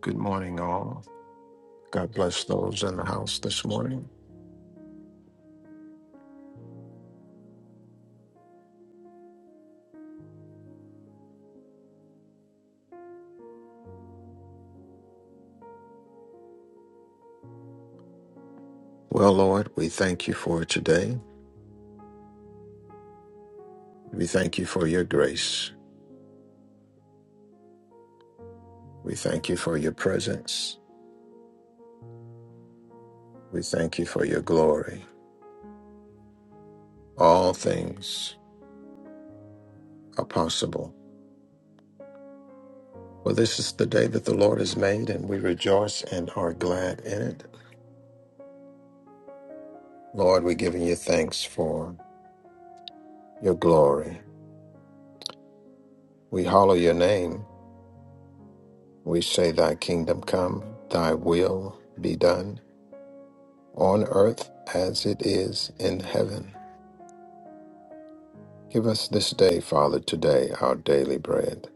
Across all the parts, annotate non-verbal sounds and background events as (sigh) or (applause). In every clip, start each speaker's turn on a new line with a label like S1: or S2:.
S1: Good morning, all. God bless those in the house this morning. Well, Lord, we thank you for today. We thank you for your grace. We thank you for your presence. We thank you for your glory. All things are possible. For this is the day that the Lord has made, and we rejoice and are glad in it. Lord, we're giving you thanks for your glory. We hallow your name. We say, Thy kingdom come, thy will be done on earth as it is in heaven. Give us this day, Father, today our daily bread.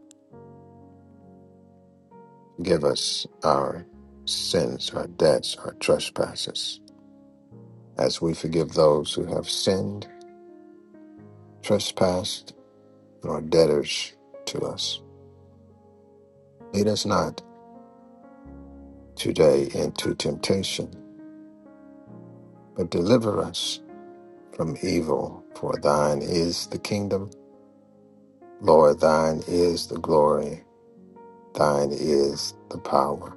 S1: Give us our sins, our debts, our trespasses, as we forgive those who have sinned, trespassed, and are debtors to us. Lead us not today into temptation, but deliver us from evil. For thine is the kingdom, Lord, thine is the glory, thine is the power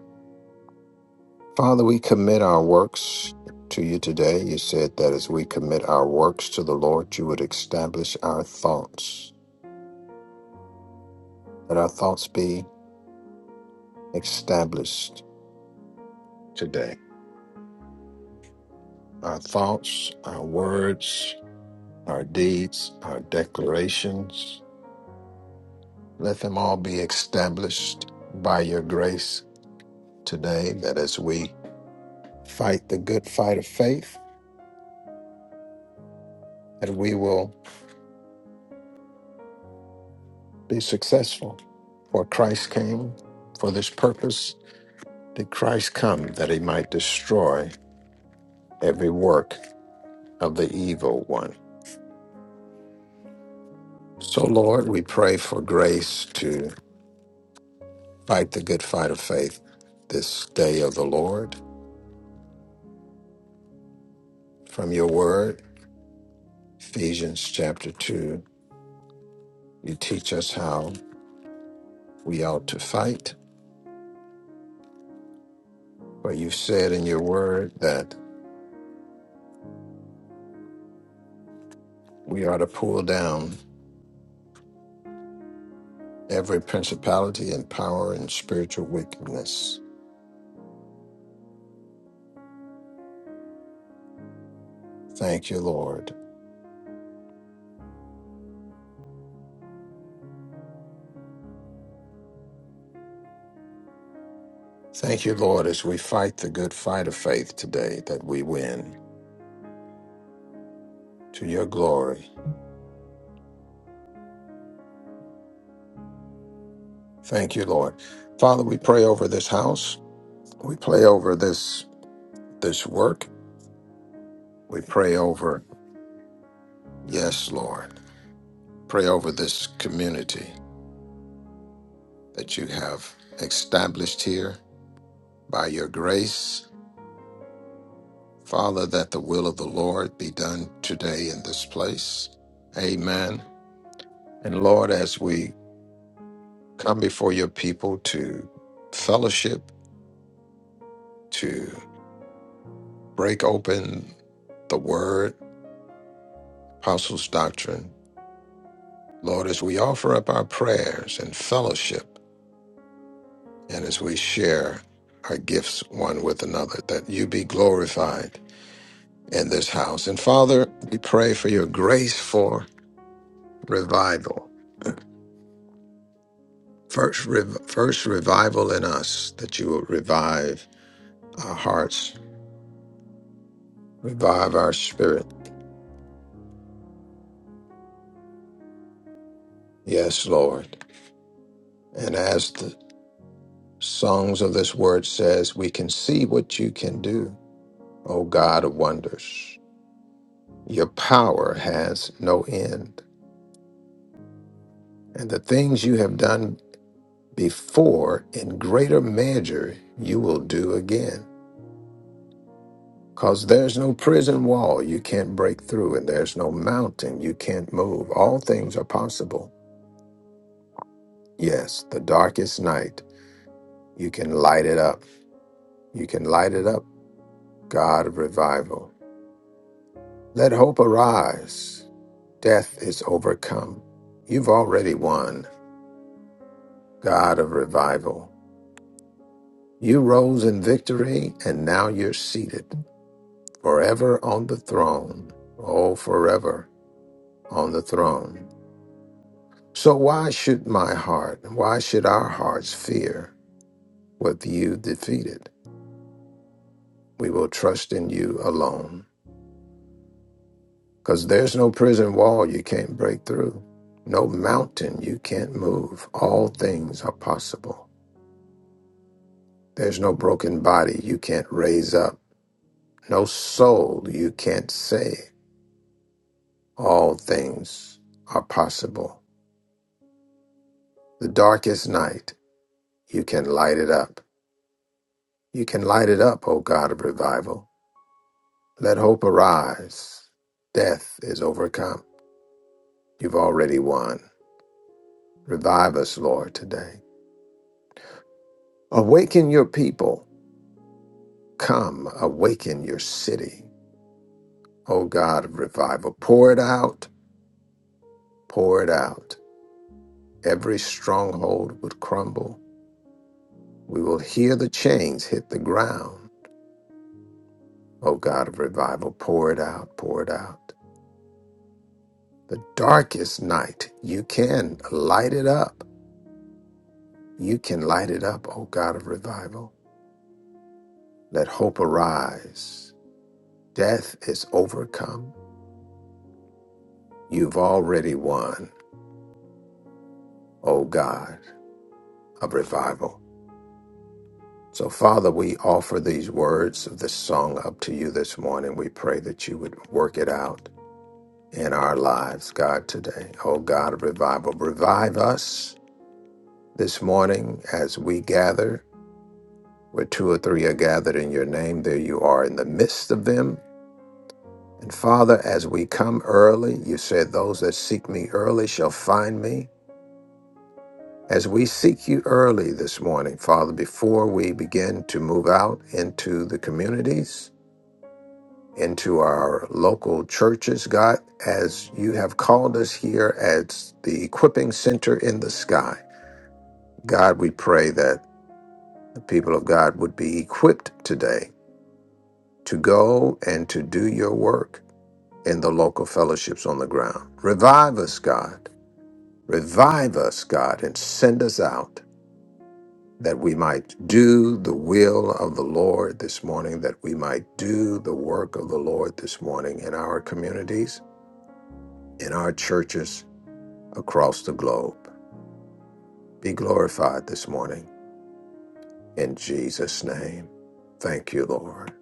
S1: Father, we commit our works to you today. You said that as we commit our works to the Lord, you would establish our thoughts. That our thoughts be established today. Our thoughts, our words, our deeds, our declarations, let them all be established by your grace today. That as we fight the good fight of faith, that we will be successful. For Christ came for this purpose Did Christ come that he might destroy every work of the evil one? So, Lord, we pray for grace to fight the good fight of faith this day of the Lord. From your word, Ephesians chapter 2, you teach us how we ought to fight. For you said in your word that we are to pull down every principality and power and spiritual wickedness. Thank you, Lord Thank you, Lord, as we fight the good fight of faith today that we win to your glory. Thank you, Lord. Father, we pray over this house. We pray over this this work. We pray over, yes, Lord. Pray over this community that you have established here by your grace. Father, that the will of the Lord be done today in this place. Amen. And Lord, as we come before your people to fellowship, break open the word, apostles' doctrine. Lord, as we offer up our prayers and fellowship, and as we share our gifts one with another, that you be glorified in this house. And Father, we pray for your grace for revival. First, rev- first revival in us, that you will revive our hearts, revive our spirit. Yes, Lord. And as the songs of this word says, we can see what you can do O God of wonders. Your power has no end, and the things you have done before in greater measure you will do again. Because there's no prison wall you can't break through, and there's no mountain you can't move. All things are possible. Yes, the darkest night, you can light it up. You can light it up, God of revival. Let hope arise. Death is overcome. You've already won. God of revival. You rose in victory, and now you're seated forever on the throne. Oh, forever on the throne. So, why should my heart, why should our hearts fear what you defeated? We will trust in you alone. Because there's no prison wall you can't break through, no mountain you can't move. All things are possible. There's no broken body you can't raise up, no soul you can't save All things are possible. The darkest night, you can light it up. You can light it up, O God of revival. Let hope arise. Death is overcome. You've already won. Revive us, Lord, today. Awaken your people. Come, awaken your city. O God of revival, pour it out, pour it out. Every stronghold would crumble. We will hear the chains hit the ground. O God of revival, pour it out, pour it out. The darkest night, you can light it up. You can light it up, O God of revival. Let hope arise. Death is overcome. You've already won, O God of revival. So, Father, we offer these words of this song up to you this morning. We pray that you would work it out in our lives, God, today. O God of revival, revive us this morning as we gather Where two or three are gathered in your name, there you are in the midst of them. And Father, as we come early, you said, Those that seek me early shall find me. As we seek you early this morning, Father, before we begin to move out into the communities, into our local churches, God, as you have called us here as the equipping center in the sky, God, we pray that the people of God would be equipped today to go and to do your work. in the local fellowships on the ground. Revive us, God. Revive us, God, and send us out that we might do the will of the Lord this morning, that we might do the work of the Lord this morning in our communities, in our churches across the globe. Be glorified this morning in Jesus' name. Thank you, Lord.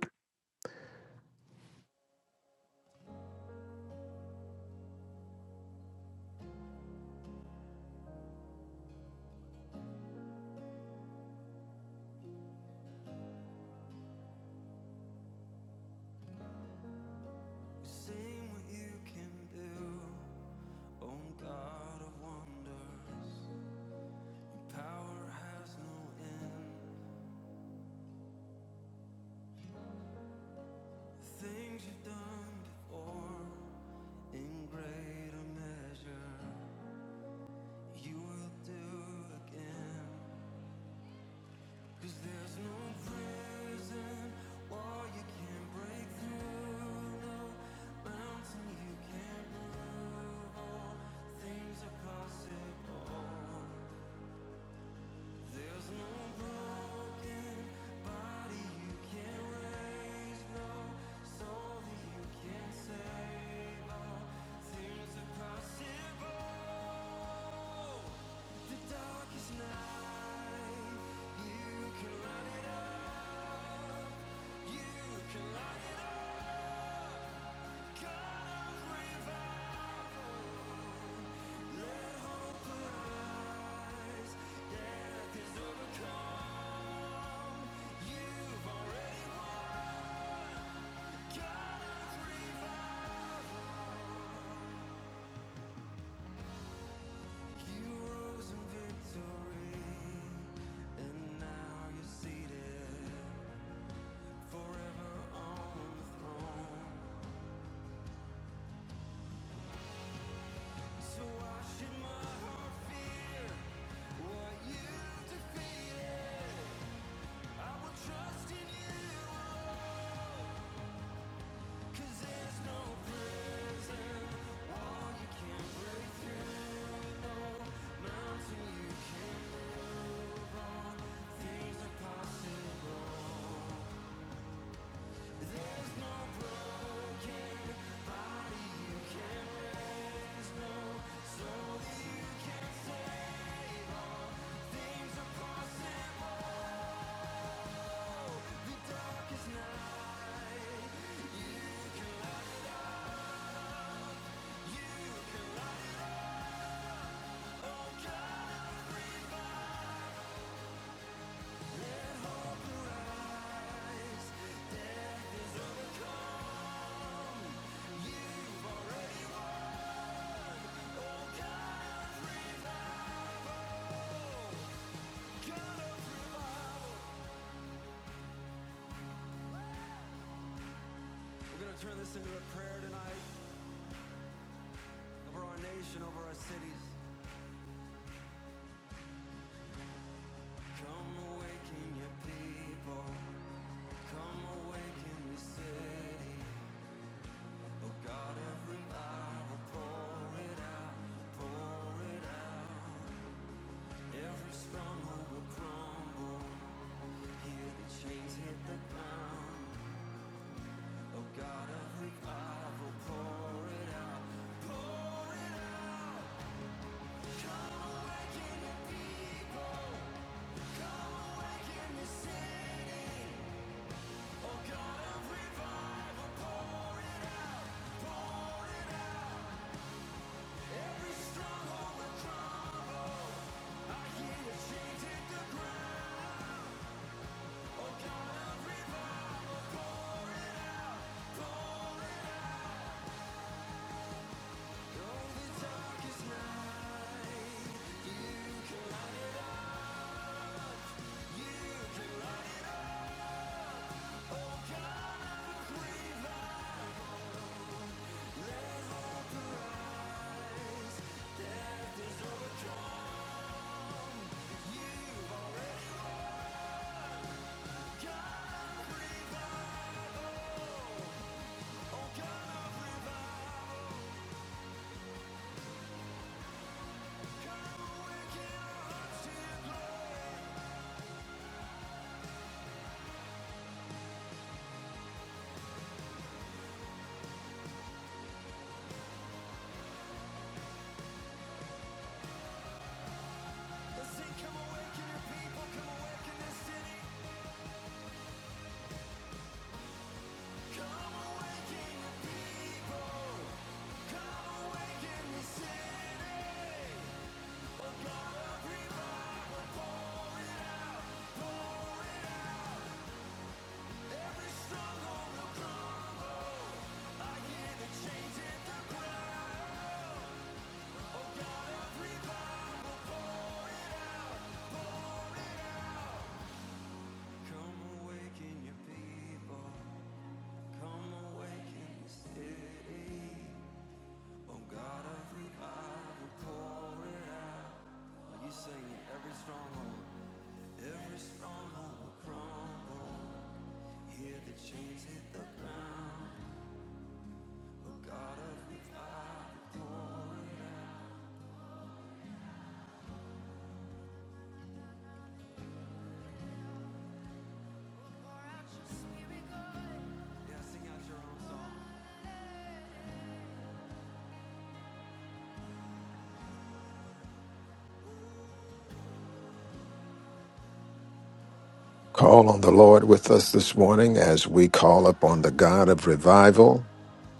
S1: Call on the Lord with us this morning as we call upon the God of revival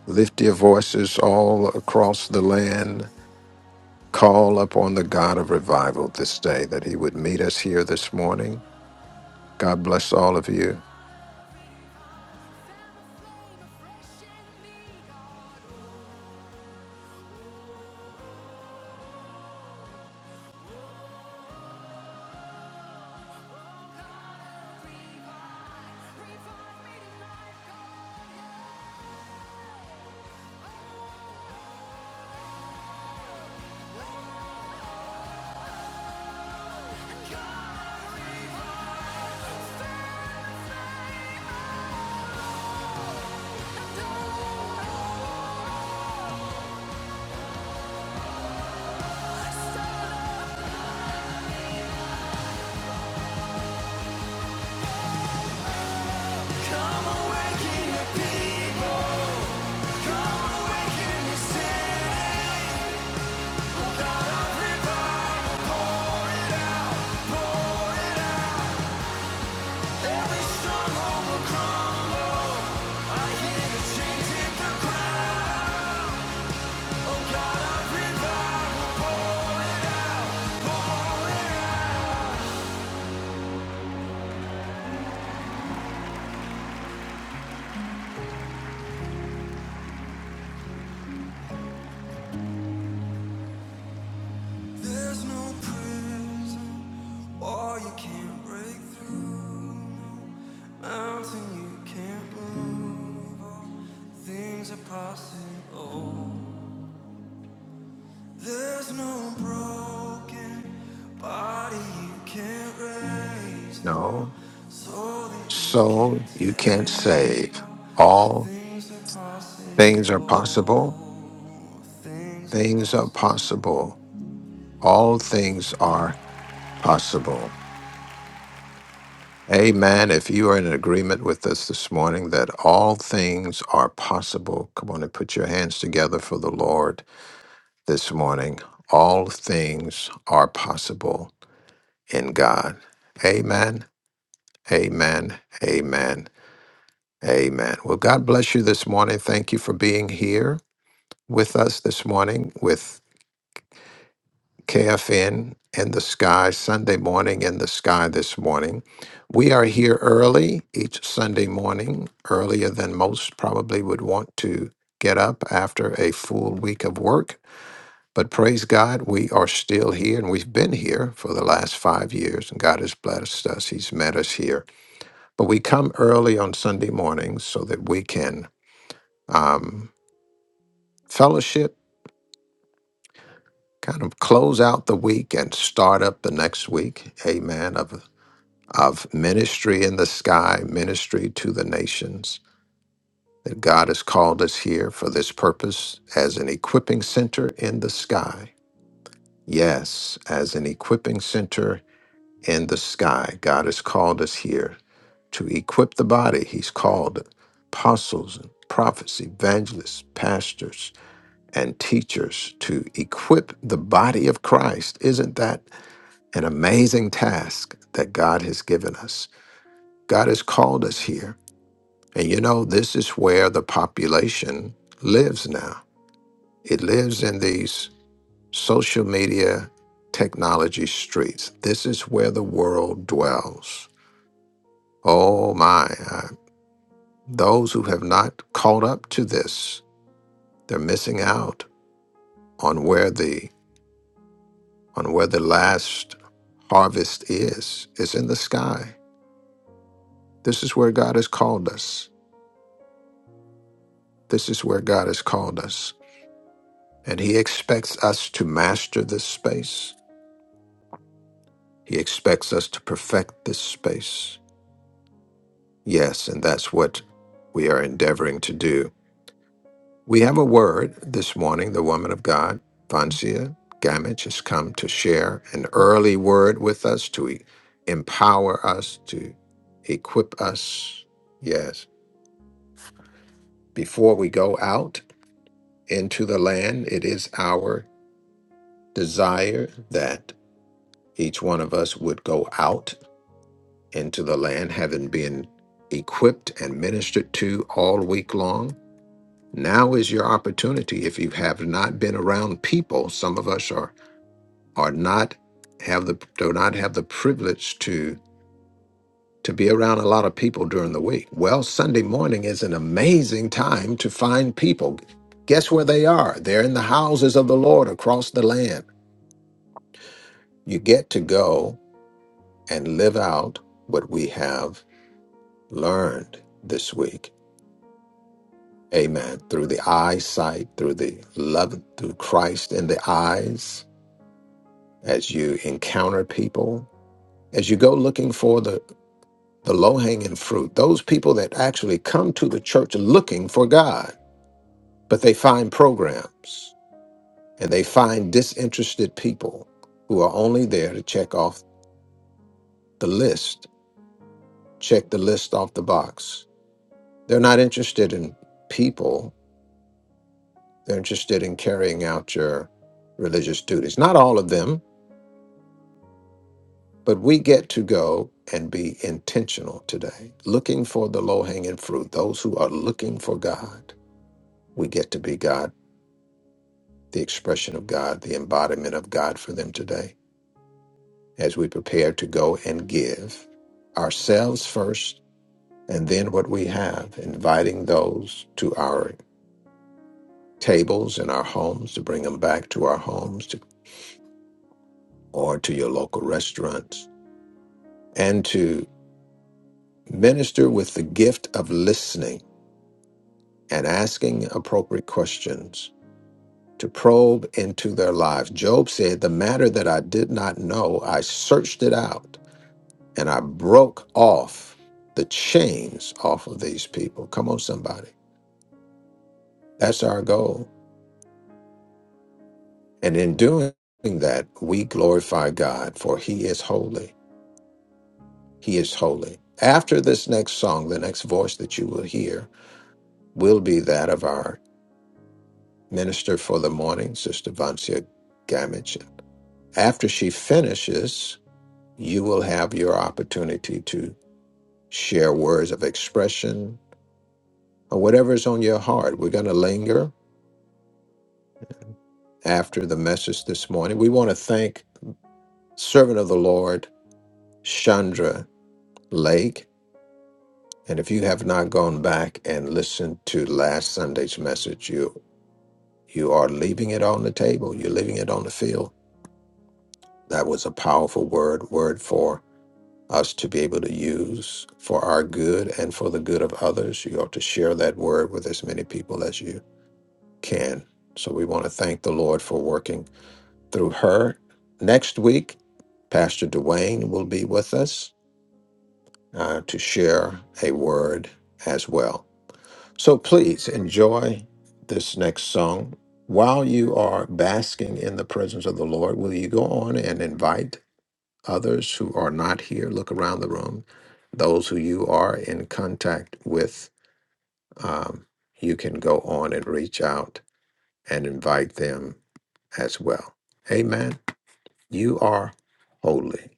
S1: Lift your voices all across the land. Call upon the God of revival this day that he would meet us here this morning. God bless all of you. No. So you can't say all things are possible. Things are possible. All things are possible. Amen. If you are in agreement with us this morning that all things are possible, come on and put your hands together for the Lord. this morning. All things are possible in God. Amen. Amen. Amen. Amen. Well, God bless you this morning. Thank you for being here with us this morning with KFN in the sky, Sunday morning in the sky this morning. We are here early each Sunday morning, earlier than most probably would want to get up after a full week of work But praise God, we are still here and we've been here for the last five years, and God has blessed us. He's met us here. But we come early on Sunday mornings so that we can um, fellowship, kind of close out the week and start up the next week. Amen. Of, of ministry in the sky, ministry to the nations. That God has called us here for this purpose as an equipping center in the sky. Yes, as an equipping center in the sky. God has called us here to equip the body. He's called apostles and prophets, evangelists, pastors, and teachers to equip the body of Christ. Isn't that an amazing task that God has given us? God has called us here. And you know, this is where the population lives now. It lives in these social media technology streets. This is where the world dwells Oh my, uh, those who have not caught up to this, they're missing out on where the on where the last harvest is. It's in the sky. This is where God has called us. This is where God has called us. And he expects us to master this space. He expects us to perfect this space. Yes, and that's what we are endeavoring to do. We have a word this morning. The woman of God, Vancia Gamage, has come to share an early word with us to e- empower us, to equip us. Yes. Before we go out into the land, it is our desire that each one of us would go out into the land, having been equipped and ministered to all week long. Now is your opportunity. If you have not been around people, some of us are or not have the do not have the privilege to to be around a lot of people during the week. Well, Sunday morning is an amazing time to find people. Guess where they are? They're in the houses of the Lord across the land. You get to go and live out what we have learned this week. Amen. Through the eyesight, through the love, through Christ in the eyes, as you encounter people, as you go looking for the the low hanging fruit, those people that actually come to the church looking for God, but they find programs and they find disinterested people who are only there to check off the list, check the list off the box. They're not interested in people, they're interested in carrying out your religious duties. Not all of them, but we get to go and be intentional today, looking for the low hanging fruit, those who are looking for God. We get to be God the expression of God, the embodiment of God for them today as we prepare to go and give ourselves first and then what we have, inviting those to our tables and our homes to bring them back to our homes to, or to your local restaurants and to minister with the gift of listening and asking appropriate questions to probe into their lives. Job said, The matter that I did not know, I searched it out and I broke off the chains off of these people. Come on, somebody. That's our goal. And in doing that, we glorify God, for He is holy. He is holy. After this next song, the next voice that you will hear will be that of our minister for the morning, Sister Vancia Gamich. After she finishes, you will have your opportunity to share words of expression or whatever is on your heart. We're going to linger after the message this morning. We want to thank servant of the Lord, Chandra Lake. And if you have not gone back and listened to last Sunday's message, you you are leaving it on the table. You're leaving it on the field. That was a powerful word, word for us to be able to use for our good and for the good of others. You ought to share that word with as many people as you can. So we want to thank the Lord for working through her. Next week, Pastor Dwayne will be with us uh, to share a word as well. So please enjoy this next song. While you are basking in the presence of the Lord, will you go on and invite others who are not here? Look around the room. Those who you are in contact with, um, you can go on and reach out and invite them as well. Amen. You are holy.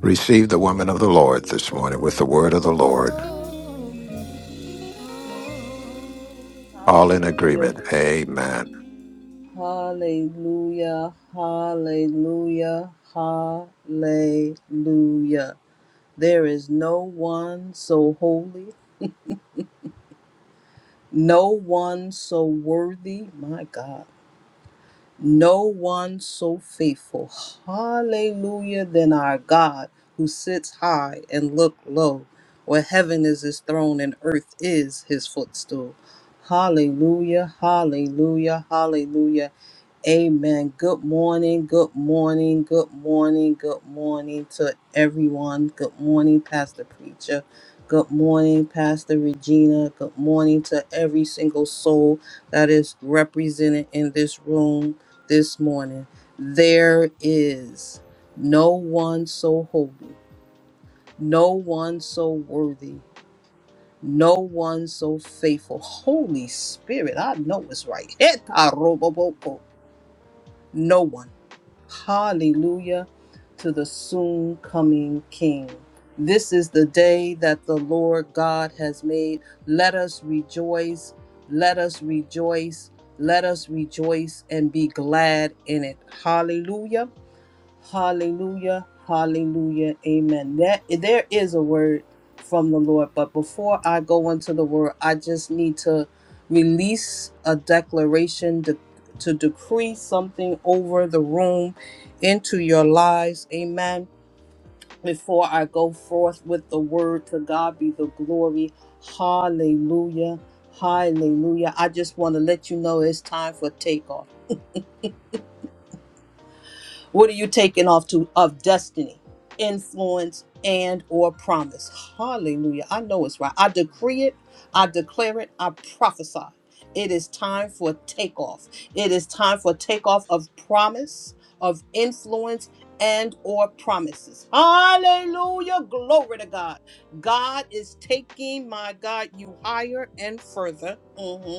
S1: Receive the woman of the Lord this morning with the word of the Lord. All in
S2: Hallelujah.
S1: agreement. Amen.
S2: Hallelujah. Hallelujah. Hallelujah. There is no one so holy, no one so worthy, my God, no one so faithful. Hallelujah than our God who sits high and look low, where heaven is his throne and earth is his footstool. Hallelujah. Hallelujah. Hallelujah. Amen. Good morning. Good morning. Good morning. Good morning to everyone. Good morning, Pastor Preacher. Good morning, Pastor Regina. Good morning to every single soul that is represented in this room this morning. There is no one so holy, no one so worthy, no one so faithful. Holy Spirit, I know it's right. (laughs) No one. Hallelujah to the soon coming King. This is the day that the Lord God has made. Let us rejoice. Let us rejoice. Let us rejoice and be glad in it. Hallelujah. Hallelujah. Hallelujah. Amen. That there is a word from the Lord, but before I go into the word, I just need to release a declaration to, to decree something over the room into your lives. Amen. Before I go forth with the word, to God be the glory. Hallelujah. Hallelujah. I just want to let you know it's time for takeoff. What are you taking off to of destiny, influence, and or promise? Hallelujah. I know it's right. I decree it, I declare it, I prophesy. It is time for takeoff. It is time for takeoff of promise, of influence, and or promises. Hallelujah. Glory to God. God is taking my God you higher and further. Mm-hmm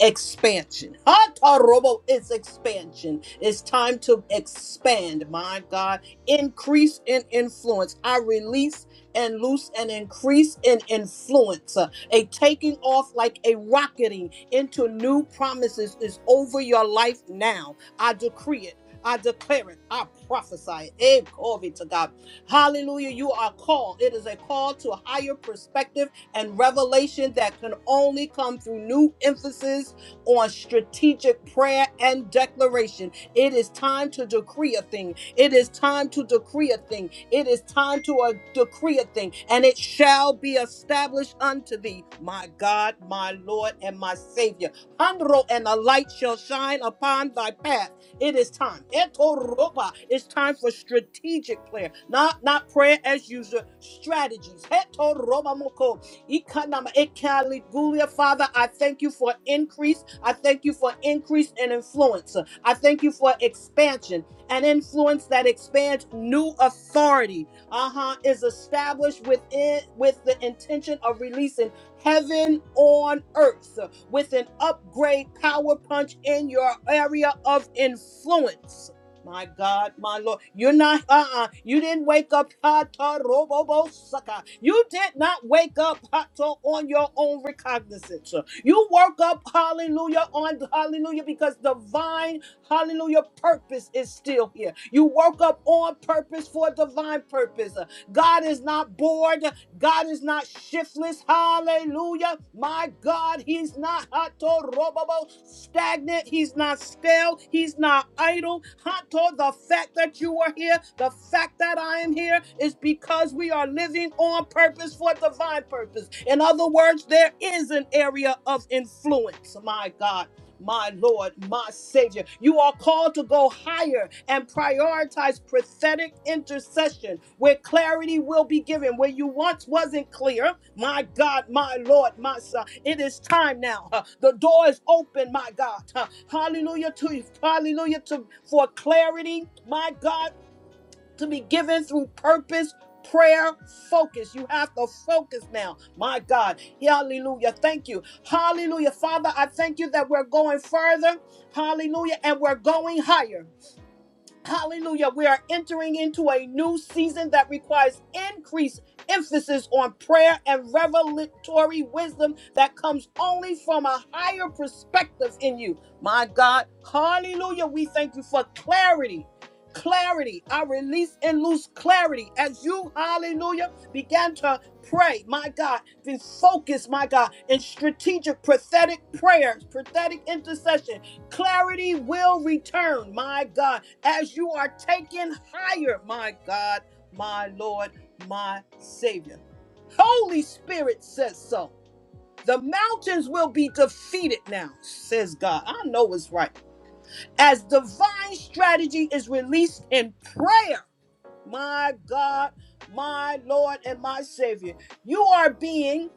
S2: expansion. Hata robo is expansion. It's time to expand, my God. Increase in influence. I release and loose and increase in influence. Uh, A taking off like a rocketing into new promises is over your life now. I decree it. I declare it. I prophesy it. Eh, Glory to God. Hallelujah. You are called. It is a call to a higher perspective and revelation that can only come through new emphasis on strategic prayer and declaration. It is time to decree a thing. It is time to decree a thing. It is time to uh, decree a thing, and it shall be established unto thee, my God, my Lord, and my Savior. Handro and a light shall shine upon thy path. It is time. Etoroba. It's time for strategic prayer, not not prayer as usual strategies. Hetoroba moko. Ikanama ekali gulia. Father, I thank you for increase. I thank you for increase and influence. I thank you for expansion and influence that expands new authority. Uh-huh. Is established within with the intention of releasing heaven on earth with an upgrade power punch in your area of influence. My God, my Lord, you're not, uh uh you didn't wake up, Hato Robobo Saka. You did not wake up, Hato, on your own recognizance. You woke up, hallelujah, on hallelujah, because divine, hallelujah, purpose is still here. You woke up on purpose for divine purpose. God is not bored, God is not shiftless. Hallelujah. My God, He's not Hato Robobo stagnant. He's not stale. He's not idle. Hato, the fact that you are here, the fact that I am here is because we are living on purpose for divine purpose. In other words, there is an area of influence, my God my Lord, my Savior. You are called to go higher and prioritize prophetic intercession where clarity will be given, where you once wasn't clear. My God, my Lord, my son. It is time now. huh. The door is open, my God. huh. Hallelujah to you. Hallelujah to for clarity, my God to be given through purpose, prayer, focus. You have to focus now. My God. Hallelujah. Thank you. Hallelujah. Father, I thank you that we're going further. Hallelujah. And we're going higher. Hallelujah. We are entering into a new season that requires increased emphasis on prayer and revelatory wisdom that comes only from a higher perspective in you. My God. Hallelujah. We thank you for clarity. Clarity. I release and loose clarity as you, hallelujah, began to pray. My God. Then focus, my God, in strategic, prophetic prayers, prophetic intercession. Clarity will return. My God as you are taken higher, my God, my Lord, my Savior. Holy Spirit says so. The mountains will be defeated now, says God. I know it's right. As divine strategy is released in prayer my God, my Lord, and my Savior. You are being,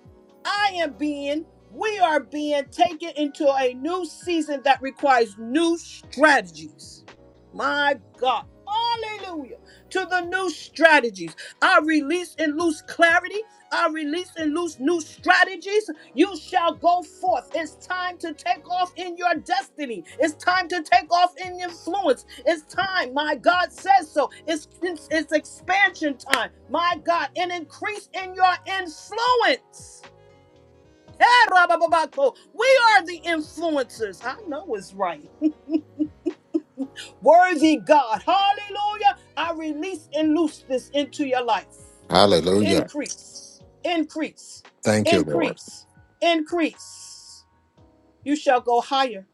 S2: I am being, we are being taken into a new season that requires new strategies. My God. Hallelujah. To the new strategies. I release and loose clarity. I release and loose new strategies. You shall go forth. It's time to take off in your destiny. It's time to take off in influence. It's time. My God says so. It's, it's, it's expansion time. My God, an increase in your influence. Hey, Rabababako. We are the influencers. I know it's right. (laughs) Worthy God. Hallelujah. I release and loose this into your life.
S1: Hallelujah.
S2: Increase, increase,
S1: Thank you, Lord.
S2: increase, increase. You shall go higher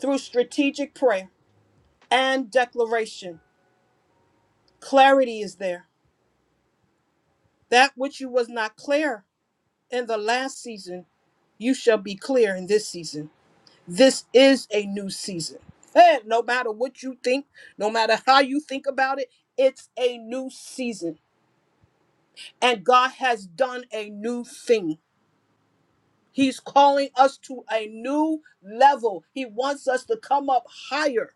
S2: through strategic prayer and declaration. Clarity is there. That which you was not clear in the last season, you shall be clear in this season. This is a new season. Hey, no matter what you think, no matter how you think about it, it's a new season. And God has done a new thing. He's calling us to a new level. He wants us to come up higher.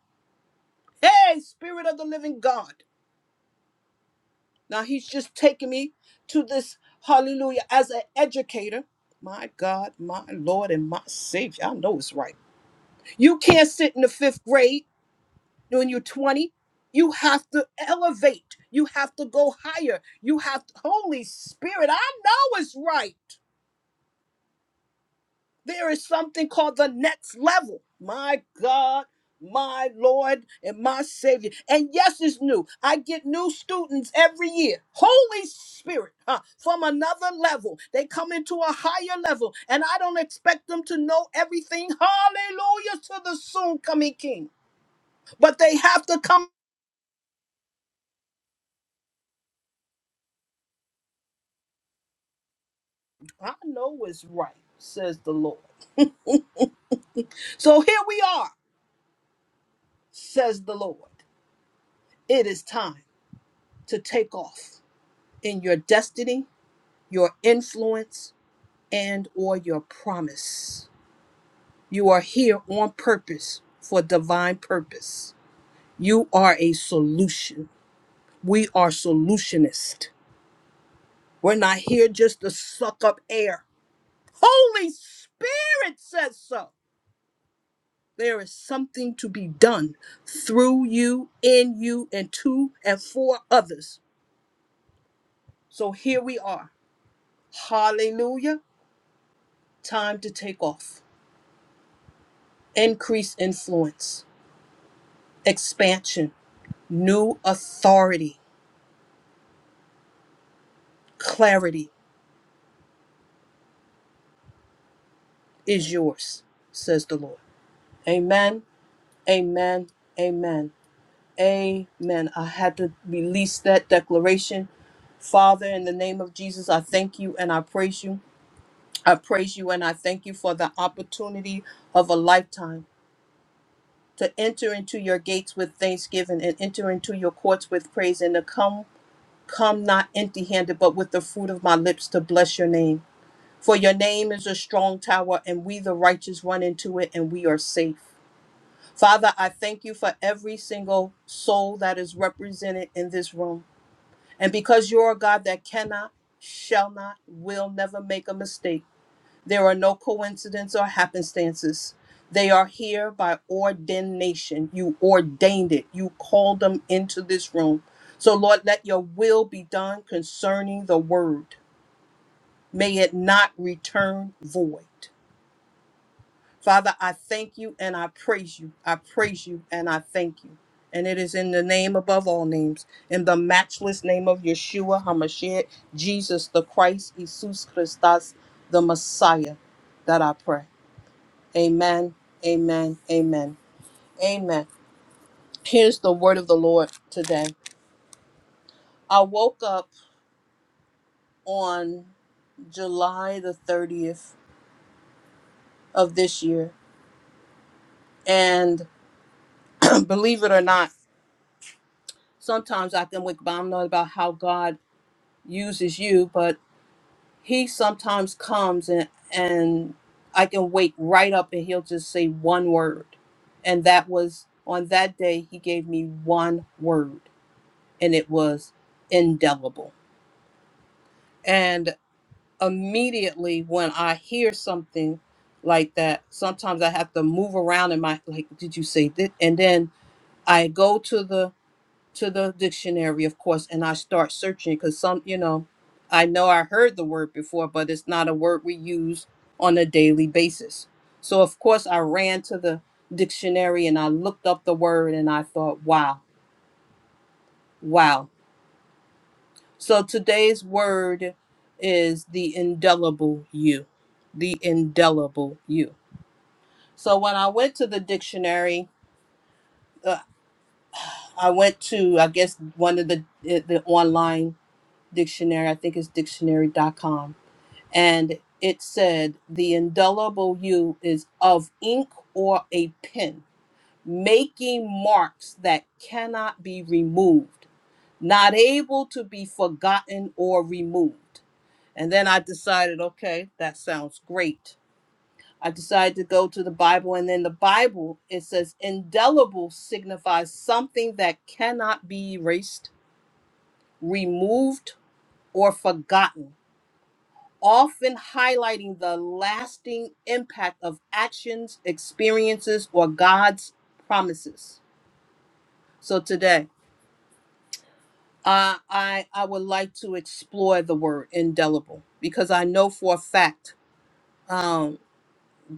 S2: Hey, Spirit of the Living God. Now he's just taking me to this hallelujah as an educator. My God, my Lord, and my Savior. I know it's right. You can't sit in the fifth grade when you're 20. You have to elevate. You have to go higher. You have Holy Spirit. I know it's right. There is something called the next level. My God, my Lord, and my Savior. And yes, it's new. I get new students every year. Holy Spirit, huh, from another level. They come into a higher level, and I don't expect them to know everything. Hallelujah to the soon coming King. But they have to come. I know it's right, says the Lord. So here we are, says the Lord. It is time to take off in your destiny your influence and or your promise. You are here on purpose for divine purpose. You are a solution. We are solutionists. We're not here just to suck up air. Holy Spirit says so. There is something to be done through you, in you, and to and for others. So here we are. Hallelujah. Time to take off. Increase influence, expansion, New authority, clarity is yours, says the Lord. Amen, amen, amen, amen. I had to release that declaration. Father, in the name of Jesus, I thank you and I praise you. I praise you and I thank you for the opportunity of a lifetime to enter into your gates with thanksgiving and enter into your courts with praise and to come come not empty-handed but with the fruit of my lips to bless your name. For your name is a strong tower, and we, the righteous, run into it, and we are safe. Father, I thank you for every single soul that is represented in this room. And because you're a God that cannot, shall not, will never make a mistake, there are no coincidences or happenstances. They are here by ordination. You ordained it, you called them into this room. So, Lord, let your will be done concerning the word. May it not return void. Father, I thank you and I praise you. I praise you and I thank you. And it is in the name above all names, in the matchless name of Yeshua HaMashiach, Jesus the Christ, Jesus Christus, the Messiah, that I pray. Amen, amen, amen, amen. Here's the word of the Lord today. I woke up on July the 30th of this year, and (clears throat) believe it or not, sometimes I can wake, up I'm not about how God uses you, but he sometimes comes and and I can wake right up and he'll just say one word. And that was on that day he gave me one word and it was indelible. And immediately when I hear something like that, sometimes I have to move around in my like did you say that? And then I go to the to the dictionary, of course, and I start searching because some, you know, I know I heard the word before, but it's not a word we use on a daily basis. So, of course, I ran to the dictionary and I looked up the word and I thought, wow, wow. So, today's word is the indelible you, the indelible you. So, when I went to the dictionary, uh, I went to, I guess, one of the, eh, the online dictionary, I think it's dictionary.com, and it said the indelible U is of ink or a pen, making marks that cannot be removed, not able to be forgotten or removed. And then I decided, okay, that sounds great. I decided to go to the Bible, and then the Bible, it says indelible signifies something that cannot be erased, removed, or forgotten often highlighting the lasting impact of actions, experiences, or God's promises. So today, I I, I would like to explore the word indelible because I know for a fact um,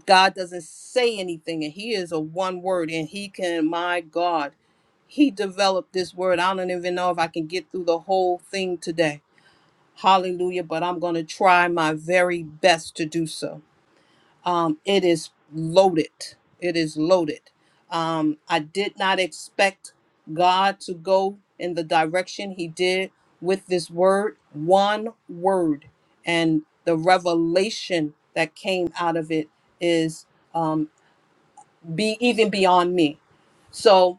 S2: God doesn't say anything, and He is a one word, and He can, my God, He developed this word. I don't even know if I can get through the whole thing today. Hallelujah, but I'm going to try my very best to do so. um, it is loaded. It is loaded. Um, I did not expect God to go in the direction He did with this word, one word, and the revelation that came out of it is um, be even beyond me. So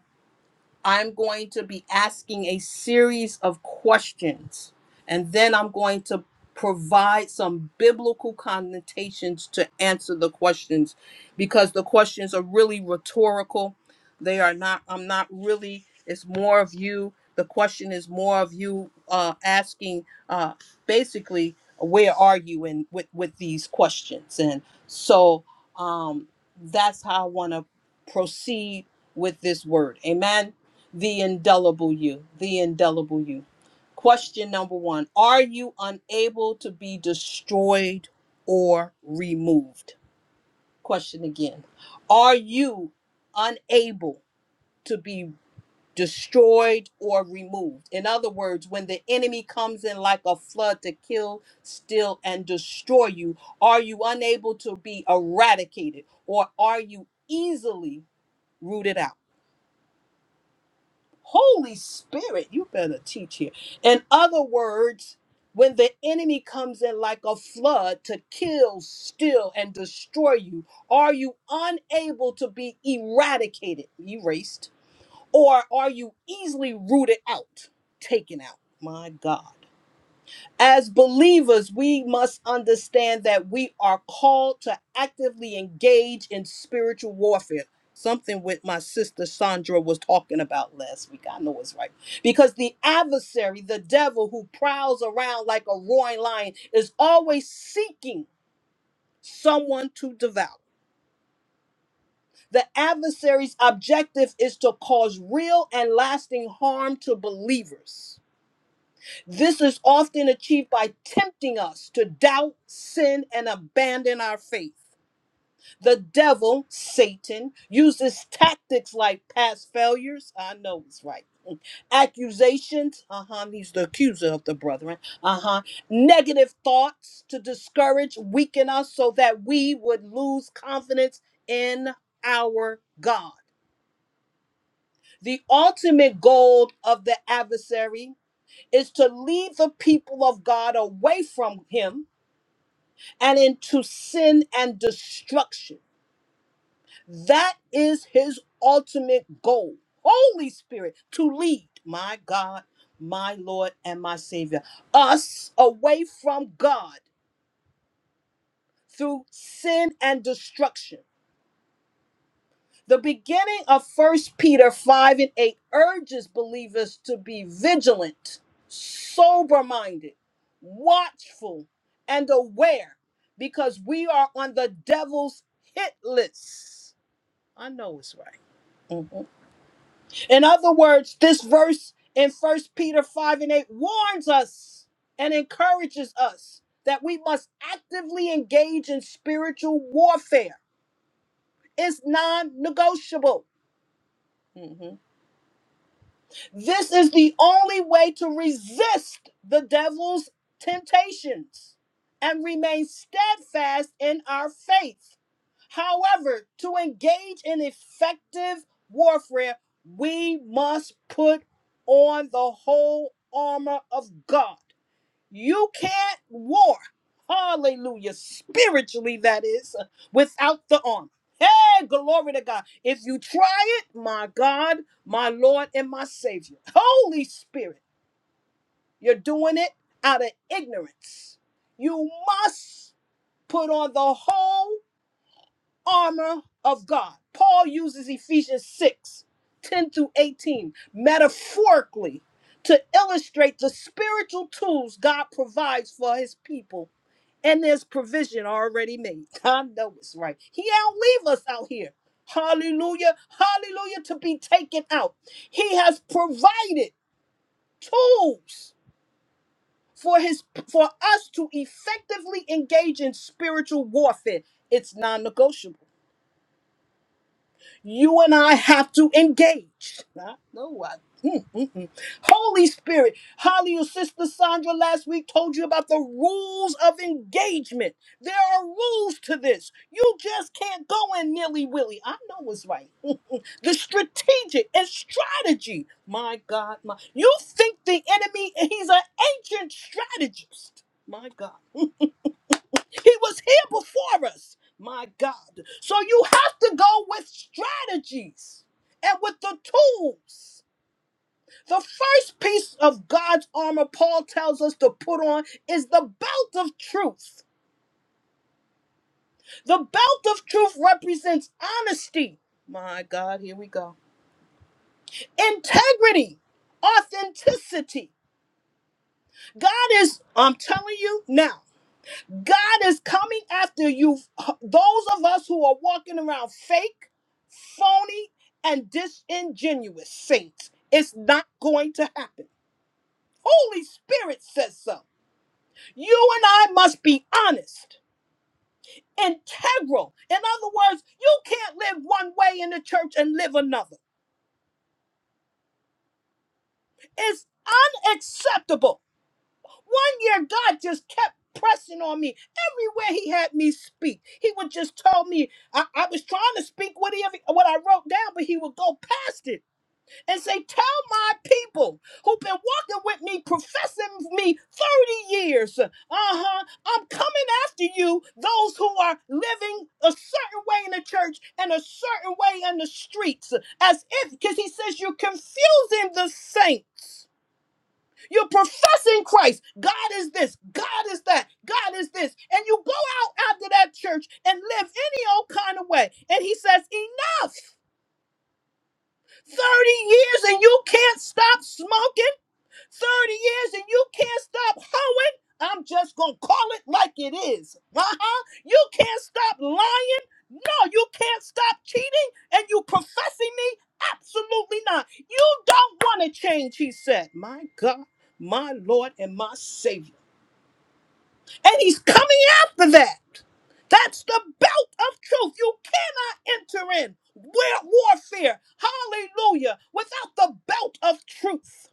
S2: I'm going to be asking a series of questions, and then I'm going to provide some biblical connotations to answer the questions because the questions are really rhetorical. They are not, I'm not really, it's more of you. The question is more of you uh, asking uh, basically, where are you in with, with these questions? And so um, that's how I want to proceed with this word. Amen. The indelible you, the indelible you. Question number one Are you unable to be destroyed or removed? Question again Are you unable to be destroyed or removed? In other words, when the enemy comes in like a flood to kill, steal, and destroy you, are you unable to be eradicated or are you easily rooted out? Holy Spirit, you better teach here. In other words, when the enemy comes in like a flood to kill, steal, and destroy you, are you unable to be eradicated, erased, or are you easily rooted out, taken out? My God. As believers, we must understand that we are called to actively engage in spiritual warfare. Something with my sister Sandra was talking about last week. I know it's right. Because the adversary, the devil who prowls around like a roaring lion, is always seeking someone to devour. The adversary's objective is to cause real and lasting harm to believers. This is often achieved by tempting us to doubt, sin, and abandon our faith. The devil, Satan, uses tactics like past failures. I know it's right. (laughs) Accusations, uh huh, he's the accuser of the brethren, uh huh. Negative thoughts to discourage, weaken us so that we would lose confidence in our God. The ultimate goal of the adversary is to lead the people of God away from him and into sin and destruction. That is his ultimate goal. Holy Spirit, to lead, my God, my Lord, and my Savior, us away from God through sin and destruction. The beginning of First Peter 5 and 8 urges believers to be vigilant, sober minded, watchful, and aware because we are on the devil's hit list. I know it's right. Mhm. In other words, this verse in First Peter 5 and 8 warns us and encourages us that we must actively engage in spiritual warfare. It's non negotiable. This is the only way to resist the devil's temptations and remain steadfast in our faith. However, to engage in effective warfare, we must put on the whole armor of God you can't war, hallelujah, spiritually, that is, without the armor. Hey, glory to God. If you try it, my God, my Lord, and my Savior, Holy Spirit, you're doing it out of ignorance. You must put on the whole armor of God. Paul uses Ephesians 6, 10 through 18 metaphorically to illustrate the spiritual tools God provides for his people and there's provision already made. (laughs) I know it's right. He don't leave us out here. Hallelujah. Hallelujah to be taken out. He has provided tools for his for us to effectively engage in spiritual warfare. It's non-negotiable. you and I have to engage. I know I. mm, mm, mm. Holy Spirit, hallelujah. Sister Sandra last week told you about the rules of engagement. There are rules to this. You just can't go in nilly willy. I know what's right. The strategic and strategy. My God, my. You think the enemy, he's an ancient strategist. My God. He was here before us, my God. So you have to go with strategies and with the tools. The first piece of God's armor Paul tells us to put on is the belt of truth. The belt of truth represents honesty. My God, here we go. Integrity, authenticity. God is, I'm telling you now. God is coming after you, those of us who are walking around fake, phony, and disingenuous saints. It's not going to happen. Holy Spirit says so. You and I must be honest, integral. In other words, you can't live one way in the church and live another. It's unacceptable One year, God just kept pressing on me everywhere he had me speak he would just tell me i, I was trying to speak what, he, what i wrote down but he would go past it and say tell my people who've been walking with me professing me 30 years uh-huh i'm coming after you those who are living a certain way in the church and a certain way in the streets as if because he says you're confusing the saints you're professing Christ. God is this. God is that. God is this. And you go out after that church and live any old kind of way. And he says, Enough. 30 years and you can't stop smoking. 30 years and you can't stop hoeing, I'm just going to call it like it is. Uh-huh. You can't stop lying. No, you can't stop cheating and you professing me? Absolutely not. You don't want to change, he said. My God, my Lord, and my Savior. And he's coming after that. That's the belt of truth. You cannot enter in war- warfare, hallelujah, without the belt of truth.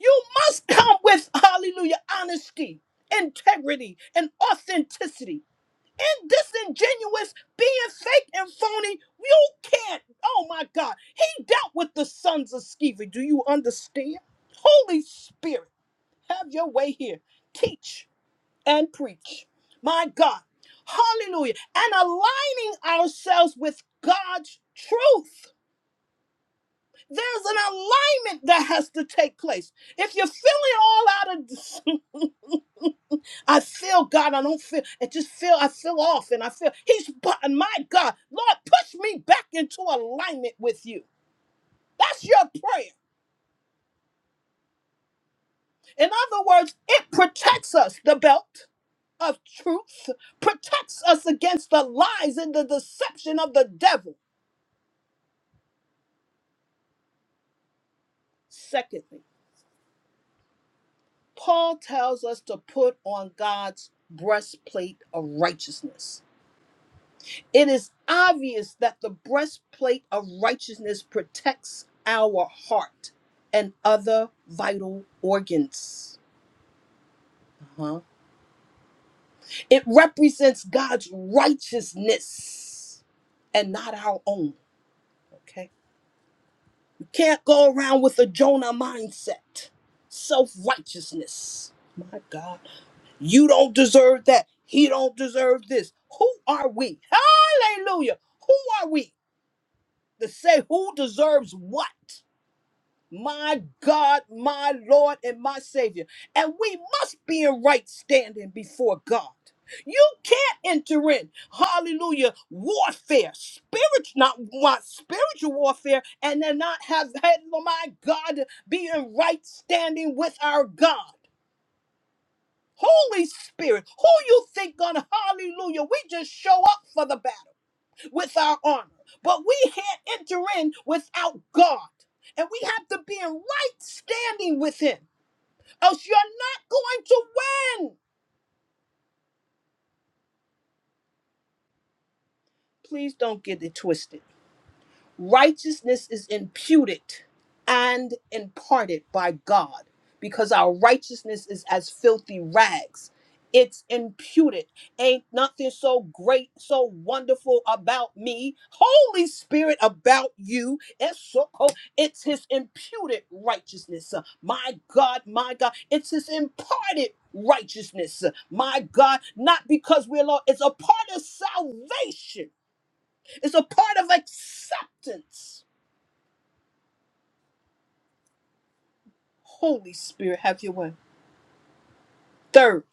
S2: You must come with, hallelujah, honesty, integrity, and authenticity. And disingenuous, being fake and phony, you can't. Oh my God. He dealt with the sons of Sceva. Do you understand? Holy Spirit, have your way here. Teach and preach. My God. Hallelujah. And aligning ourselves with God's truth. There's an alignment that has to take place. If you're feeling all out of I feel God. I don't feel. I just feel. I feel off, and I feel He's. But my God, Lord, push me back into alignment with You. That's your prayer. In other words, it protects us. The belt of truth protects us against the lies and the deception of the devil. Secondly, Paul tells us to put on God's breastplate of righteousness. It is obvious that the breastplate of righteousness protects our heart and other vital organs. Uh-huh. It represents God's righteousness and not our own. Okay. You can't go around with a Jonah mindset, self righteousness. My God, you don't deserve that. He don't deserve this. Who are we? Hallelujah. Who are we to say who deserves what? my God, my Lord, and my Savior. And we must be in right standing before God. You can't enter in, hallelujah, warfare, spiritual, not, want spiritual warfare, and then not have had, oh my God, be in right standing with our God. Holy Spirit, who you think gonna, hallelujah, we just show up for the battle with our armor, but we can't enter in without God. And we have to be in right standing with Him, else you're not going to win. Please don't get it twisted. righteousness is imputed and imparted by God because our righteousness is as filthy rags. It's imputed. Ain't nothing so great, so wonderful about me. Holy Spirit about you. It's so cold. It's his imputed righteousness. Uh, My God, my God. It's his imparted righteousness. Uh, My God, not because we're Lord. It's a part of salvation. It's a part of acceptance Holy Spirit, have your way. Third,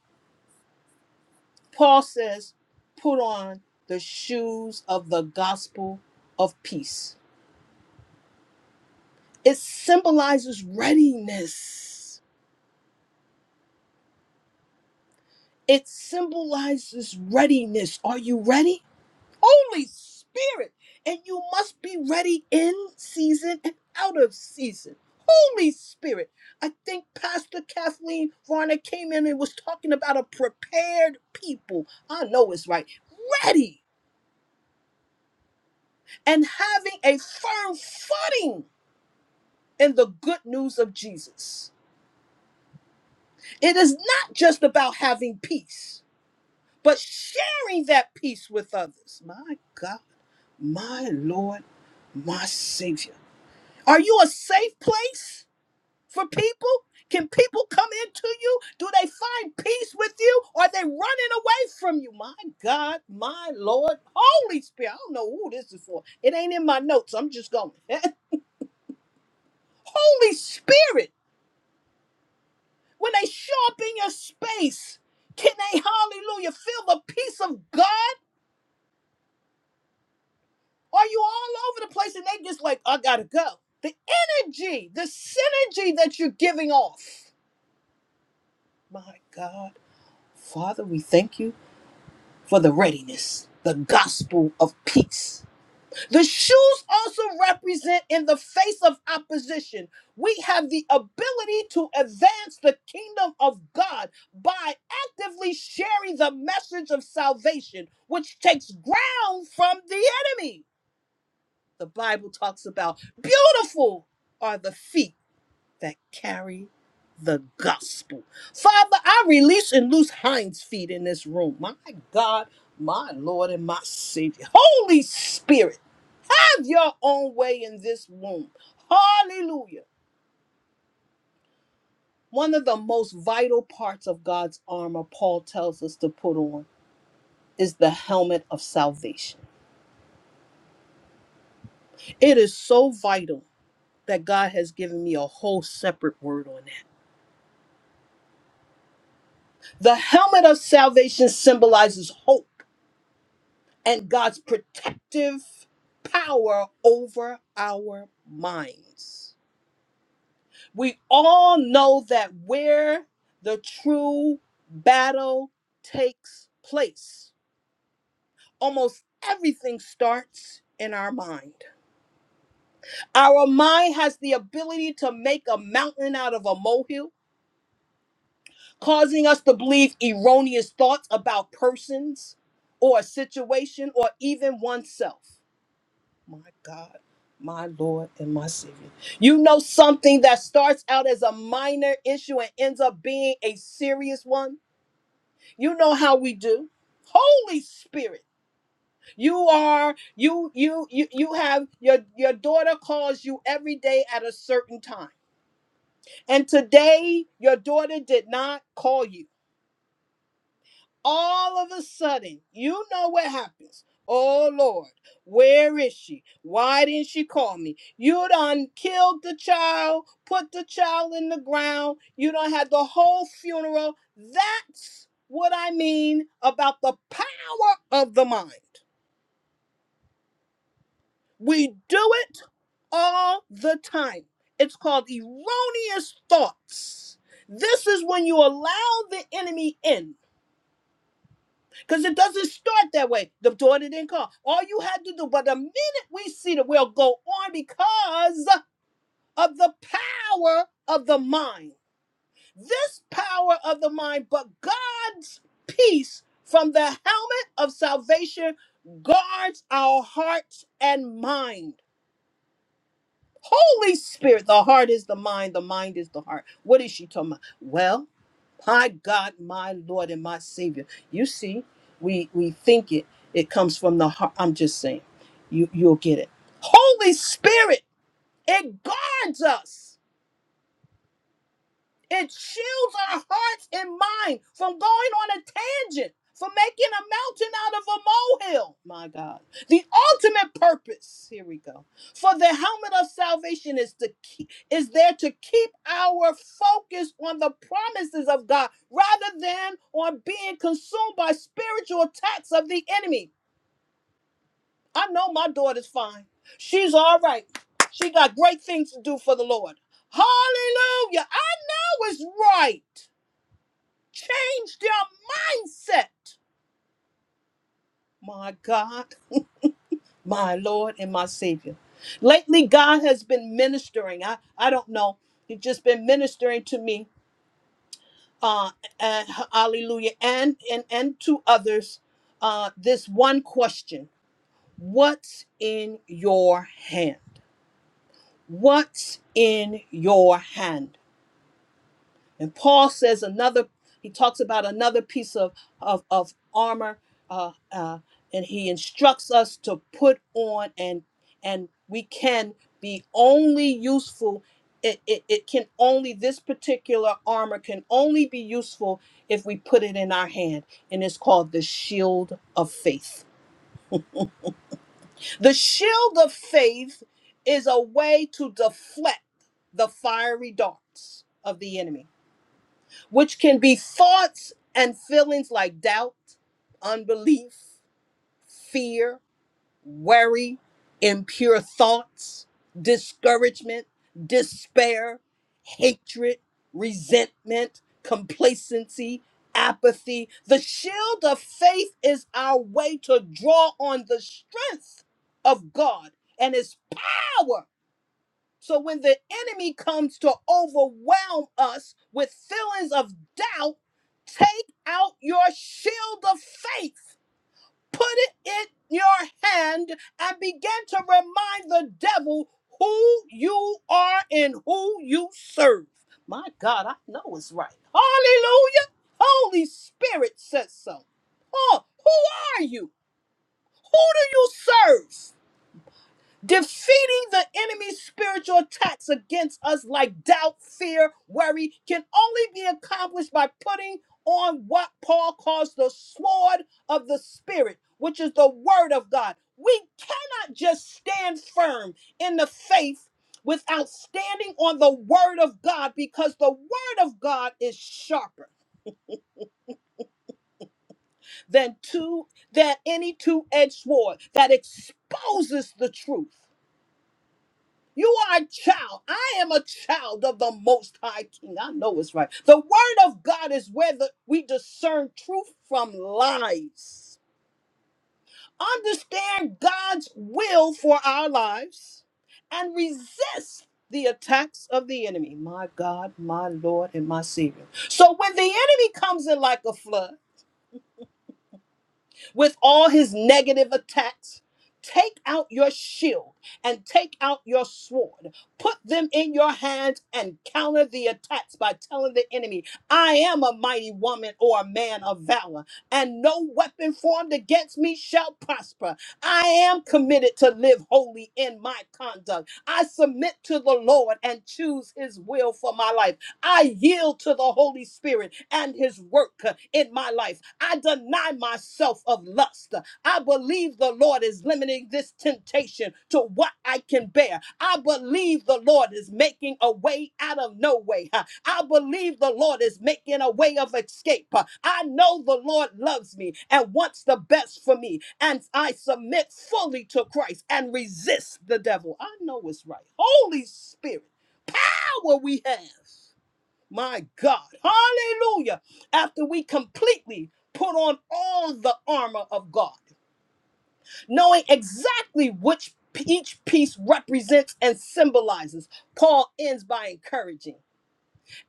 S2: Paul says, put on the shoes of the gospel of peace. It symbolizes readiness. It symbolizes readiness. Are you ready? Holy Spirit. And you must be ready in season and out of season. Holy Spirit. I think Pastor Kathleen Varner came in and was talking about a prepared people. I know it's right. Ready. and having a firm footing in the good news of Jesus. It is not just about having peace, but sharing that peace with others. My God, my Lord, my Savior. Are you a safe place for people? Can people come into you? Do they find peace with you? Are they running away from you? My God, my Lord, Holy Spirit. I don't know who this is for. It ain't in my notes. I'm just going. (laughs) Holy Spirit When they show up in your space, can they, hallelujah, feel the peace of God? Are you all over the place and they just like, I gotta go? The energy, the synergy that you're giving off. My God, Father, we thank you for the readiness, the gospel of peace. The shoes also represent, in the face of opposition, we have the ability to advance the kingdom of God by actively sharing the message of salvation, which takes ground from the enemy. The Bible talks about beautiful are the feet that carry the gospel. Father, I release and loose Hind's feet in this room. My God, my Lord, and my Savior. Holy Spirit your own way in this womb. Hallelujah. One of the most vital parts of God's armor, Paul tells us to put on, is the helmet of salvation. It is so vital that God has given me a whole separate word on that. The helmet of salvation symbolizes hope and God's protective power over our minds. We all know that where the true battle takes place, almost everything starts in our mind. Our mind has the ability to make a mountain out of a molehill, causing us to believe erroneous thoughts about persons or a situation or even oneself. My God, my Lord, and my Savior. You know something that starts out as a minor issue and ends up being a serious one? You know how we do. Holy Spirit, you are you you you you have your your daughter calls you every day at a certain time. And today your daughter did not call you. all of a sudden, you know what happens. Oh Lord, where is she? Why didn't she call me? You done killed the child, put the child in the ground, you done had the whole funeral. That's what I mean about the power of the mind. We do it all the time. It's called erroneous thoughts. This is when you allow the enemy in Because it doesn't start that way. The daughter didn't call. All you had to do, but the minute we see that we'll go on because of the power of the mind. This power of the mind, but God's peace from the helmet of salvation guards our hearts and mind. Holy Spirit, the heart is the mind, the mind is the heart. What is she talking about? Well, my God, my Lord, and my Savior. You see, we we think it. It comes from the heart. I'm just saying, you you'll get it. Holy Spirit, it guards us. It shields our hearts and mind from going on a tangent, from making a mountain out of a molehill. My God. The ultimate purpose, here we go, for the helmet of salvation is to keep, is there to keep our focus on the promises of God rather than on being consumed by spiritual attacks of the enemy. I know my daughter's fine. She's all right. She got great things to do for the Lord. Hallelujah. I was right. Change their mindset. My God, my Lord, and my Savior. Lately, God has been ministering. I, I don't know. He's just been ministering to me. Uh, and, hallelujah. And, and, and to others. Uh, this one question What's in your hand? What's in your hand? And Paul says another, he talks about another piece of, of, of armor, uh, uh, and he instructs us to put on, and and we can be only useful. It, it, it can only, this particular armor can only be useful if we put it in our hand. And it's called the shield of faith. The shield of faith is a way to deflect the fiery darts of the enemy which can be thoughts and feelings like doubt, unbelief, fear, worry, impure thoughts, discouragement, despair, hatred, resentment, complacency, apathy. The shield of faith is our way to draw on the strength of God and his power so when the enemy comes to overwhelm us with feelings of doubt, take out your shield of faith, put it in your hand, and begin to remind the devil who you are and who you serve. My God, I know it's right. Hallelujah. Holy Spirit says so. Oh, who are you? Who do you serve? Defeating the enemy's spiritual attacks against us, like doubt, fear, worry, can only be accomplished by putting on what Paul calls the sword of the Spirit, which is the Word of God. We cannot just stand firm in the faith without standing on the Word of God because the Word of God is sharper than, two, than any two edged sword that exposes the truth You are a child. I am a child of the Most High King. I know it's right. The Word of God is where the, we discern truth from lies. Understand God's will for our lives and resist the attacks of the enemy. My God, my Lord, and my Savior. So when the enemy comes in like a flood, with all his negative attacks. Take out your shield and take out your sword. Put them in your hands and counter the attacks by telling the enemy, I am a mighty woman or a man of valor, and no weapon formed against me shall prosper. I am committed to live holy in my conduct. I submit to the Lord and choose his will for my life. I yield to the Holy Spirit and His work uh, in my life. I deny myself of lust. I believe the Lord is limiting this temptation to what I can bear. I believe the Lord is making a way out of no way. huh. I believe the Lord is making a way of escape. huh. I know the Lord loves me and wants the best for me. And I submit fully to Christ and resist the devil. I know it's right. Holy Spirit, power we have. My God. Hallelujah. After we completely put on all the armor of God, knowing exactly which p- each piece represents and symbolizes, Paul ends by encouraging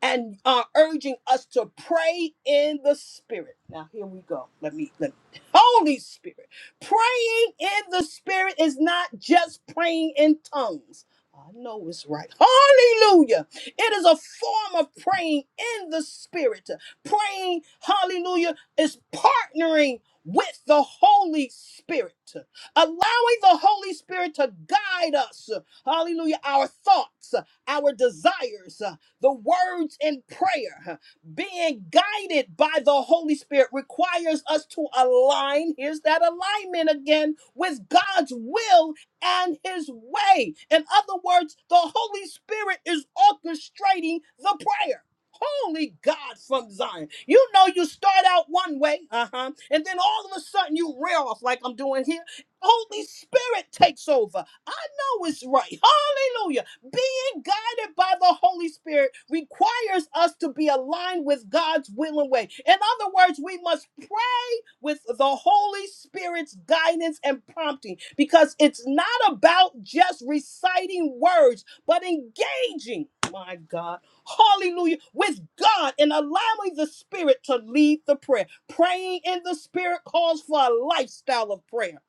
S2: and are urging us to pray in the spirit. Now here we go. Let me let me. Holy Spirit. Praying in the spirit is not just praying in tongues. Oh, I know it's right. Hallelujah. It is a form of praying in the spirit. Praying, hallelujah, is partnering with the Holy Spirit, allowing the Holy Spirit to guide us. Hallelujah. Our thoughts, our desires. The words in prayer, huh, being guided by the Holy Spirit, requires us to align. Here's that alignment again with God's will and His way. In other words, the Holy Spirit is orchestrating the prayer. Holy God from Zion. You know, you start out one way, uh huh, and then all of a sudden you rear off like I'm doing here. Holy Spirit takes over. I know it's right. Hallelujah being guided by the Holy Spirit requires us to be aligned with God's will and way. In other words, we must pray with the Holy Spirit's guidance and prompting because it's not about just reciting words, but engaging, my God, hallelujah, with God and allowing the Spirit to lead the prayer. Praying in the Spirit calls for a lifestyle of prayer.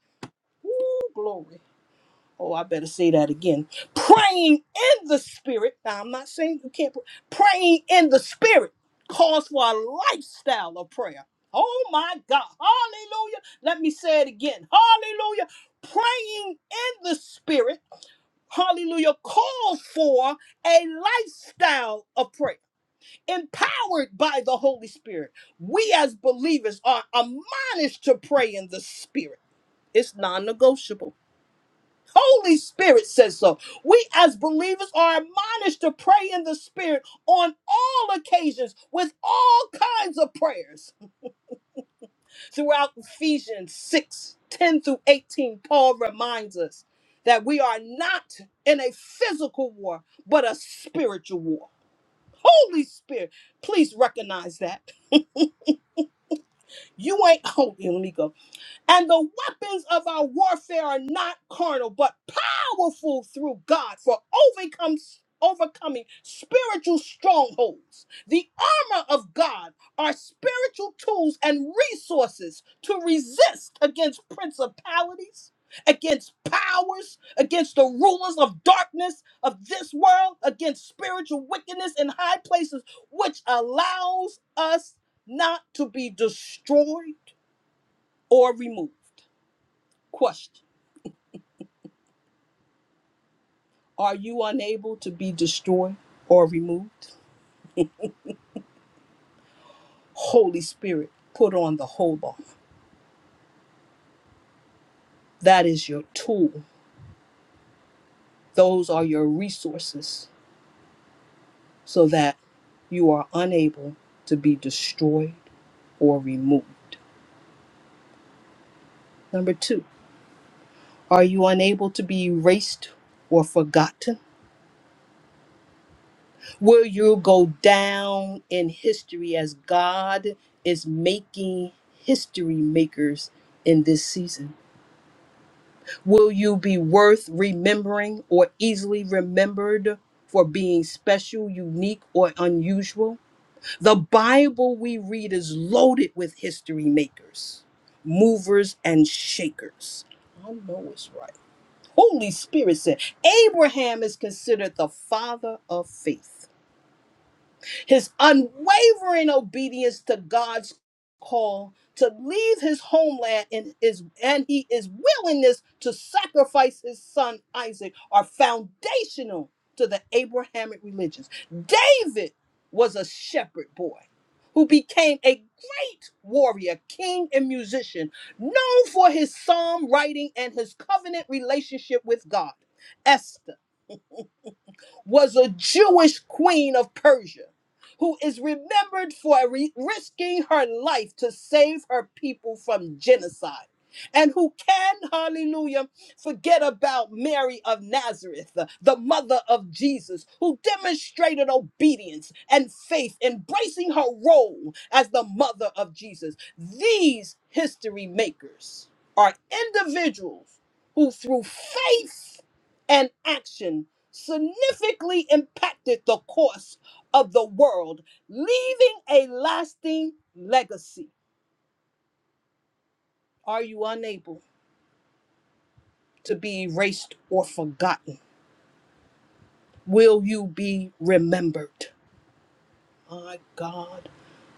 S2: Woo, glory. Oh, I better say that again. Praying in the spirit. Now, I'm not saying you can't pray. Praying in the spirit calls for a lifestyle of prayer. Oh my God. Hallelujah. Let me say it again. Hallelujah. Praying in the spirit, hallelujah, calls for a lifestyle of prayer. Empowered by the Holy Spirit, we as believers are admonished to pray in the spirit. It's non negotiable. Holy Spirit says so. We as believers are admonished to pray in the Spirit on all occasions with all kinds of prayers. Throughout Ephesians 6 10 through 18, Paul reminds us that we are not in a physical war, but a spiritual war. Holy Spirit, please recognize that. You ain't, (laughs) holy. let me go. And the weapons of our warfare are not carnal, but powerful through God for overcome, overcoming spiritual strongholds. The armor of God are spiritual tools and resources to resist against principalities, against powers, against the rulers of darkness of this world, against spiritual wickedness in high places, which allows us not to be destroyed or removed. Question Are you unable to be destroyed or removed? Holy Spirit, put on the whole armor. That is your tool, those are your resources so that you are unable to be destroyed or removed. Number two, are you unable to be erased or forgotten? Will you go down in history as God is making history makers in this season? Will you be worth remembering or easily remembered for being special, unique, or unusual? The Bible we read is loaded with history makers, movers, and shakers. I know it's right. Holy Spirit said Abraham is considered the father of faith his unwavering obedience to God's call to leave his homeland and his and he his willingness to sacrifice his son Isaac are foundational to the Abrahamic religions. David was a shepherd boy who became a great warrior, king, and musician, known for his psalm writing and his covenant relationship with God was a Jewish queen of Persia who is remembered for re- risking her life to save her people from genocide. And who can, hallelujah, forget about Mary of Nazareth, the the mother of Jesus, who demonstrated obedience and faith, embracing her role as the mother of Jesus. These history makers are individuals who, through faith and action, significantly impacted the course of the world, leaving a lasting legacy. Are you unable to be erased or forgotten? Will you be remembered? My God,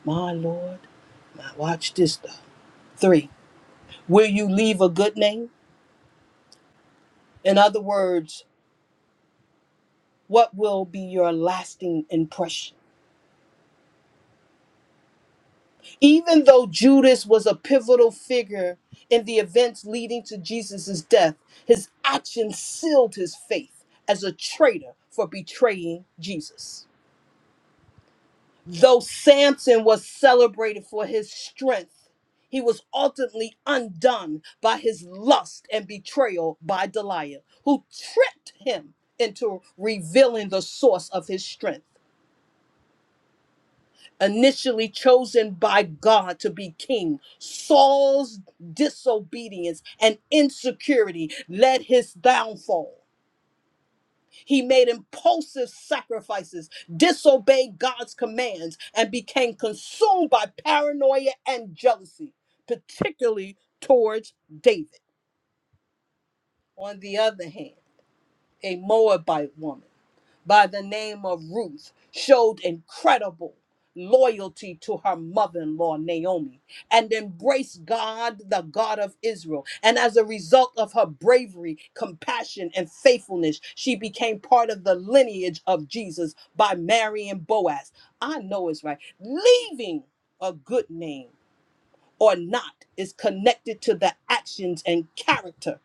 S2: my Lord, my watch this though. Three, will you leave a good name? In other words, what will be your lasting impression? Even though Judas was a pivotal figure in the events leading to Jesus' death, his actions sealed his faith as a traitor for betraying Jesus. Though Samson was celebrated for his strength, he was ultimately undone by his lust and betrayal by Delilah, who tricked him into revealing the source of his strength. initially chosen by God to be king, Saul's disobedience and insecurity led his downfall. He made impulsive sacrifices, disobeyed God's commands, and became consumed by paranoia and jealousy, particularly towards David. On the other hand, a Moabite woman. by the name of Ruth showed incredible loyalty to her mother in law, Naomi, and embraced God, the God of Israel. And as a result of her bravery, compassion, and faithfulness, she became part of the lineage of Jesus by marrying Boaz. I know it's right. Leaving a good name or not is connected to the actions and character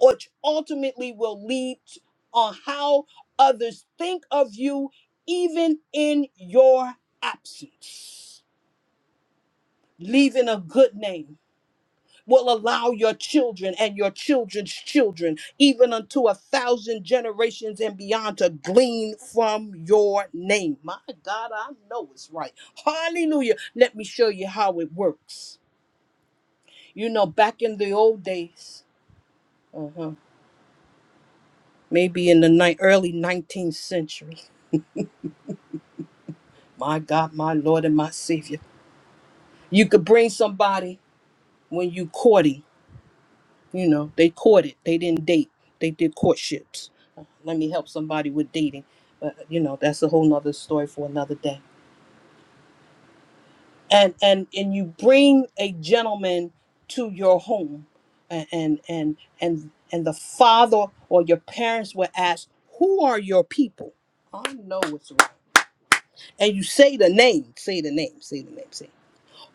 S2: which ultimately will lead on how others think of you, even in your absence. Leaving a good name will allow your children and your children's children, even unto a thousand generations and beyond, to glean from your name. My God, I know it's right. Hallelujah. Let me show you how it works. You know, back in the old days, uh-huh, maybe in the ni- early 19th century. my God, my Lord and my Savior. You could bring somebody when you courting, you know, they courted, they didn't date, they did courtships. Uh, Let me help somebody with dating, but you know, that's a whole nother story for another day. And and and you bring a gentleman to your home, and and and and, and the father or your parents will ask, "Who are your people?" I know it's right. And you say the name, say the name, say the name, say the name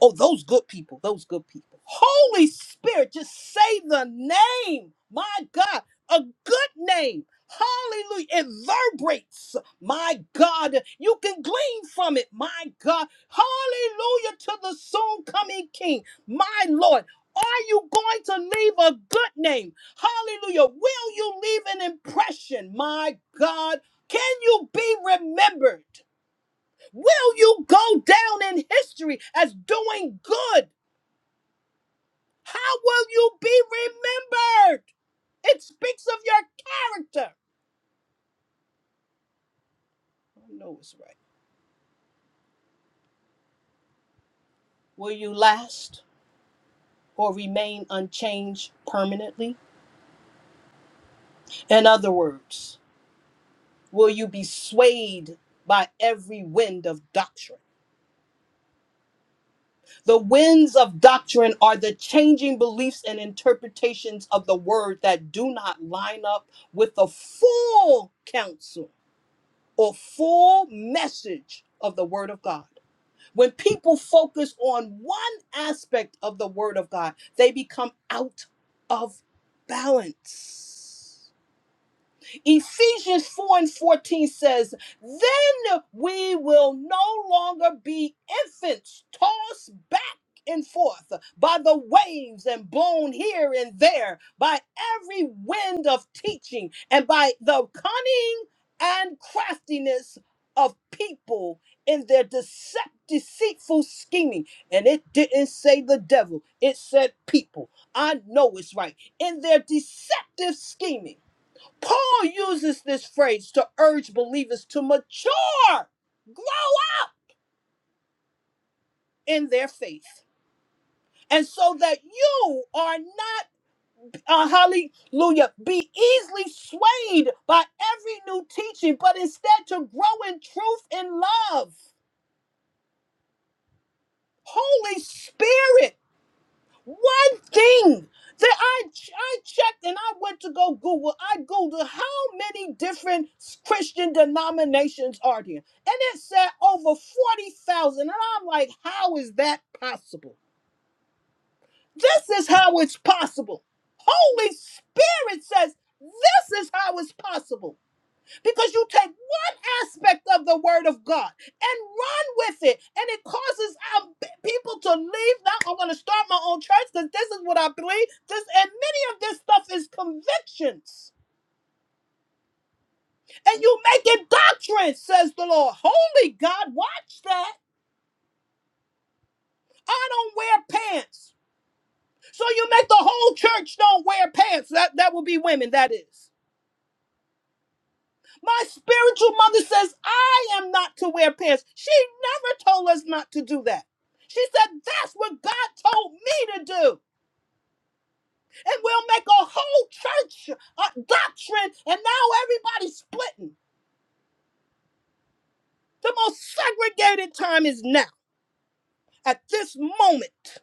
S2: Oh, those good people, those good people. Holy Spirit, just say the name. My God, a good name. Hallelujah. It vibrates. My God, you can glean from it. My God. Hallelujah to the soon coming King. My Lord. Are you going to leave a good name? Hallelujah. Will you leave an impression? My God. Can you be remembered? Will you go down in history as doing good? How will you be remembered? It speaks of your character. I know it's right. Will you last or remain unchanged permanently? In other words, will you be swayed by every wind of doctrine? The winds of doctrine are the changing beliefs and interpretations of the word that do not line up with the full counsel or full message of the Word of God. When people focus on one aspect of the Word of God, they become out of balance. Ephesians 4 and 14 says, Then we will no longer be infants tossed back and forth by the waves and blown here and there by every wind of teaching and by the cunning and craftiness of people in their decep- deceitful scheming. And it didn't say the devil, it said people. I know it's right. In their deceptive scheming Paul uses this phrase to urge believers to mature, grow up in their faith. And so that you are not, uh, hallelujah, be easily swayed by every new teaching, but instead to grow in truth and love. Holy Spirit. One thing that I ch- I checked and I went to go Google. I Googled how many different Christian denominations are there, and it said over forty thousand. And I'm like, how is that possible? This is how it's possible. Holy Spirit says this is how it's possible because you take one aspect of the word of God and run with it, and it causes our b- people to leave. Now I'm going to start my own church because this is what I believe. This and many of this stuff is convictions, and you make it doctrine, says the Lord. Holy God, watch that. I don't wear pants, so you make the whole church don't wear pants. That that would be women. That is. My spiritual mother says I am not to wear pants. She never told us not to do that. She said that's what God told me to do. And we'll make a whole church uh, doctrine, and now everybody's splitting. The most segregated time is now. At this moment,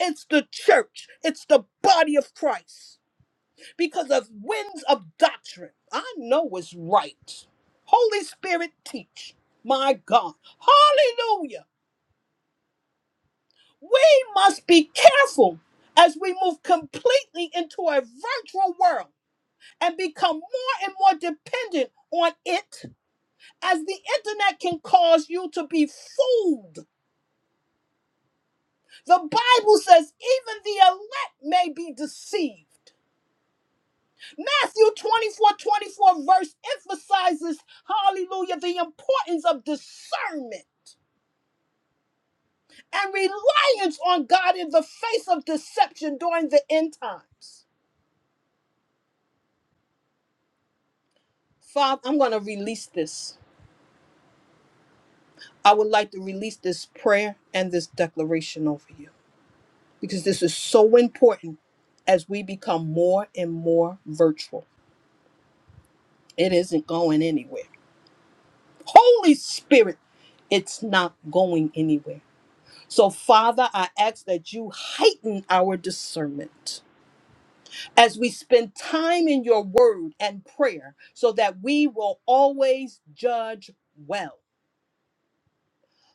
S2: it's the church, it's the body of Christ because of winds of doctrine. I know what's right. Holy Spirit, teach. My God. Hallelujah. We must be careful as we move completely into a virtual world and become more and more dependent on it, as the internet can cause you to be fooled. The Bible says, even the elect may be deceived. Matthew 24 24 verse emphasizes, hallelujah, the importance of discernment and reliance on God in the face of deception during the end times. Father, I'm going to release this. I would like to release this prayer and this declaration over you because this is so important as we become more and more virtual. It isn't going anywhere. Holy Spirit, it's not going anywhere. So, Father, I ask that you heighten our discernment as we spend time in your word and prayer so that we will always judge well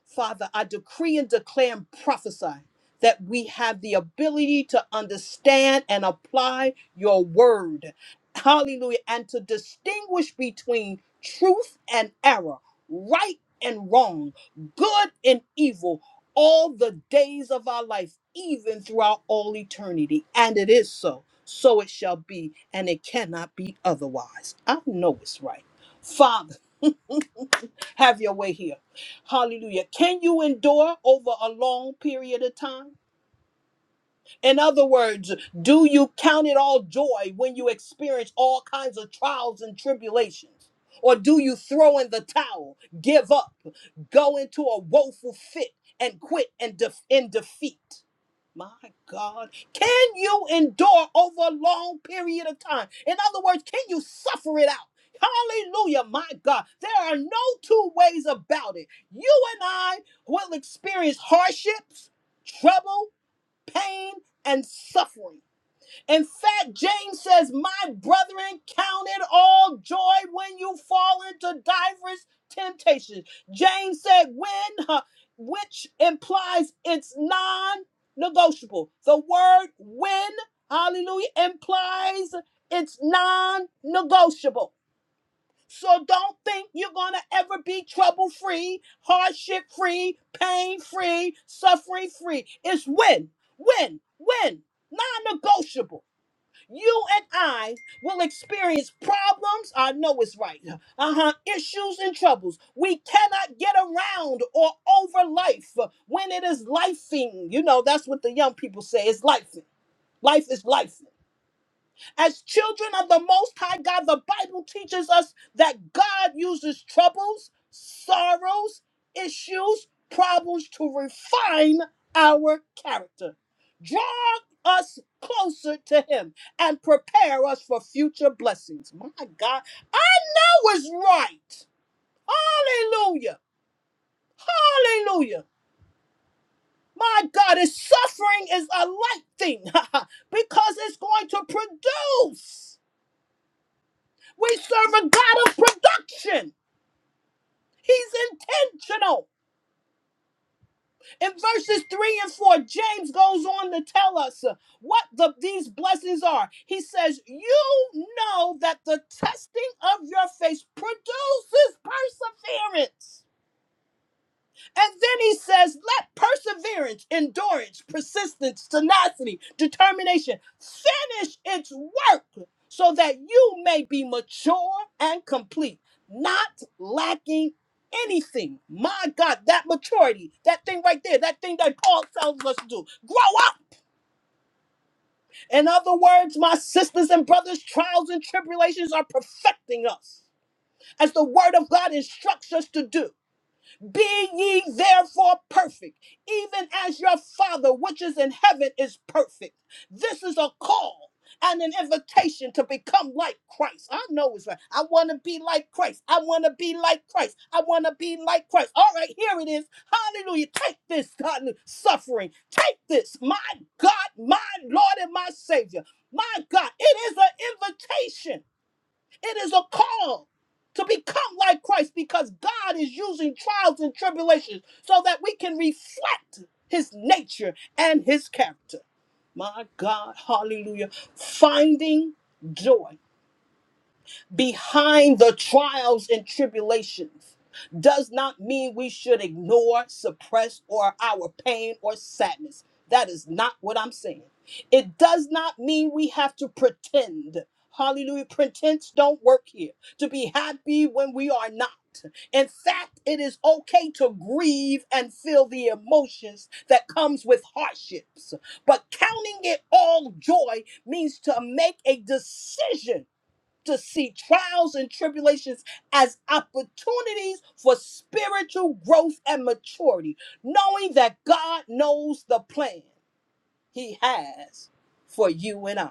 S2: Father, I decree and declare and prophesy that we have the ability to understand and apply your word. Hallelujah. And to distinguish between truth and error, right and wrong, good and evil, all the days of our life, even throughout all eternity. And it is so. So it shall be, and it cannot be otherwise. I know it's right. Father, have your way here. Hallelujah. Can you endure over a long period of time? In other words, do you count it all joy when you experience all kinds of trials and tribulations? Or do you throw in the towel, give up, go into a woeful fit, and quit and def- in defeat? My God, can you endure over a long period of time? In other words, can you suffer it out? Hallelujah, my God. There are no two ways about it. You and I will experience hardships, trouble, pain, and suffering. In fact, James says, My brethren, count it all joy when you fall into diverse temptations. James said, When, huh, which implies it's non negotiable. The word when, hallelujah, implies it's non negotiable. So don't think you're going to ever be trouble free, hardship free, pain free, suffering free. It's win, win, win, non negotiable. You and I will experience problems. I know it's right. Uh huh. Issues and troubles. We cannot get around or over life when it is lifing. You know, that's what the young people say. It's life. Life is life. As children of the Most High God, the Bible teaches us that God uses troubles, sorrows, issues, problems to refine our character, draw us closer to Him, and prepare us for future blessings. My God, I was right. Hallelujah. Hallelujah. My God, His suffering is a light thing (laughs) because it's going to produce. We serve a God of production. He's intentional. In verses 3 and 4, James goes on to tell us uh, what the, these blessings are. He says, You know that the testing of your faith produces perseverance. And then he says, let perseverance, endurance, persistence, tenacity, determination finish its work so that you may be mature and complete, not lacking anything. My God, that maturity, that thing right there, that thing that Paul tells us to do, grow up. In other words, my sisters and brothers, trials and tribulations are perfecting us as the word of God instructs us to do. Be ye therefore perfect, even as your Father which is in heaven is perfect. This is a call and an invitation to become like Christ. I know it's right. I want to be like Christ. I want to be like Christ. I want to be like Christ. All right, here it is. Hallelujah. Take this God, suffering. Take this, my God, my Lord, and my Savior. My God, it is an invitation it is a call to become like Christ because God is using trials and tribulations so that we can reflect his nature and his character. My God, hallelujah. Finding joy behind the trials and tribulations does not mean we should ignore, suppress, or our pain or sadness. That is not what I'm saying. It does not mean we have to pretend. Hallelujah. Pretense don't work here. To be happy when we are not. In fact, it is okay to grieve and feel the emotions that comes with hardships. But counting it all joy means to make a decision to see trials and tribulations as opportunities for spiritual growth and maturity, knowing that God knows the plan He has for you and I.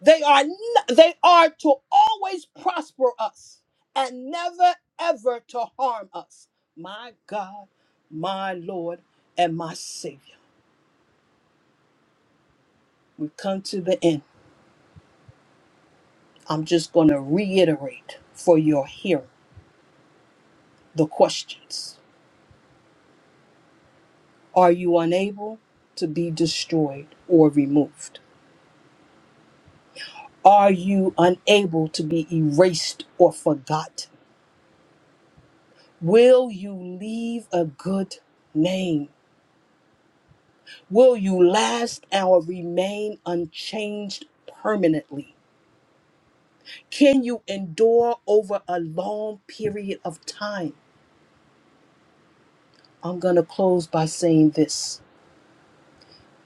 S2: They are n- they are to always prosper us and never ever to harm us. My God, my Lord, and my Savior. We've come to the end. I'm just going to reiterate for your hearing the questions. Are you unable to be destroyed or removed? Are you unable to be erased or forgotten? Will you leave a good name? Will you last or remain unchanged permanently? Can you endure over a long period of time? I'm going to close by saying this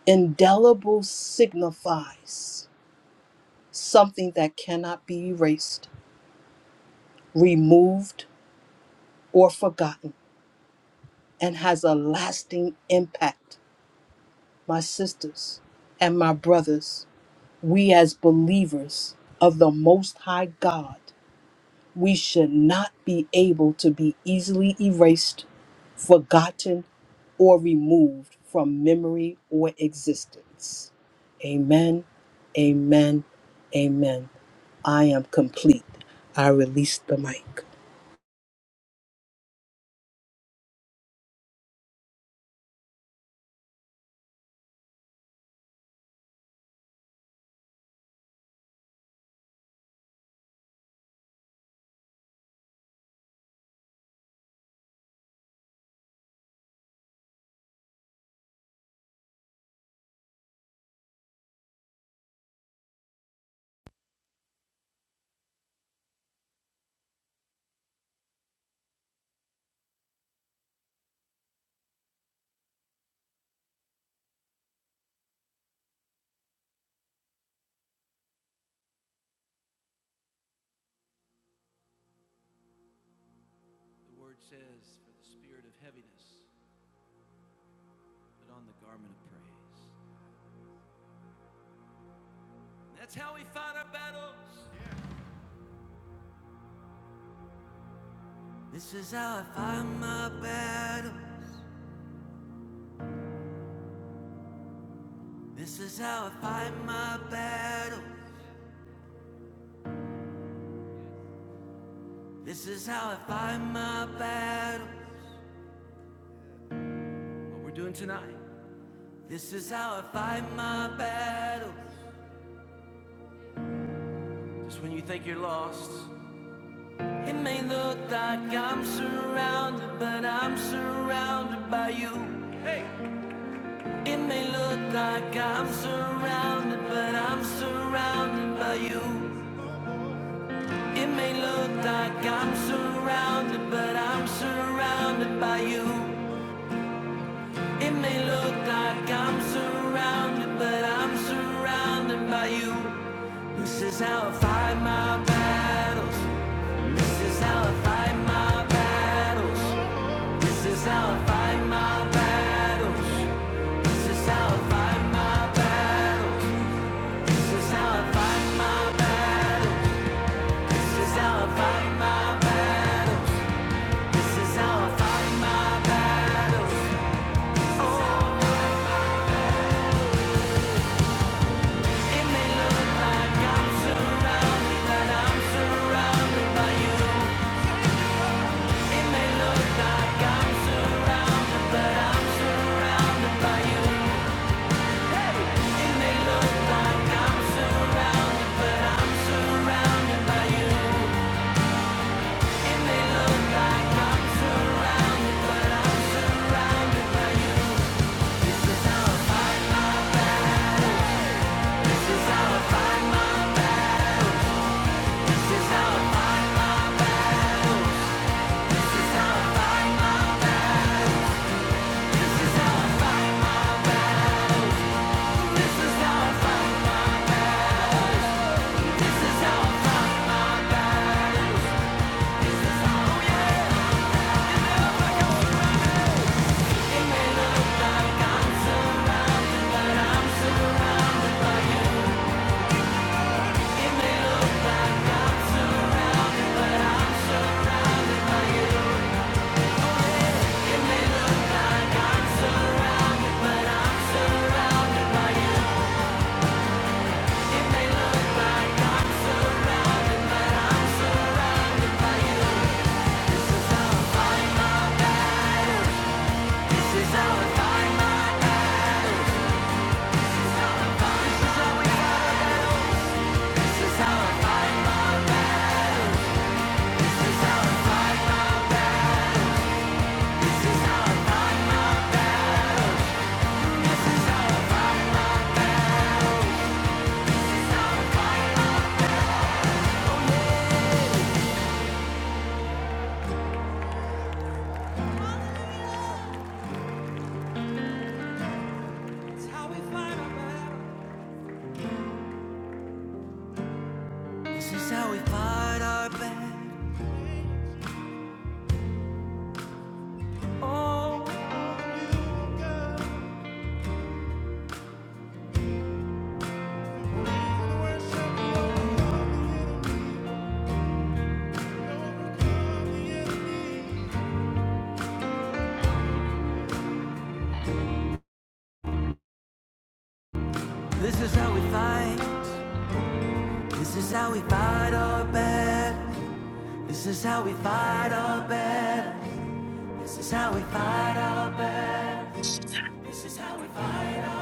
S2: indelible signifies something that cannot be erased, removed, or forgotten and has a lasting impact. My sisters and my brothers, we as believers of the Most High God, we should not be able to be easily erased, forgotten, or removed from memory or existence. Amen, amen, amen. I am complete. I release the mic.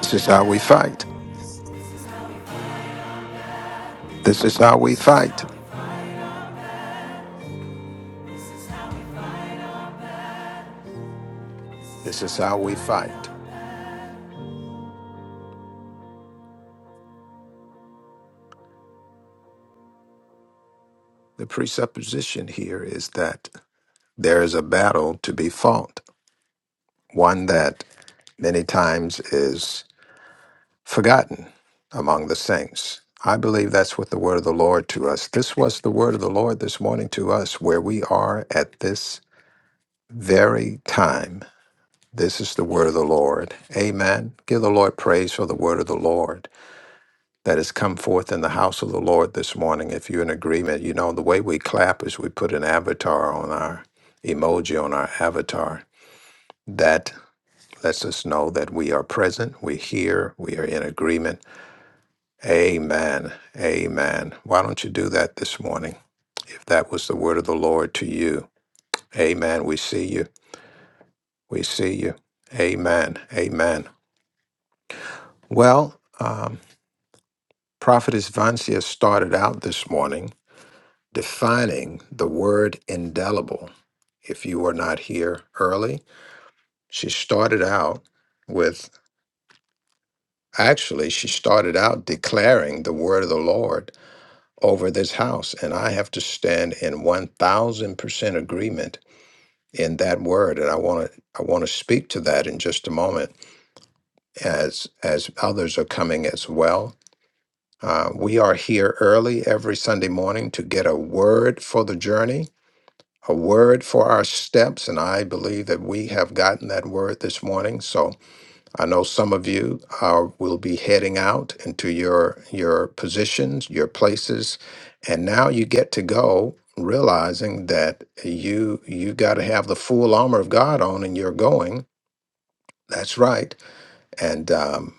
S1: This is how we fight. This is how we fight. This is how we fight. The presupposition here is that there is a battle to be fought, one that many times is forgotten among the saints. I believe that's what the word of the Lord to us. This was the word of the Lord this morning to us, where we are at this very time This is the word of the Lord. Amen. Give the Lord praise for the word of the Lord that has come forth in the house of the Lord this morning. If you're in agreement, you know, the way we clap is we put an avatar on our emoji on our avatar. That lets us know that we are present, we hear, we are in agreement. Amen. Amen. Why don't you do that this morning if that was the word of the Lord to you? Amen. We see you. We see you. Amen. Amen. Well, um, Prophetess Vancia started out this morning defining the word indelible. If you were not here early, she started out with actually, she started out declaring the word of the Lord over this house. And I have to stand in 1000% agreement in that word. And I want to, I want to speak to that in just a moment as, as others are coming as well Uh, we are here early every Sunday morning to get a word for the journey, a word for our steps. And I believe that we have gotten that word this morning. So I know some of you are, will be heading out into your, your positions, your places. And now you get to go realizing that you you got to have the full armor of God on and you're going. That's right. And um,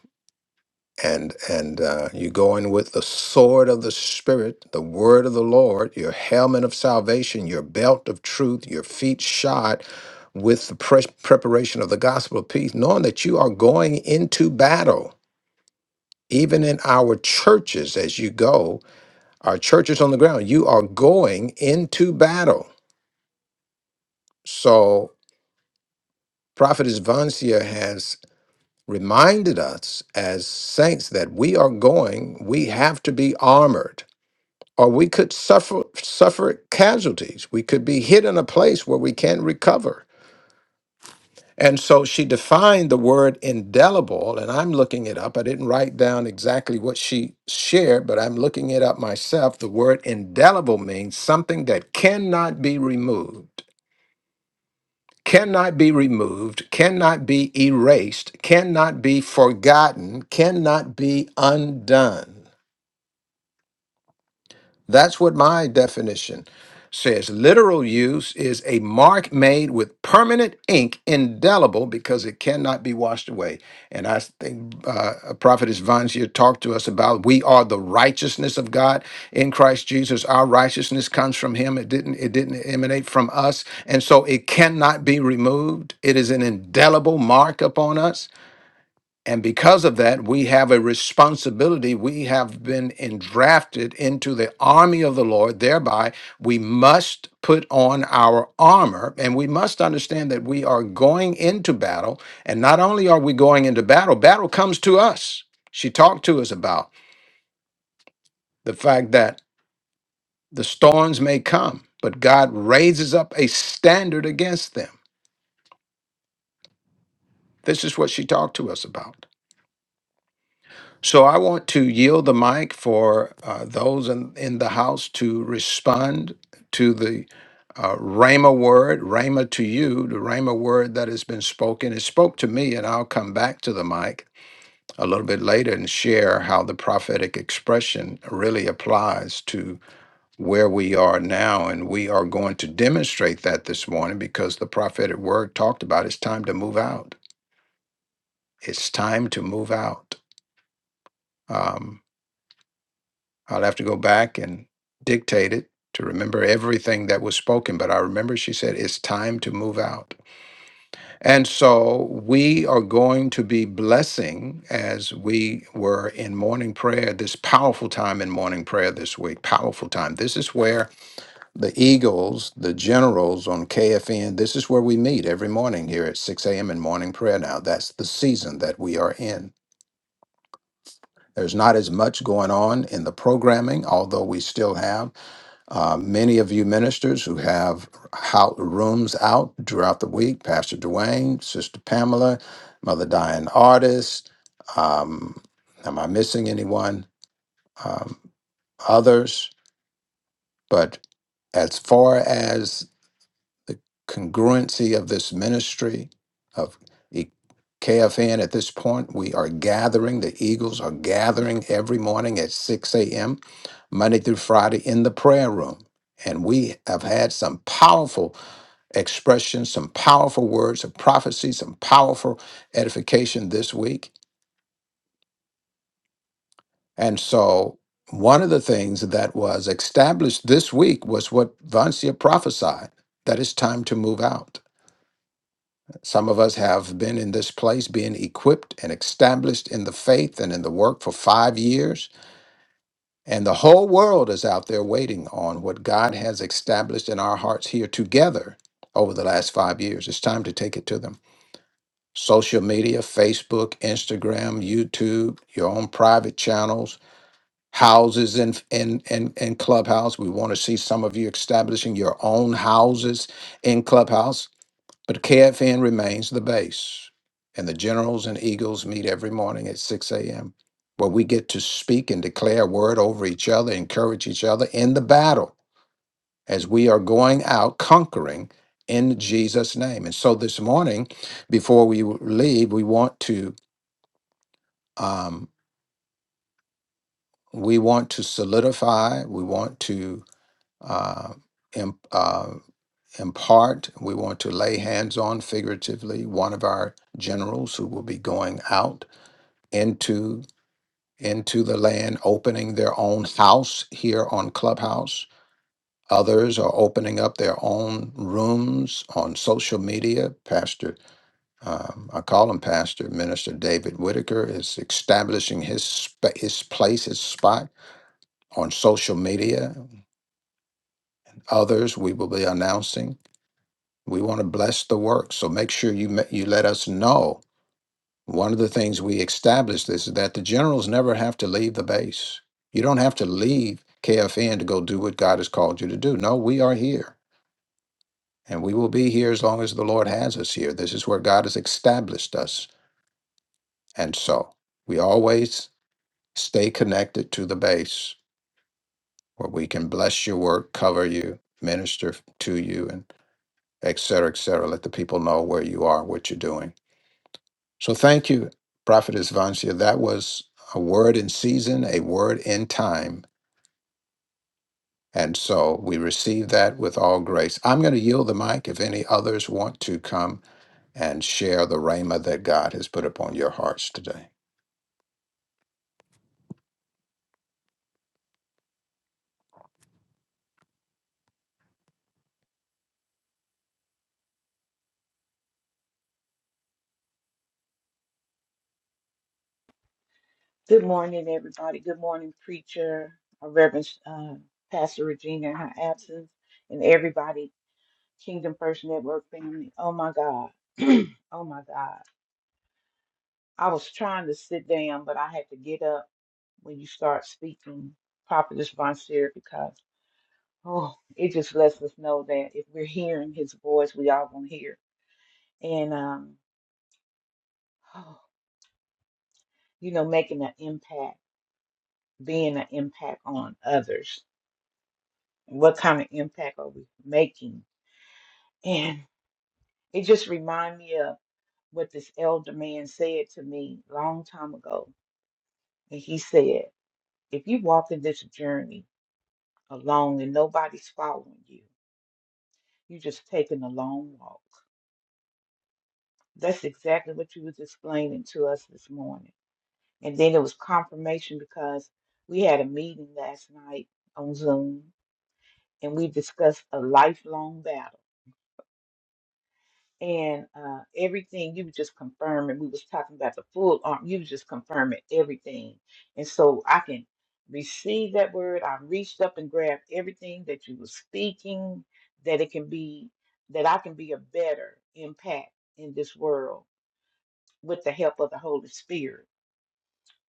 S1: and and uh, you go in with the sword of the spirit the word of the lord your helmet of salvation your belt of truth your feet shod with the pres- preparation of the gospel of peace knowing that you are going into battle even in our churches as you go our churches on the ground you are going into battle so prophetess vancia has reminded us as saints that we are going we have to be armored or we could suffer suffer casualties. We could be hit in a place where we can't recover. And so she defined the word indelible, and I'm looking it up. I didn't write down exactly what she shared, but I'm looking it up myself. The word indelible means something that cannot be removed, cannot be removed, cannot be erased, cannot be forgotten, cannot be undone. That's what my definition says. Literal use is a mark made with permanent ink, indelible, because it cannot be washed away. And I think uh, Prophetess Vansia talked to us about we are the righteousness of God in Christ Jesus. Our righteousness comes from Him. It didn't. It didn't emanate from us, and so it cannot be removed. It is an indelible mark upon us. And because of that, we have a responsibility. We have been endrafted into the army of the Lord. Thereby, we must put on our armor and we must understand that we are going into battle. And not only are we going into battle, battle comes to us. She talked to us about the fact that the storms may come, but God raises up a standard against them. This is what she talked to us about. So I want to yield the mic for uh, those in, in the house to respond to the uh, Rhema word, Rhema to you, the Rhema word that has been spoken. It spoke to me, and I'll come back to the mic a little bit later and share how the prophetic expression really applies to where we are now. And we are going to demonstrate that this morning because the prophetic word talked about it's time to move out. It's time to move out. Um, I'll have to go back and dictate it to remember everything that was spoken. But I remember she said, it's time to move out. And so we are going to be blessing as we were in morning prayer, this powerful time in morning prayer this week, powerful time. This is where the Eagles, the generals on KFN, this is where we meet every morning here at 6 a.m. in morning prayer now. That's the season that we are in. There's not as much going on in the programming, although we still have. Uh, many of you ministers who have how, rooms out throughout the week, Pastor Dwayne, Sister Pamela, Mother Diane Artist. Um, am I missing anyone? Um, others, but as far as the congruency of this ministry of E- KFN at this point. We are gathering, the Eagles are gathering every morning at 6 a.m., Monday through Friday in the prayer room. And we have had some powerful expressions, some powerful words of prophecy, some powerful edification this week. And so, one of the things that was established this week was what Vancia prophesied that it's time to move out Some of us have been in this place, being equipped and established in the faith and in the work for five years. And the whole world is out there waiting on what God has established in our hearts here together over the last five years. It's time to take it to them. Social media, Facebook, Instagram, YouTube, your own private channels, houses in in in, in Clubhouse. We want to see some of you establishing your own houses in Clubhouse but KFN remains the base, and the generals and eagles meet every morning at 6 a.m., where we get to speak and declare a word over each other, encourage each other in the battle as we are going out conquering in Jesus' name. And so this morning, before we w- leave, we want to um, we want to solidify, we want to uh, imp, uh, impart. We want to lay hands on figuratively one of our generals who will be going out into into the land, opening their own house here on Clubhouse. Others are opening up their own rooms on social media. Pastor, um, I call him Pastor Minister David Whitaker is establishing his spa his place, his spot on social media. Others we will be announcing. We want to bless the work. So make sure you ma- you let us know. One of the things we established is that the generals never have to leave the base. You don't have to leave KFN to go do what God has called you to do. No, we are here. And we will be here as long as the Lord has us here. This is where God has established us. And so we always stay connected to the base where we can bless your work, cover you, minister to you, and et cetera, et cetera. Let the people know where you are, what you're doing So thank you, Prophet Vancia. That was a word in season, a word in time. And so we receive that with all grace. I'm going to yield the mic if any others want to come and share the rhema that God has put upon your hearts today.
S3: Good morning, everybody. Good morning, preacher, uh, Reverend uh, Pastor Regina in her absence, and everybody, Kingdom First Network family. Oh my God. (clears throat) oh my God. I was trying to sit down, but I had to get up when you start speaking, Prophetess Von Seer, because oh, it just lets us know that if we're hearing his voice, we all gonna hear. And um, (sighs) you know, making an impact, being an impact on others what kind of impact are we making? And it just reminded me of what this elder man said to me long time ago. And he said, if you walk in this journey alone and nobody's following you, you're just taking a long walk. That's exactly what you was explaining to us this morning. And then it was confirmation because we had a meeting last night on Zoom and we discussed a lifelong battle and uh, everything you were just confirming. We was talking about the full arm. You was just confirming everything, and so I can receive that word. I reached up and grabbed everything that you were speaking. That it can be that I can be a better impact in this world with the help of the Holy Spirit.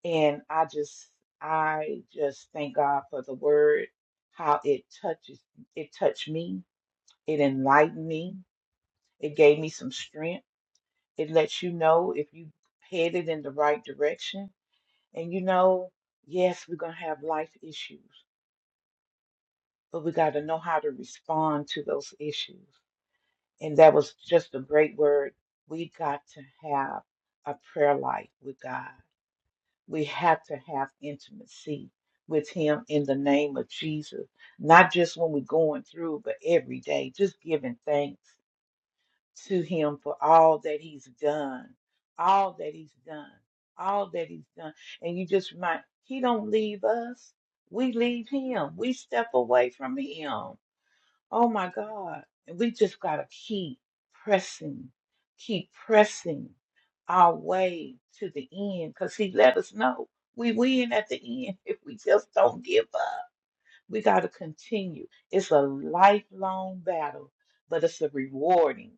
S3: And I just I just thank God for the word, how it touches it touched me, it enlightened me, it gave me some strength it lets you know if you headed in the right direction. And you know, yes, we're gonna have life issues, but we gotta know how to respond to those issues. And that was just a great word. We got to have a prayer life with God. We have to have intimacy with Him in the name of Jesus. Not just when we're going through, but every day, just giving thanks to him for all that he's done, all that he's done, all that he's done. And you just remind he don't leave us. We leave him. We step away from him. Oh my God. And we just gotta keep pressing, keep pressing our way to the end because he let us know we win at the end (laughs) if we just don't give up. We got to continue. It's a lifelong battle, but it's a rewarding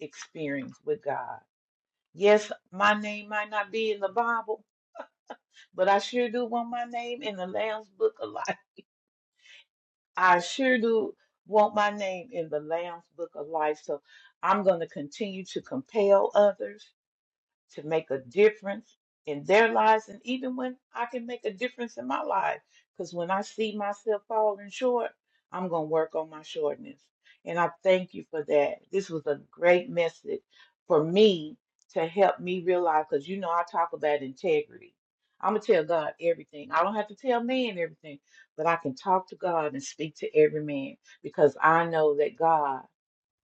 S3: experience with God. Yes, my name might not be in the Bible, but I sure do want my name in the Lamb's Book of Life. I sure do want my name in the Lamb's Book of Life. So I'm going to continue to compel others. to make a difference in their lives and even when I can make a difference in my life. Because when I see myself falling short, I'm going to work on my shortness. And I thank you for that. This was a great message for me to help me realize because you know I talk about integrity. I'm going to tell God everything. I don't have to tell man everything, but I can talk to God and speak to every man because I know that God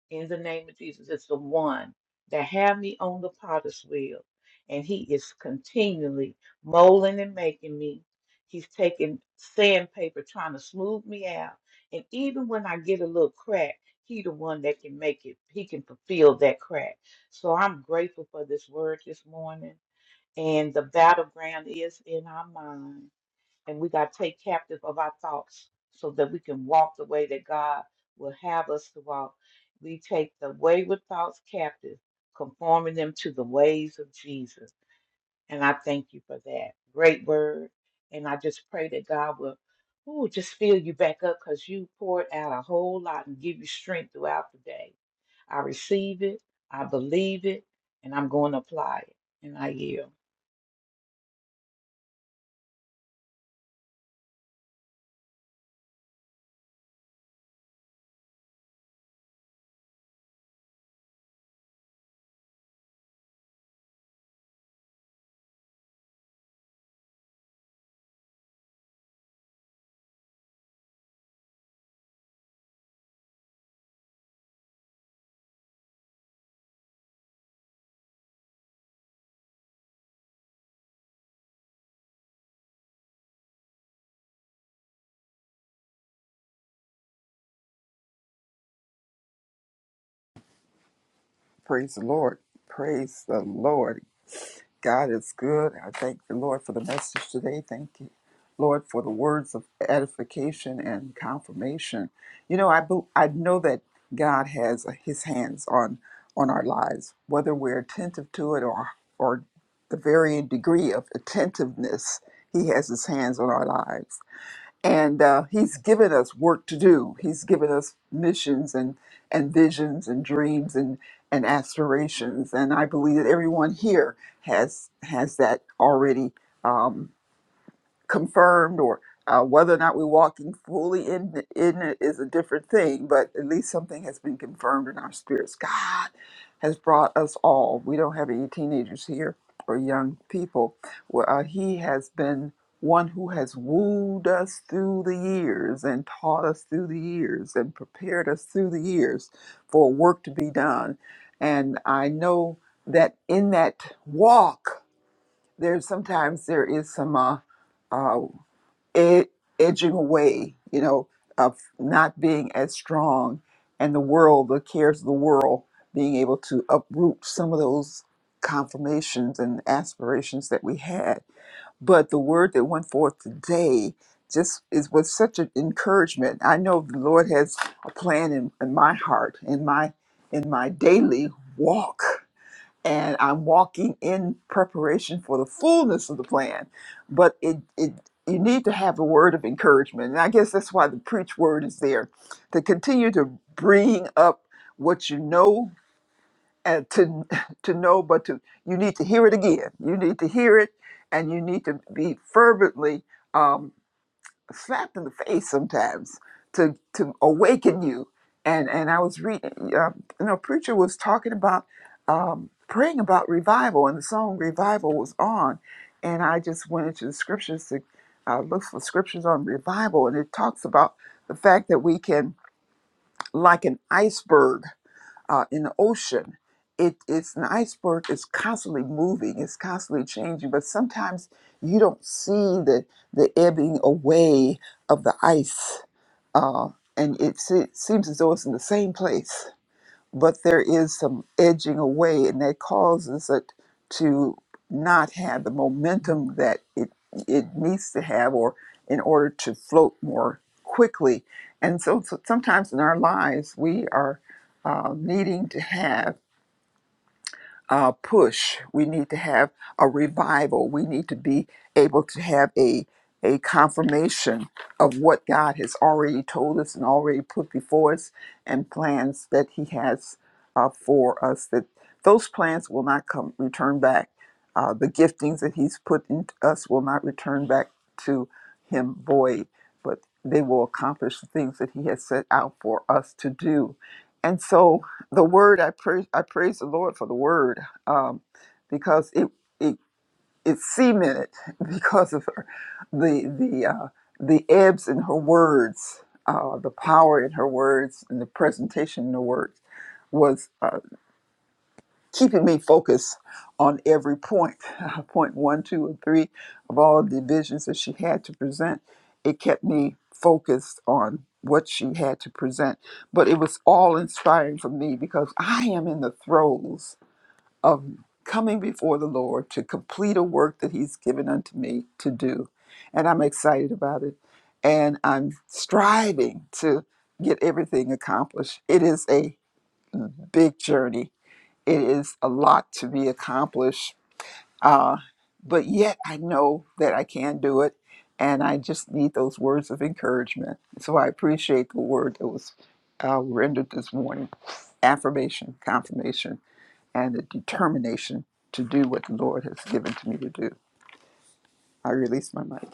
S3: in the name of Jesus. It's the one that had me on the potter's wheel, and he is continually molding and making me. He's taking sandpaper, trying to smooth me out. And even when I get a little crack, he the one that can make it. He can fulfill that crack. So I'm grateful for this word this morning. And the battleground is in our mind. And we got to take captive of our thoughts so that we can walk the way that God will have us to walk. We take the wayward thoughts captive, conforming them to the ways of Jesus. And I thank you for that. Great word. And I just pray that God will ooh, just fill you back up because you poured out a whole lot and give you strength throughout the day. I receive it, I believe it, and I'm going to apply it. And I yield.
S4: Praise the Lord. Praise the Lord. God is good. I thank the Lord for the message today. Thank you, Lord, for the words of edification and confirmation. You know, I bel- I know that God has His hands on on our lives, whether we're attentive to it or or the varying degree of attentiveness. He has His hands on our lives and uh, he's given us work to do. He's given us missions and and visions and dreams and and aspirations. And I believe that everyone here has has that already. Um, confirmed or uh, whether or not we're walking fully in, in it is a different thing, but at least something has been confirmed in our spirits. God has brought us all. We don't have any teenagers here or young people. Well, uh, he has been one who has wooed us through the years and taught us through the years and prepared us through the years for work to be done. And I know that in that walk, there's sometimes there is some. Uh, uh, ed- edging away, you know, of not being as strong, and the world, the cares of the world, being able to uproot some of those confirmations and aspirations that we had. But the word that went forth today just is was such an encouragement. I know the Lord has a plan in, in my heart, in my in my daily walk and I'm walking in preparation for the fullness of the plan. But it, it you need to have a word of encouragement. And I guess that's why the preach word is there to continue to bring up what you know and to (laughs) to know, but to you need to hear it again. You need to hear it, and you need to be fervently. Um, slapped in the face sometimes to to awaken you. And and I was reading, uh, you know, preacher was talking about um, praying about revival, and the song revival was on, and I just went into the scriptures to uh, look for scriptures on revival, and it talks about the fact that we can, like an iceberg, uh, in the ocean. It, it's an iceberg. It's constantly moving. It's constantly changing. But sometimes you don't see the the ebbing away of the ice, uh, and it se- seems as though it's in the same place but there is some edging away, and that causes it to not have the momentum that it it needs to have, or in order to float more quickly. And so, so sometimes in our lives, we are uh, needing to have uh, push. We need to have a revival. We need to be able to have a a confirmation of what God has already told us and already put before us, and plans that He has uh, for us. That those plans will not come return back. Uh, the giftings that He's put in us will not return back to Him void, but they will accomplish the things that He has set out for us to do. And so, the word I praise I praise the Lord for the word um, because it it it cemented (laughs) because of her the the uh, the ebbs in her words uh, the power in her words and the presentation in her words was uh, keeping me focused on every point, (laughs) point one, two, and three of all the visions that she had to present. It kept me focused on what she had to present. But it was all inspiring for me because I am in the throes of coming before the Lord to complete a work that He's given unto me to do. And I'm excited about it. And I'm striving to get everything accomplished. It is a big journey it is a lot to be accomplished. Uh, but yet I know that I can do it. And I just need those words of encouragement. So I appreciate the word that was uh, rendered this morning affirmation, confirmation, and the determination to do what the Lord has given to me to do. I release my mic.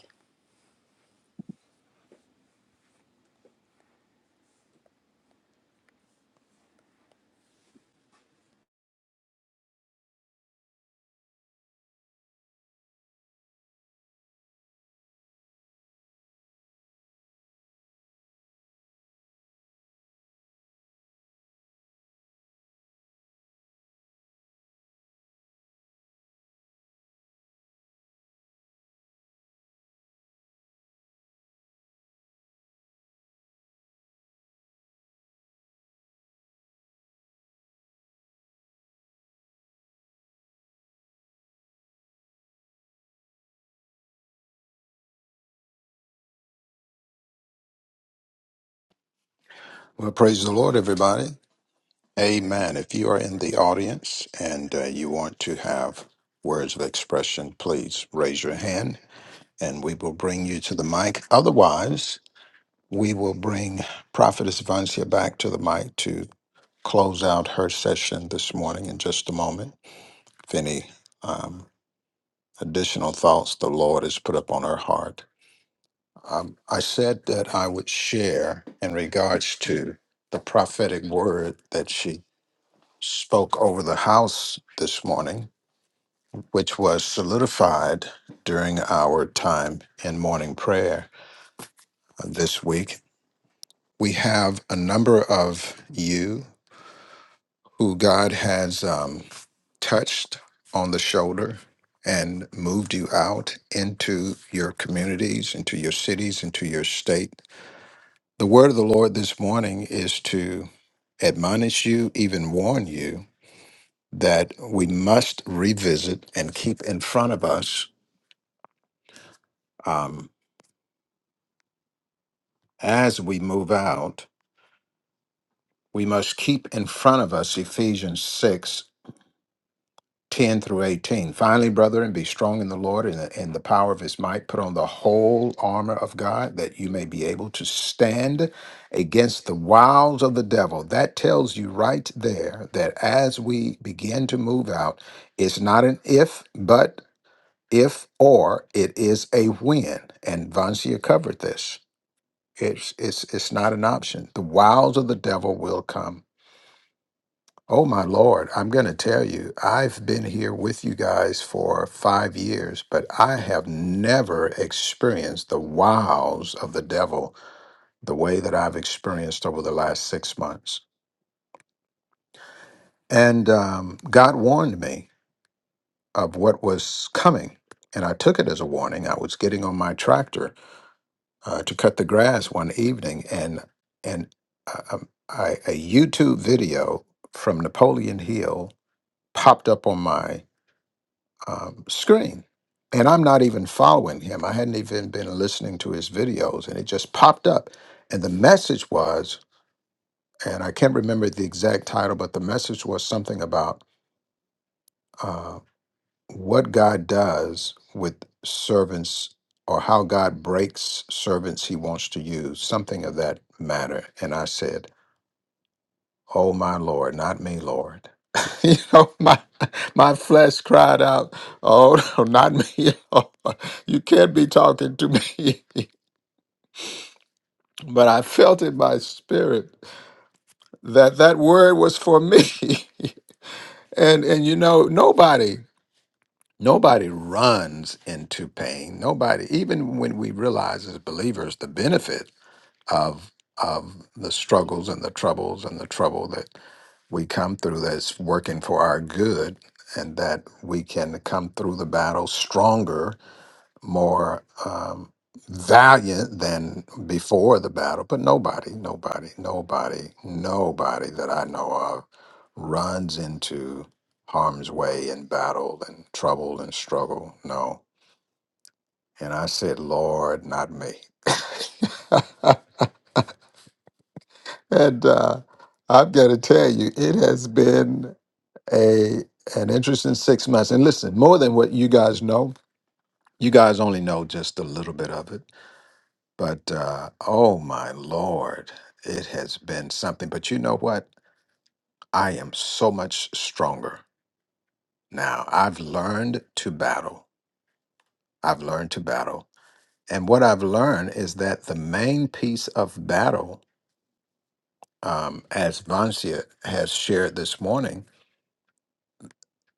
S1: Well, praise the Lord, everybody. Amen. If you are in the audience and uh, you want to have words of expression, please raise your hand and we will bring you to the mic. Otherwise, We will bring Prophetess Vancia back to the mic to close out her session this morning in just a moment. If any um, additional thoughts the Lord has put upon her heart. Um, I said that I would share in regards to the prophetic word that she spoke over the house this morning, which was solidified during our time in morning prayer uh, this week. We have a number of you who God has um, touched on the shoulder and moved you out into your communities, into your cities, into your state. The word of the Lord this morning is to admonish you, even warn you, that we must revisit and keep in front of us um, as we move out. We must keep in front of us Ephesians 6 10 through 18. Finally, brethren, be strong in the Lord and in the power of his might. Put on the whole armor of God that you may be able to stand against the wiles of the devil. That tells you right there that as we begin to move out, it's not an if, but if or it is a when. And Vancia covered this. It's, it's, it's not an option. The wiles of the devil will come Oh my Lord, I'm going to tell you, I've been here with you guys for five years, but I have never experienced the wows of the devil the way that I've experienced over the last six months. And um, God warned me of what was coming, and I took it as a warning. I was getting on my tractor uh, to cut the grass one evening, and and uh, um, I, a YouTube video from Napoleon Hill popped up on my um, screen. And I'm not even following him. I hadn't even been listening to his videos, and it just popped up. And the message was, and I can't remember the exact title, but the message was something about uh, what God does with servants or how God breaks servants he wants to use, something of that matter. And I said, Oh my Lord, not me, Lord. (laughs) you know, my my flesh cried out, Oh no, not me. (laughs) Lord. you can't be talking to me. (laughs) but I felt in my spirit that that word was for me. (laughs) and and you know, nobody nobody runs into pain. Nobody, even when we realize as believers the benefit of of the struggles and the troubles and the trouble that. we come through that's working for our good and that we can come through the battle stronger, more um, valiant than before the battle. But nobody, nobody, nobody, nobody that I know of runs into harm's way in battle and trouble and struggle. No. And I said, Lord, not me. (laughs) and uh, I've got to tell you, it has been. a an interesting six months. And listen, more than what you guys know, you guys only know just a little bit of it. But uh, oh my lord, it has been something. But you know what? I am so much stronger now. I've learned to battle. I've learned to battle. And what I've learned is that the main piece of battle, um, as Vancia has shared this morning,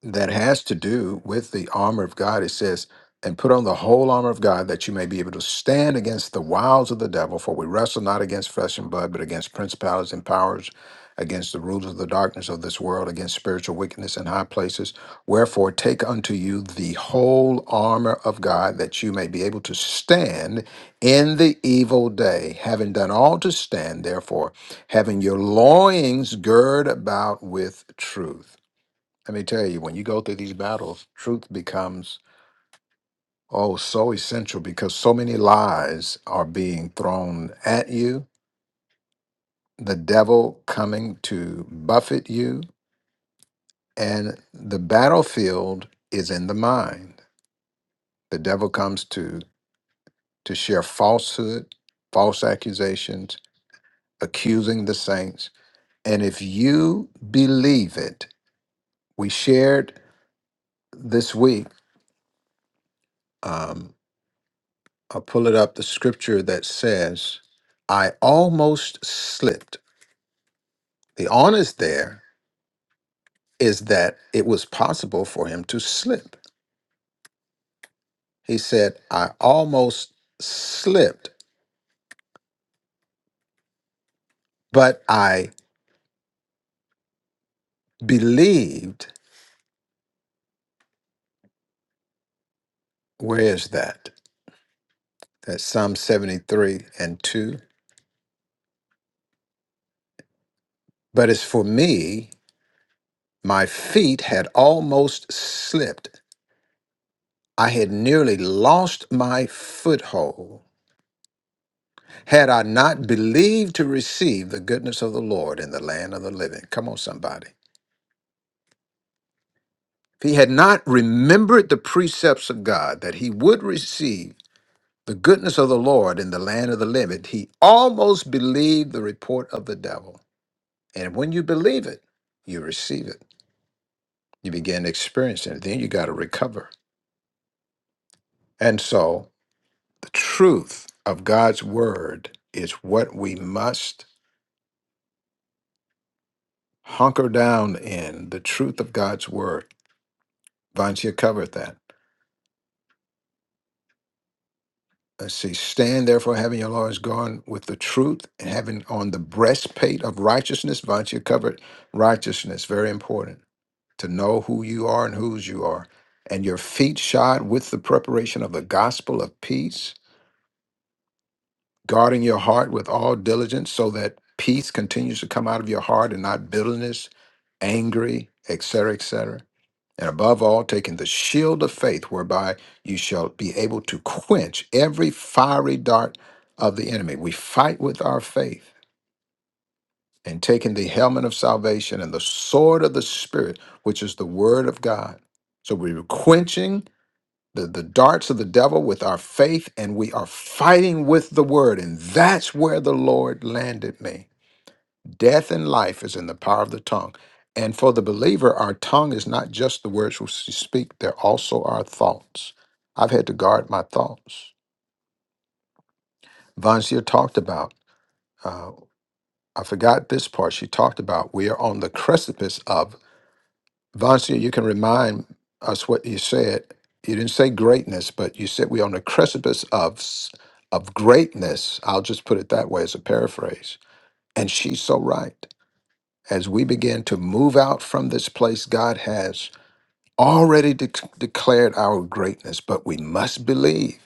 S1: that has to do with the armor of God. It says, and put on the whole armor of God that you may be able to stand against the wiles of the devil, for we wrestle not against flesh and blood, but against principalities and powers, against the rulers of the darkness of this world, against spiritual wickedness in high places. Wherefore, take unto you the whole armor of God that you may be able to stand in the evil day, having done all to stand, therefore, having your loins girt about with truth let me tell you, when you go through these battles, truth becomes oh so essential because so many lies are being thrown at you, the devil coming to buffet you, and the battlefield is in the mind. The devil comes to to share falsehood, false accusations, accusing the saints. And if you believe it, we shared this week. Um, I'll pull it up the scripture that says, I almost slipped. The honest there is that it was possible for him to slip. He said, I almost slipped, but I believed. Where is that? That's Psalm 73 and 2. But as for me, my feet had almost slipped. I had nearly lost my foothold. Had I not believed to receive the goodness of the Lord in the land of the living. Come on, somebody. If he had not remembered the precepts of God that he would receive the goodness of the Lord in the land of the living, he almost believed the report of the devil. And when you believe it, you receive it. You begin experiencing it. Then you got to recover. And so the truth of God's word is what we must hunker down in the truth of God's word Vontia covered that. Let's see. Stand therefore, having your loins gone with the truth, and having on the breastplate of righteousness. Vontia covered righteousness. Very important to know who you are and whose you are. And your feet shod with the preparation of the gospel of peace, guarding your heart with all diligence, so that peace continues to come out of your heart and not bitterness, angry, etc., etc. And above all, taking the shield of faith, whereby you shall be able to quench every fiery dart of the enemy. We fight with our faith, and taking the helmet of salvation and the sword of the Spirit, which is the word of God. So we're quenching the, the darts of the devil with our faith, and we are fighting with the word. And that's where the Lord landed me. Death and life is in the power of the tongue. And for the believer, our tongue is not just the words we speak, they're also our thoughts. I've had to guard my thoughts. Vansier talked about, uh, I forgot this part, she talked about we are on the precipice of. Vansier, you can remind us what you said. You didn't say greatness, but you said we're on the precipice of, s- of greatness. I'll just put it that way as a paraphrase. And she's so right. as we begin to move out from this place, God has already de- declared our greatness, but we must believe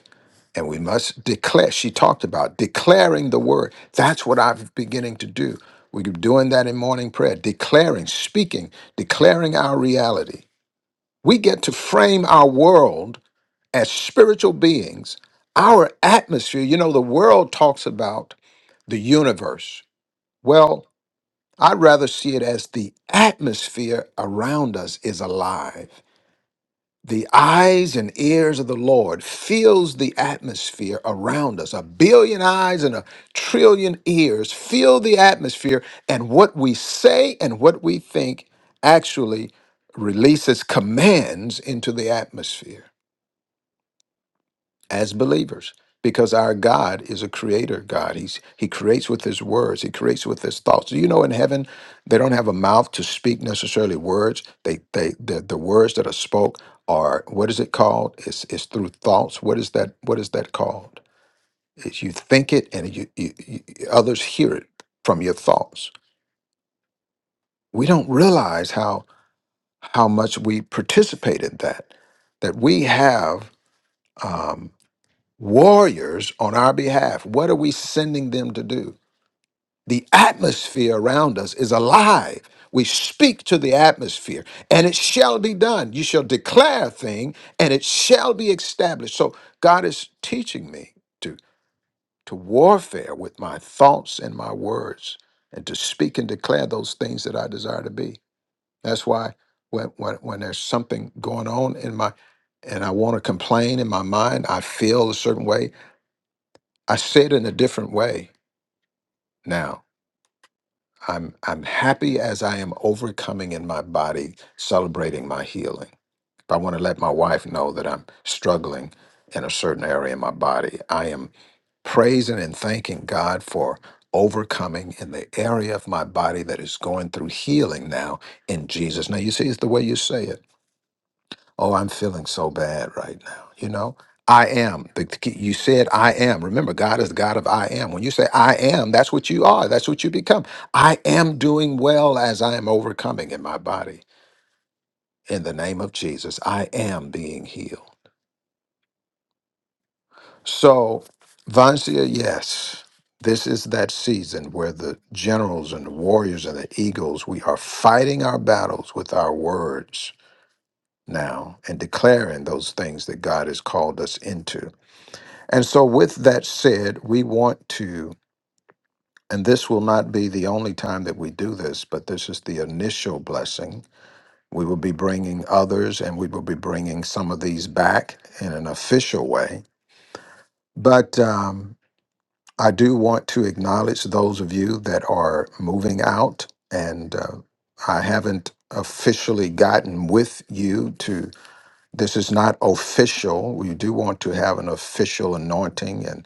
S1: and we must declare. She talked about declaring the word. That's what I'm beginning to do. We're doing that in morning prayer, declaring, speaking, declaring our reality. We get to frame our world as spiritual beings, our atmosphere. You know, the world talks about the universe. Well, I'd rather see it as the atmosphere around us is alive. The eyes and ears of the Lord fills the atmosphere around us. A billion eyes and a trillion ears fill the atmosphere, and what we say and what we think actually releases commands into the atmosphere as believers because our God is a creator God. He's he creates with his words, he creates with his thoughts. Do you know in heaven they don't have a mouth to speak necessarily words. They they the, the words that are spoke are what is it called? It's it's through thoughts. What is that what is that called? It's you think it and you, you, you others hear it from your thoughts. We don't realize how how much we participate in that. That we have um, warriors on our behalf. What are we sending them to do? The atmosphere around us is alive. We speak to the atmosphere and it shall be done. You shall declare a thing and it shall be established. So God is teaching me to, to warfare with my thoughts and my words and to speak and declare those things that I desire to be. That's why when, when, when there's something going on in my and I want to complain in my mind, I feel a certain way, I say it in a different way now. I'm I'm happy as I am overcoming in my body, celebrating my healing. If I want to let my wife know that I'm struggling in a certain area in my body, I am praising and thanking God for overcoming in the area of my body that is going through healing now in Jesus. Now you see it's the way you say it. oh i'm feeling so bad right now you know i am the, key- you said i am remember god is the god of i am when you say i am that's what you are that's what you become i am doing well as i am overcoming in my body in the name of jesus i am being healed so vancia yes this is that season where the generals and the warriors and the eagles we are fighting our battles with our words now and declaring those things that god has called us into And so, with that said, we want to, and this will not be the only time that we do this, but this is the initial blessing. We will be bringing others and we will be bringing some of these back in an official way. But um, I do want to acknowledge those of you that are moving out, and uh, I haven't officially gotten with you to This is not official. We do want to have an official anointing and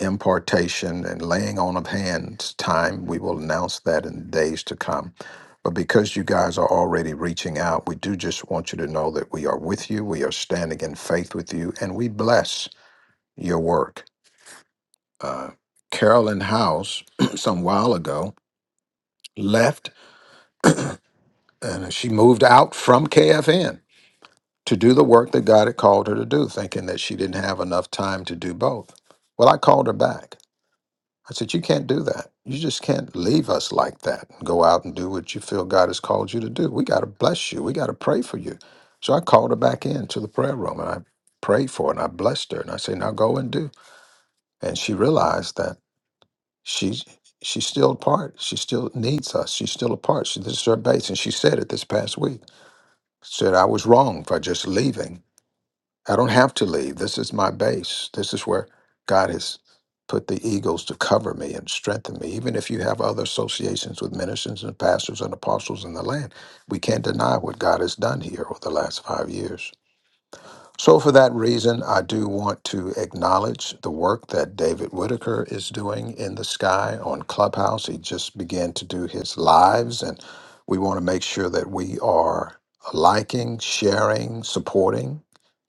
S1: impartation and laying on of hands time. We will announce that in days to come. But because you guys are already reaching out, we do just want you to know that we are with you. We are standing in faith with you, and we bless your work. Uh, Carolyn House, (clears throat) some while ago, left and she moved out from KFN to do the work that God had called her to do, thinking that she didn't have enough time to do both. Well, I called her back. I said, You can't do that. You just can't leave us like that and go out and do what you feel God has called you to do. We got to bless you. We got to pray for you. So I called her back into the prayer room and I prayed for her and I blessed her and I said, Now go and do. And she realized that she's she's still a part. She still needs us. She's still a part. She, this is her base. And she said it this past week. Said I was wrong for just leaving I don't have to leave. This is my base. This is where God has put the eagles to cover me and strengthen me. Even if you have other associations with ministers and pastors and apostles in the land, we can't deny what God has done here over the last five years. So, for that reason, I do want to acknowledge the work that David Whitaker is doing in the sky on Clubhouse. He just began to do his lives, and we want to make sure that we are liking, sharing, supporting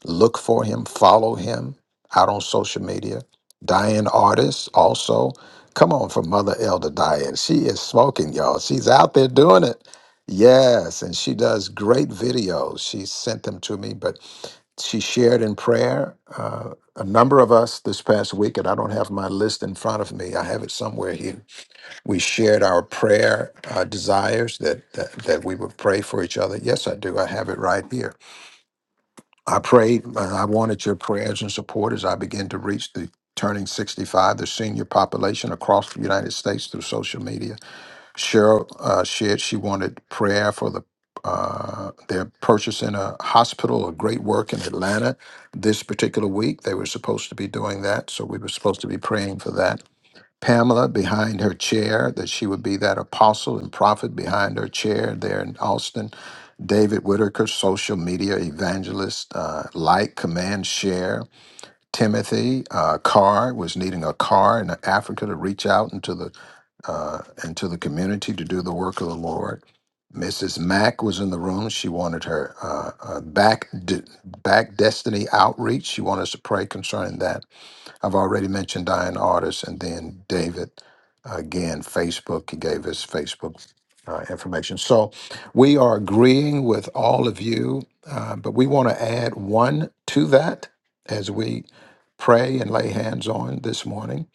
S1: Look for him, follow him out on social media. Diane Artist also. Come on for Mother Elder Diane. She is smoking, y'all. She's out there doing it. Yes, and she does great videos. She sent them to me, but she shared in prayer uh, a number of us this past week, and I don't have my list in front of me. I have it somewhere here. We shared our prayer uh, desires that, that that we would pray for each other. Yes, I do. I have it right here. I prayed. uh, I wanted your prayers and support as I begin to reach the turning 65, the senior population across the United States through social media. Cheryl uh, shared she wanted prayer for the uh, they're purchasing a hospital, a great work in Atlanta this particular week. They were supposed to be doing that, so we were supposed to be praying for that. Pamela behind her chair, that she would be that apostle and prophet behind her chair there in Austin. David Whitaker, social media evangelist, uh, like, command, share. Timothy uh, Carr was needing a car in Africa to reach out into the uh, into the community to do the work of the Lord. Mrs. Mack was in the room. She wanted her uh, uh, back de- back destiny outreach. She wanted us to pray concerning that. I've already mentioned Diane Artis and then David. Again, Facebook, he gave his Facebook uh, information. So we are agreeing with all of you, uh, but we want to add one to that as we pray and lay hands on this morning.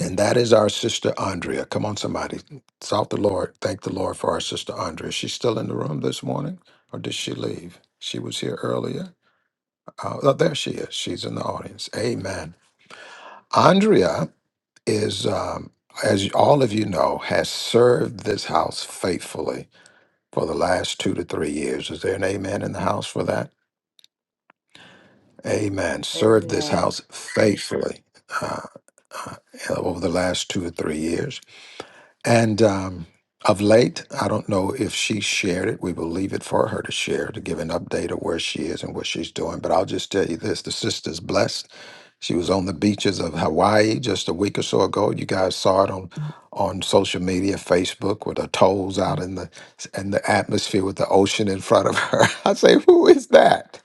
S1: And that is our sister Andrea. Come on, somebody. South the Lord. Thank the Lord for our sister Andrea. Is She still in the room this morning, or did she leave? She was here earlier. Uh, oh, there she is. She's in the audience. Amen. Andrea is, um, as all of you know, has served this house faithfully for the last two to three years. Is there an amen in the house for that? Amen. Served this
S3: Amen.
S1: house faithfully uh, uh, over the last two or three years. And um, of late, I don't know if she shared it. We will leave it for her to share to give an update of where she is and what she's doing. But I'll just tell you this the sister's blessed She was on the beaches of Hawaii just a week or so ago. You guys saw it on on social media, Facebook, with her toes out in the in the atmosphere with the ocean in front of her. (laughs) I say, who is that?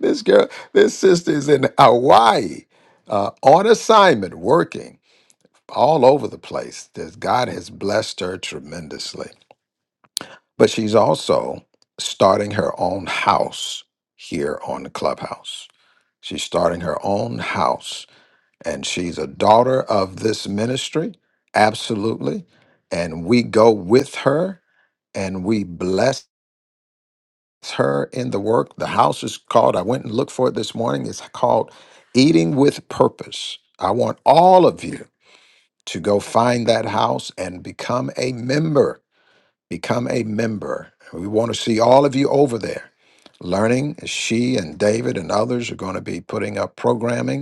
S1: This girl, this sister is in Hawaii, uh, on assignment, working all over the place. That God has blessed her tremendously, but she's also starting her own house here on the clubhouse. She's starting her own house and she's a daughter of this ministry absolutely and we go with her and we bless her in the work the house is called i went and looked for it this morning it's called eating with purpose i want all of you to go find that house and become a member become a member we want to see all of you over there learning she and david and others are going to be putting up programming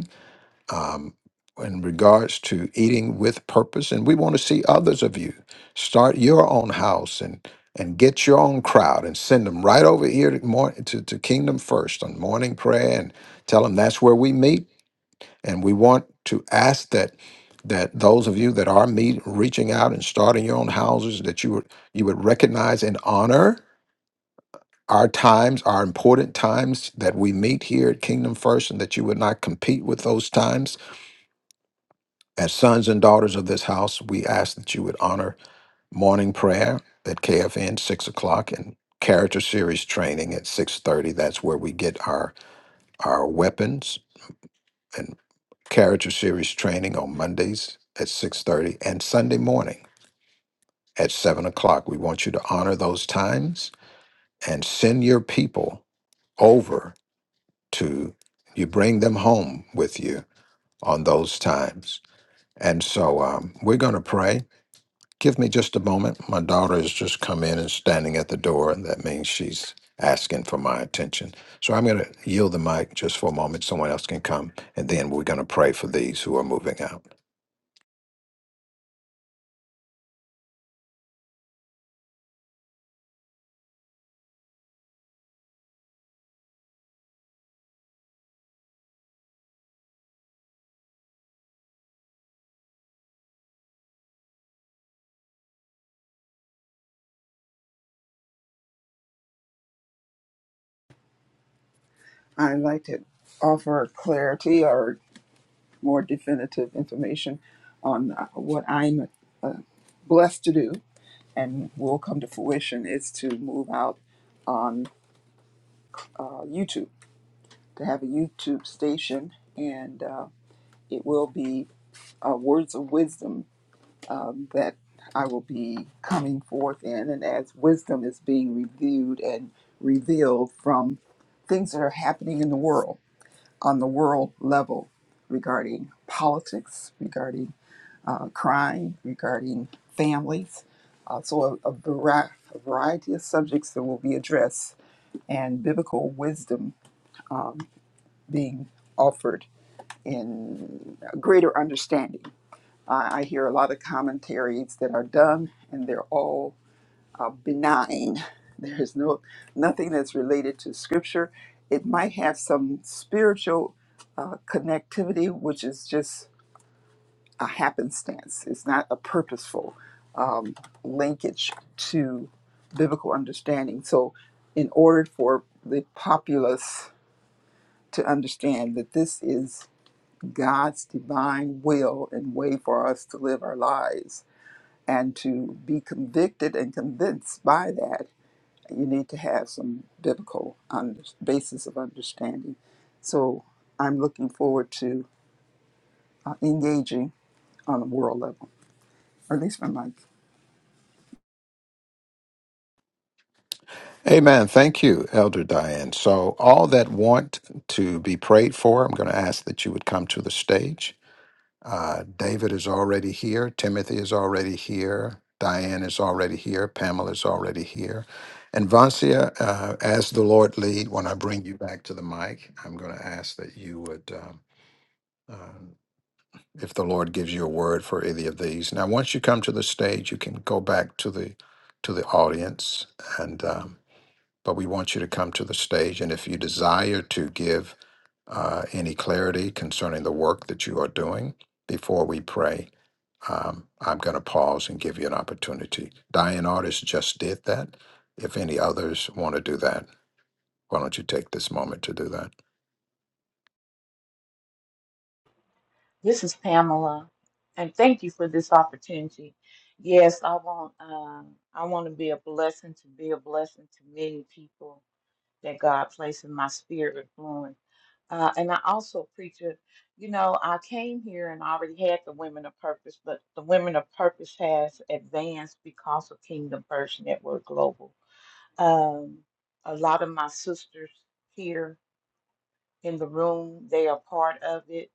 S1: um, in regards to eating with purpose. And we want to see others of you start your own house and and get your own crowd and send them right over here to, mor- to, to Kingdom First on morning prayer and tell them that's where we meet. And we want to ask that that those of you that are meet, reaching out and starting your own houses that you would you would recognize and honor our times, our important times that we meet here at Kingdom First, and that you would not compete with those times As sons and daughters of this house, we ask that you would honor morning prayer at KFN six o'clock and character series training at six thirty. That's where we get our our weapons and character series training on Mondays at six thirty and Sunday morning at seven o'clock. We want you to honor those times and send your people over to you. Bring them home with you on those times. And so um, we're going to pray. Give me just a moment. My daughter has just come in and standing at the door, and that means she's asking for my attention. So I'm going to yield the mic just for a moment. Someone else can come, and then we're going to pray for these who are moving out.
S4: I'd like to offer clarity or more definitive information on uh, what I'm blessed to do and will come to fruition is to move out on uh, YouTube to have a YouTube station, and uh, it will be uh, words of wisdom um, that I will be coming forth in, and as wisdom is being reviewed and revealed from things that are happening in the world on the world level regarding politics, regarding uh, crime, regarding families. Uh, so, a, a, vari- a variety of subjects that will be addressed and biblical wisdom um, being offered in a greater understanding. I, I hear a lot of commentaries that are done, and they're all uh, benign. (laughs) There is no nothing that's related to Scripture. It might have some spiritual uh, connectivity, which is just a happenstance. It's not a purposeful um, linkage to biblical understanding. So, in order for the populace to understand that this is God's divine will and way for us to live our lives and to be convicted and convinced by that you need to have some biblical under, basis of understanding so i'm looking forward to uh, engaging on a world level or at least my mic
S1: Amen. Thank you, Elder Diane. So, all that want to be prayed for, I'm going to ask that you would come to the stage. Uh, David is already here. Timothy is already here. Diane is already here. Pamela is already here. And Vancia, uh, as the Lord lead, when I bring you back to the mic, I'm going to ask that you would, um, um, if the Lord gives you a word for either of these. Now, once you come to the stage, you can go back to the to the audience, and um, but we want you to come to the stage. And if you desire to give uh, any clarity concerning the work that you are doing before we pray, um, I'm going to pause and give you an opportunity. Diane Artist just did that. If any others want to do that, why don't you take this moment to do that?
S3: This is Pamela, and thank you for this opportunity. Yes, I want um, I want to be a blessing to be a blessing to many people that God placed in my sphere of influence. Uh, and I also preach it. You know, I came here and I already had the Women of Purpose, but the Women of Purpose has advanced because of Kingdom First Network Global. Um, a lot of my sisters here in the room. They are part of it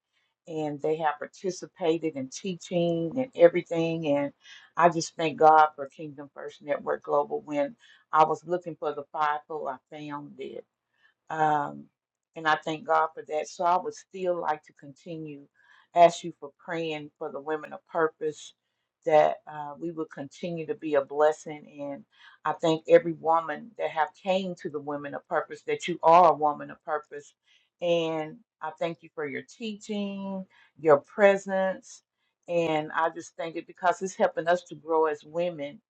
S3: and they have participated in teaching and everything. And I just thank God for Kingdom First Network Global. When I was looking for the fivefold, I found it. Um, and I thank God for that. So I would still like to continue, ask you for praying for the women of purpose that uh, we will continue to be a blessing. And I thank every woman that have came to the women of purpose that you are a woman of purpose. And I thank you for your teaching, your presence. And I just thank it because it's helping us to grow as women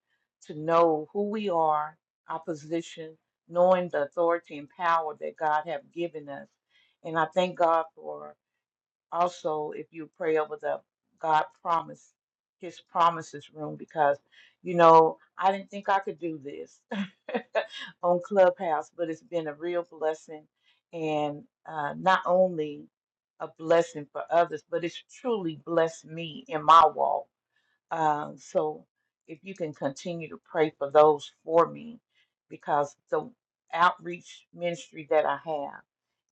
S3: to know who we are, our position, knowing the authority and power that God have given us. And I thank God for also if you pray over the God promise, his promises room, because you know, I didn't think I could do this (laughs) on Clubhouse, but it's been a real blessing and uh, not only a blessing for others, but it's truly blessed me in my walk uh, so if you can continue to pray for those for me, because the outreach ministry that I have.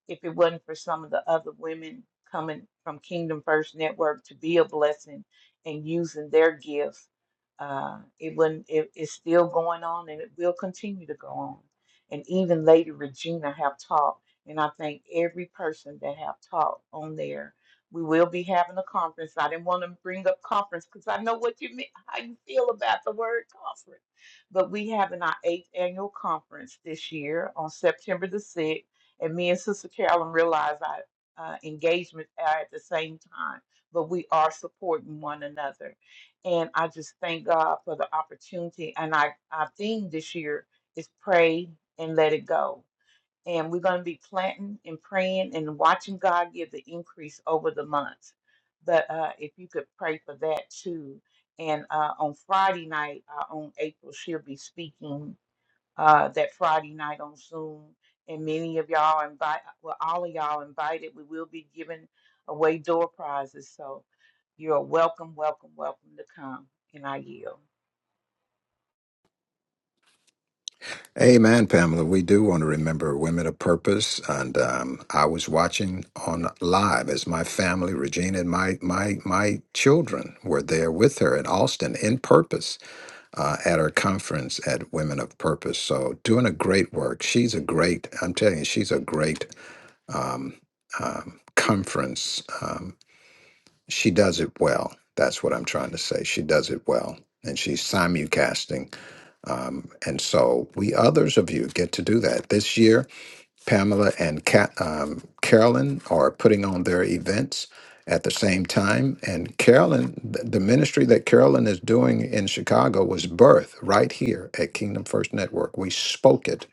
S3: If it wasn't for some of the other women coming from Kingdom First Network to be a blessing and using their gifts, uh, it wouldn't. It, it's still going on, and it will continue to go on. And even Lady Regina have taught, and I thank every person that have taught on there. We will be having a conference. I didn't want to bring up conference because I know what you mean, (laughs) how you feel about the word conference but we having our eighth annual conference this year on September the 6th and me and Sister Carolyn realize our uh, engagement are at the same time, but we are supporting one another. And I just thank God for the opportunity. And I, our theme this year is pray and let it go. And we're going to be planting and praying and watching God give the increase over the months. But uh, if you could pray for that too. And uh, on Friday night, uh, on April, she'll be speaking uh, that Friday night on Zoom. And many of y'all are invite, well, all of y'all invited. We will be giving away door prizes, so you're welcome, welcome, welcome to come. And I yield.
S1: Amen, Pamela. We do want to remember women of purpose, and um, I was watching on live as my family, Regina, and my my my children were there with her in Austin in purpose uh, at her conference at Women of Purpose. So doing a great work. She's a great. I'm telling you, she's a great um, conference. Um, she does it well. That's what I'm trying to say. She does it well. And she's simulcasting. Um, and so we others of you get to do that. This year, Pamela and Ca um, Carolyn are putting on their events at the same time. And Carolyn, th- the ministry that Carolyn is doing in Chicago was birth right here at Kingdom First Network. We spoke it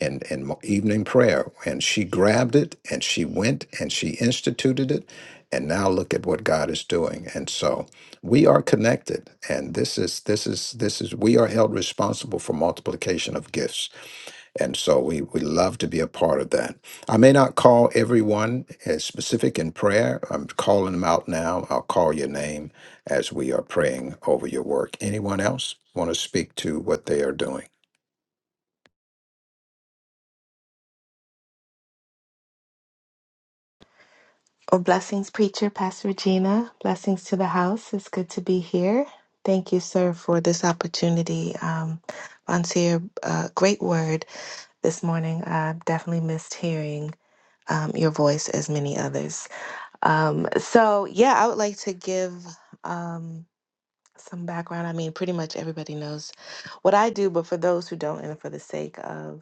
S1: and, and mo- evening prayer. And she grabbed it and she went and she instituted it. And now look at what God is doing. And so we are connected. And this is, this is, this is, we are held responsible for multiplication of gifts. And so we, we love to be a part of that. I may not call everyone as specific in prayer. I'm calling them out now. I'll call your name as we are praying over your work. Anyone else want to speak to what they are doing?
S5: Well, blessings, preacher, Pastor Regina. Blessings to the house. It's good to be here. Thank you, sir, for this opportunity. Um, Monsieur, uh, great word this morning. I definitely missed hearing um, your voice as many others. Um, so, yeah, I would like to give um, some background. I mean, pretty much everybody knows what I do, but for those who don't, and for the sake of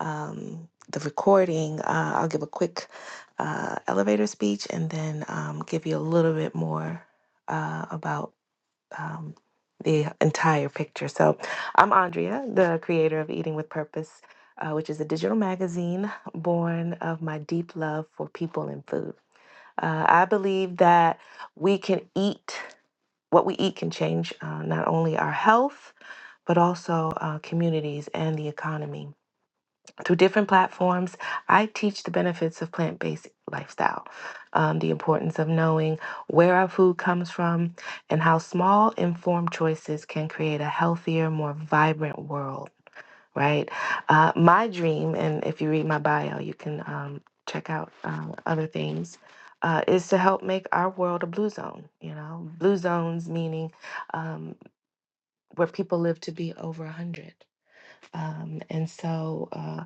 S5: um, the recording, uh, I'll give a quick uh, elevator speech and then um, give you a little bit more uh, about um, the entire picture. So, I'm Andrea, the creator of Eating with Purpose, uh, which is a digital magazine born of my deep love for people and food. Uh, I believe that we can eat, what we eat can change uh, not only our health, but also uh, communities and the economy through different platforms, I teach the benefits of plant based lifestyle, um, the importance of knowing where our food comes from, and how small, informed choices can create a healthier, more vibrant world, right? Uh, my dream, and if you read my bio, you can um, check out um, other things. Uh, is to help make our world a blue zone, you know, blue zones meaning um, where people live to be over 100 um, and so uh,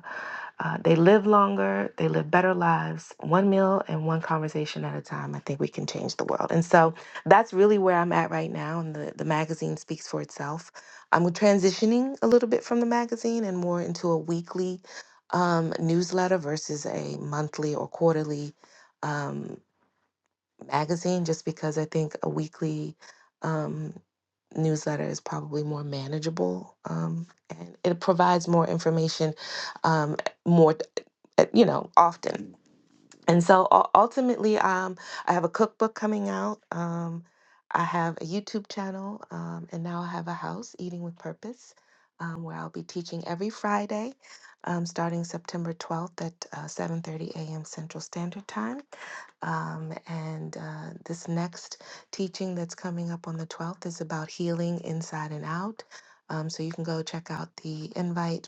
S5: uh, they live longer, they live better lives, one meal and one conversation at a time. I think we can change the world. And so that's really where I'm at right now. And the, the magazine speaks for itself. I'm transitioning a little bit from the magazine and more into a weekly um, newsletter versus a monthly or quarterly. um, magazine just because I think a weekly um, newsletter is probably more manageable um, and it provides more information um, more, uh, you know, often and so ul- ultimately um, i have a cookbook coming out um, i have a youtube channel um, and now i have a house eating with purpose um, where i'll be teaching every friday um, starting september 12th at uh, 7.30 a.m central standard time um, and uh, this next teaching that's coming up on the 12th is about healing inside and out um, so you can go check out the invite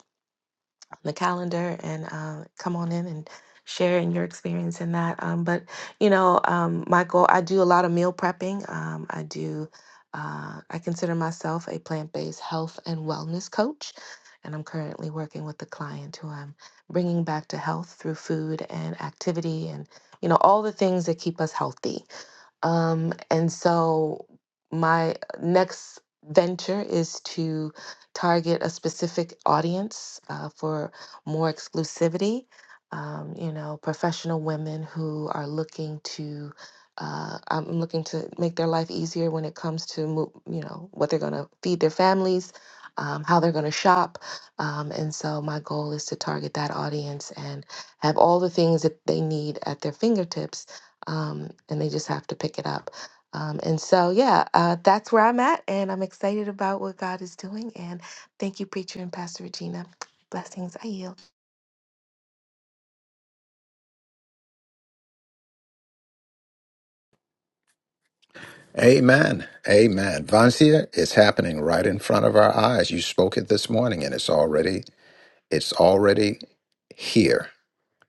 S5: on the calendar and uh, come on in and share in your experience in that. Um, but you know, um, Michael, I do a lot of meal prepping. Um, I do. Uh, I consider myself a plant-based health and wellness coach, and I'm currently working with a client who I'm bringing back to health through food and activity, and you know all the things that keep us healthy. Um, and so my next venture is to target a specific audience uh, for more exclusivity. Um, you know, professional women who are looking to, uh, I'm looking to make their life easier when it comes to, mo- you know, what they're going to feed their families, um, how they're going to shop. Um, and so my goal is to target that audience and have all the things that they need at their fingertips um, and they just have to pick it up. Um, and so, yeah, uh, that's where I'm at, and I'm excited about what God is doing. And thank you, preacher and Pastor Regina. Blessings, I yield.
S1: Amen. Amen. Vancia, it's happening right in front of our eyes. You spoke it this morning and it's already it's already here.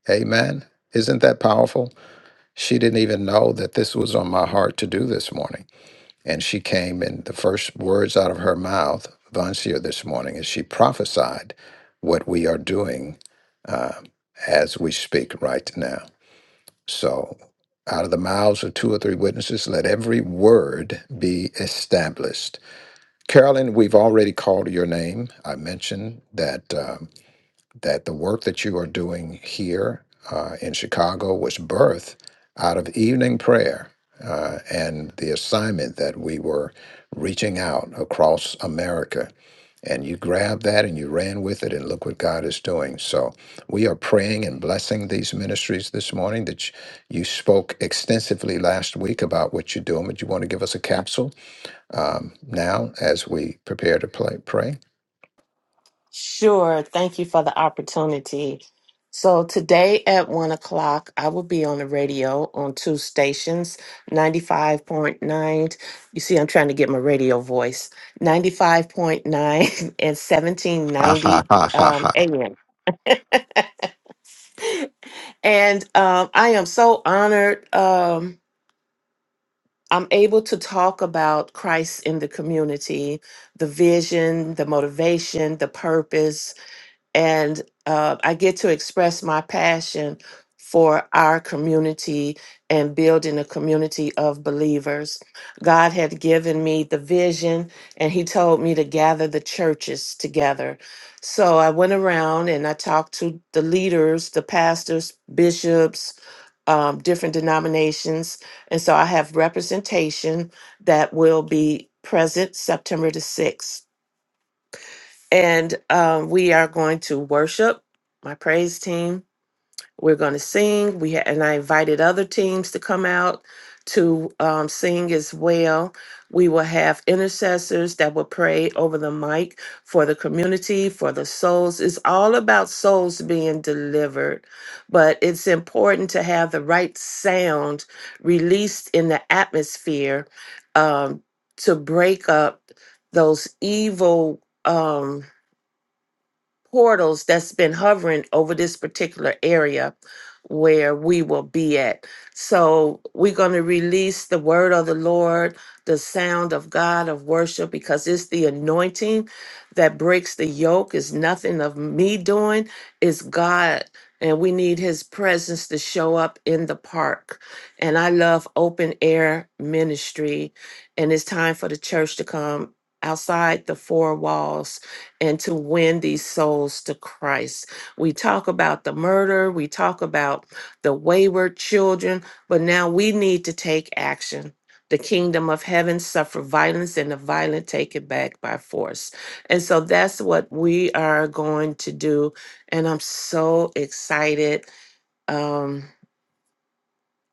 S1: Amen. Isn't that powerful? She didn't even know that this was on my heart to do this morning. And she came and the first words out of her mouth, Vancia, this morning, is she prophesied what we are doing uh, as we speak right now. So, out of the mouths of two or three witnesses, let every word be established. Carolyn, we've already called your name. I mentioned that. um, that the work that you are doing here uh, in Chicago was birthed out of evening prayer uh, and the assignment that we were reaching out across America. And you grabbed that and you ran with it, and look what God is doing. So, we are praying and blessing these ministries this morning. That you you spoke extensively last week about what you're doing. Would you want to give us a capsule um, now as we prepare to play, pray?
S6: Sure. Thank you for the opportunity. So, today at one o'clock, I will be on the radio on two stations 95.9. You see, I'm trying to get my radio voice 95.9 (laughs) and
S1: Ha ha
S6: 1790
S1: ha ha
S6: um,
S1: ha.
S6: AM. (laughs) And um, I am so honored. Um, I'm able to talk about Christ in the community, the vision, the motivation, the purpose, and uh, I get to express my passion for our community and building a community of believers. God had given me the vision, and He told me to gather the churches together. So I went around and I talked to the leaders, the pastors, bishops, um, different denominations. And so I have representation that will be present September the 6th and um, we are going to worship my praise team we're going to sing we ha- and i invited other teams to come out to um, sing as well we will have intercessors that will pray over the mic for the community for the souls it's all about souls being delivered but it's important to have the right sound released in the atmosphere um, to break up those evil Um, portals that's been hovering over this particular area where we will be at. So we're going to release the word of the Lord, the sound of God of worship, because it's the anointing that breaks the yoke. It's nothing of me doing, it's God. And we need his presence to show up in the park. And I love open air ministry. And it's time for the church to come outside the four walls and to win these souls to Christ. We talk about the murder, we talk about the wayward children, but now we need to take action. The kingdom of heaven suffer violence and the violent take it back by force. And so that's what we are going to do. And I'm so excited. Um,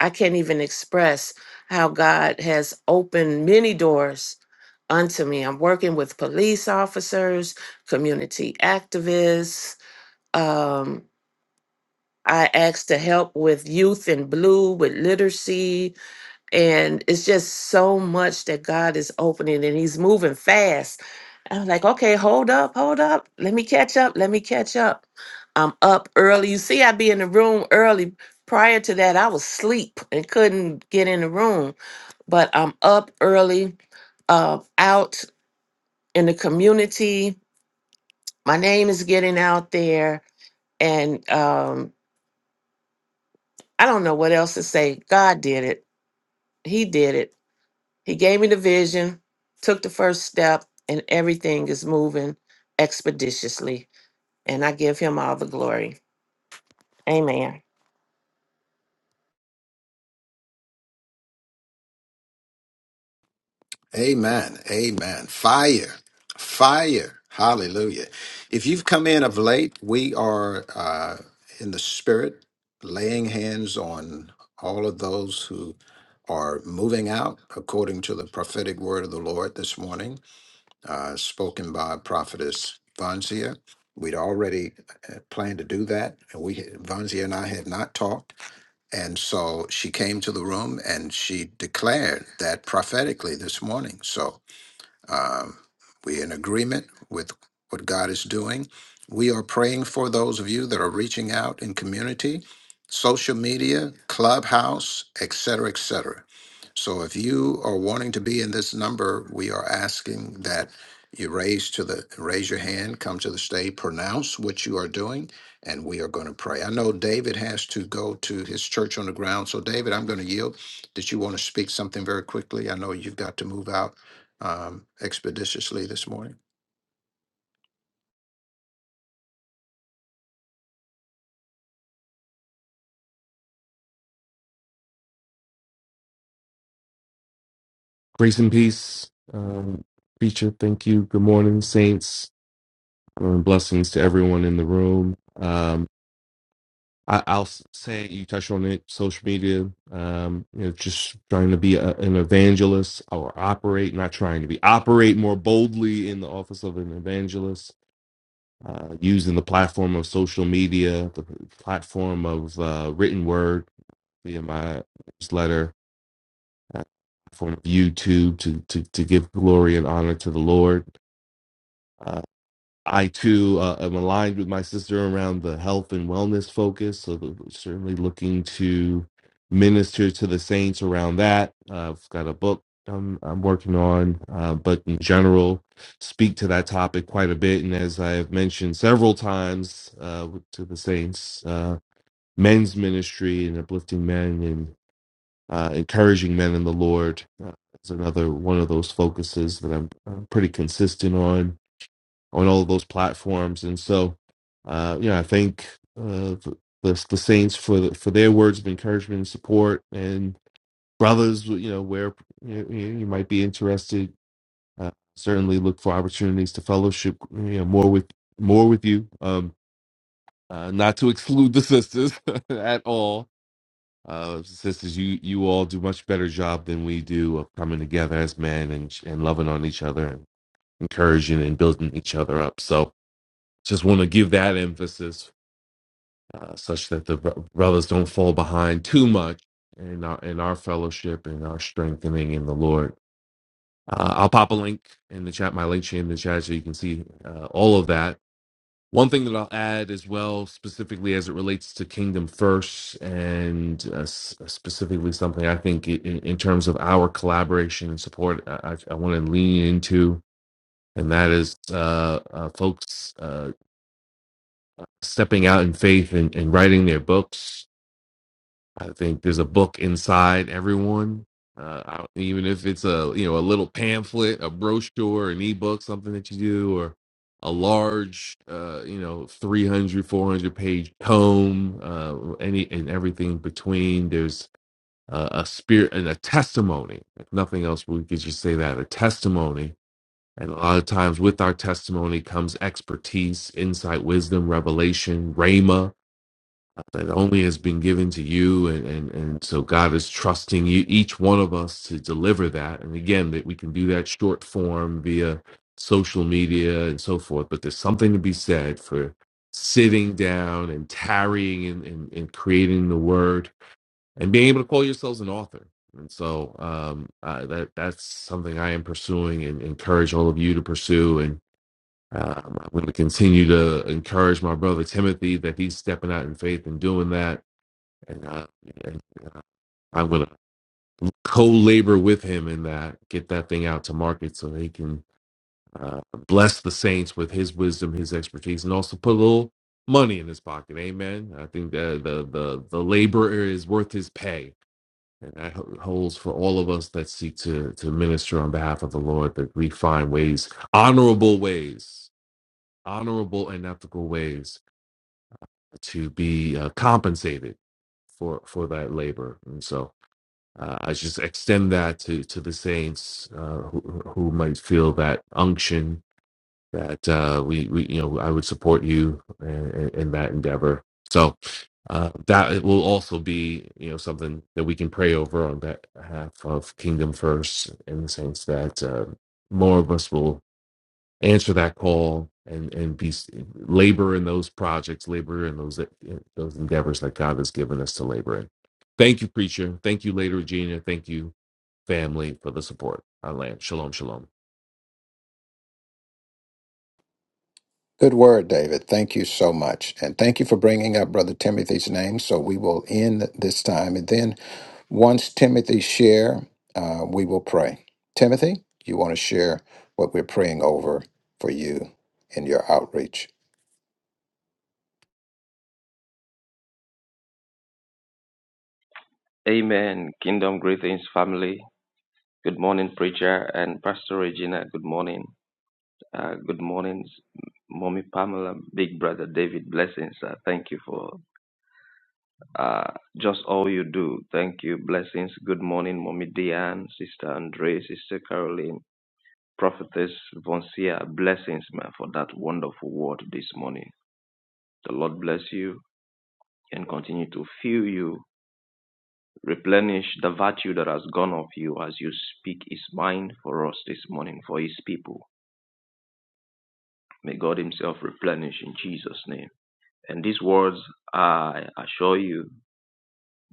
S6: I can't even express how God has opened many doors unto me. I'm working with police officers, community activists. Um, I asked to help with Youth in Blue, with literacy, and it's just so much that God is opening and he's moving fast. I'm like, okay, hold up, hold up. Let me catch up. Let me catch up. I'm up early. You see, i be in the room early. Prior to that, I was asleep and couldn't get in the room, but I'm up early, uh, out in the community. My name is getting out there. And um, I don't know what else to say. God did it. He did it He gave me the vision, took the first step, and everything is moving expeditiously. And I give him all the glory. Amen.
S1: Amen. Amen. Fire. Fire. Hallelujah. If you've come in of late, we are uh, in the spirit laying hands on all of those who are moving out according to the prophetic word of the Lord this morning, uh, spoken by prophetess Vanzia. We'd already uh, planned to do that, and we Vanzia and I had not talked, and so she came to the room and she declared that prophetically this morning. So um, we're in agreement with what God is doing. We are praying for those of you that are reaching out in community, social media, clubhouse, et cetera, et cetera. So if you are wanting to be in this number, we are asking that you raise to the raise your hand, come to the stage, pronounce what you are doing, and we are going to pray. I know David has to go to his church on the ground. So David, I'm going to yield. Did you want to speak something very quickly? I know you've got to move out um, expeditiously this morning.
S7: Grace and peace, um, preacher. Thank you. Good morning, saints. Um, blessings to everyone in the room. Um, I, I'll s- say you touched on it. Social media. Um, you know, just trying to be a, an evangelist or operate, not trying to be operate more boldly in the office of an evangelist. Uh, using the platform of social media, the platform of uh, written word via my newsletter, uh, platform of YouTube to to to give glory and honor to the Lord Uh, I too uh, am aligned with my sister around the health and wellness focus, so th- certainly looking to minister to the saints around that. Uh, I've got a book I'm, I'm working on, uh, but in general, speak to that topic quite a bit. And as I have mentioned several times uh, to the saints, uh, men's ministry and uplifting men and uh, encouraging men in the Lord uh, is another one of those focuses that I'm, I'm pretty consistent on on all of those platforms. And so, uh, you know, I thank uh, the, the the Saints for the, for their words of encouragement and support, and brothers, you know, where you, you you might be interested, uh, certainly look for opportunities to fellowship, you know, more with more with you. Um, uh, not to exclude the sisters (laughs) at all. Uh, sisters, you you all do much better job than we do of coming together as men and and loving on each other and encouraging and building each other up. So just want to give that emphasis uh, such that the bro- brothers don't fall behind too much in our, in our fellowship and our strengthening in the Lord. Uh, I'll pop a link in the chat, my link chain in the chat, so you can see uh, all of that. One thing that I'll add as well, specifically as it relates to Kingdom First, and uh, s- uh, specifically something I think i- in, in terms of our collaboration and support, I, I want to lean into, and that is uh, uh, folks. uh, stepping out in faith and, and writing their books. I think there's a book inside everyone, uh, I- even if it's a you know a little pamphlet, a brochure, an ebook, something that you do, or a large uh, you know 300, 400 page tome, uh, any and everything between. There's uh, a spirit and a testimony. If nothing else, we could just say that a testimony. And a lot of times, with our testimony comes expertise, insight, wisdom, revelation, rhema that only has been given to you and, and and so god is trusting you each one of us to deliver that and again that we can do that short form via social media and so forth but there's something to be said for sitting down and tarrying and, and, and creating the word and being able to call yourselves an author and so um, uh, that that's something i am pursuing and encourage all of you to pursue and um, I'm going to continue to encourage my brother Timothy that he's stepping out in faith and doing that and I, and I'm gonna co-labor with him in that, get that thing out to market so he can uh, bless the saints with his wisdom, his expertise, and also put a little money in his pocket. Amen. I think that the the the laborer is worth his pay, and that ho- holds for all of us that seek to to minister on behalf of the Lord that we find ways, honorable ways, honorable and ethical ways to be uh, compensated for for that labor, and so. Uh, I just extend that to, to the saints uh, who, who might feel that unction that uh, we, we, you know, I would support you in, in that endeavor. So uh, that will also be, you know, something that we can pray over on behalf of Kingdom First, in the sense that uh, more of us will answer that call and and be labor in those projects, labor in those those endeavors that God has given us to labor in. Thank you, preacher. Thank you, Lady Regina. Thank you family for the support. I land. Shalom, shalom.
S1: Good word, David. Thank you so much. And thank you for bringing up Brother Timothy's name. So we will end this time. And then once Timothy share, uh, we will pray. Timothy, you want to share what we're praying over for you in your outreach?
S8: Amen. Kingdom greetings, family. Good morning, preacher and Pastor Regina. Good morning. Uh, good morning, Mommy Pamela, Big Brother David. Blessings. Uh, thank you for uh, just all you do. Thank you. Blessings. Good morning, Mommy Diane, Sister Andre, Sister Caroline, Prophetess Vonsia. Blessings, man, for that wonderful word this morning. The Lord bless you and continue to fill you Replenish the virtue that has gone of you as you speak His mind for us this morning, for His people. May God Himself replenish in Jesus' name. And these words, I assure you,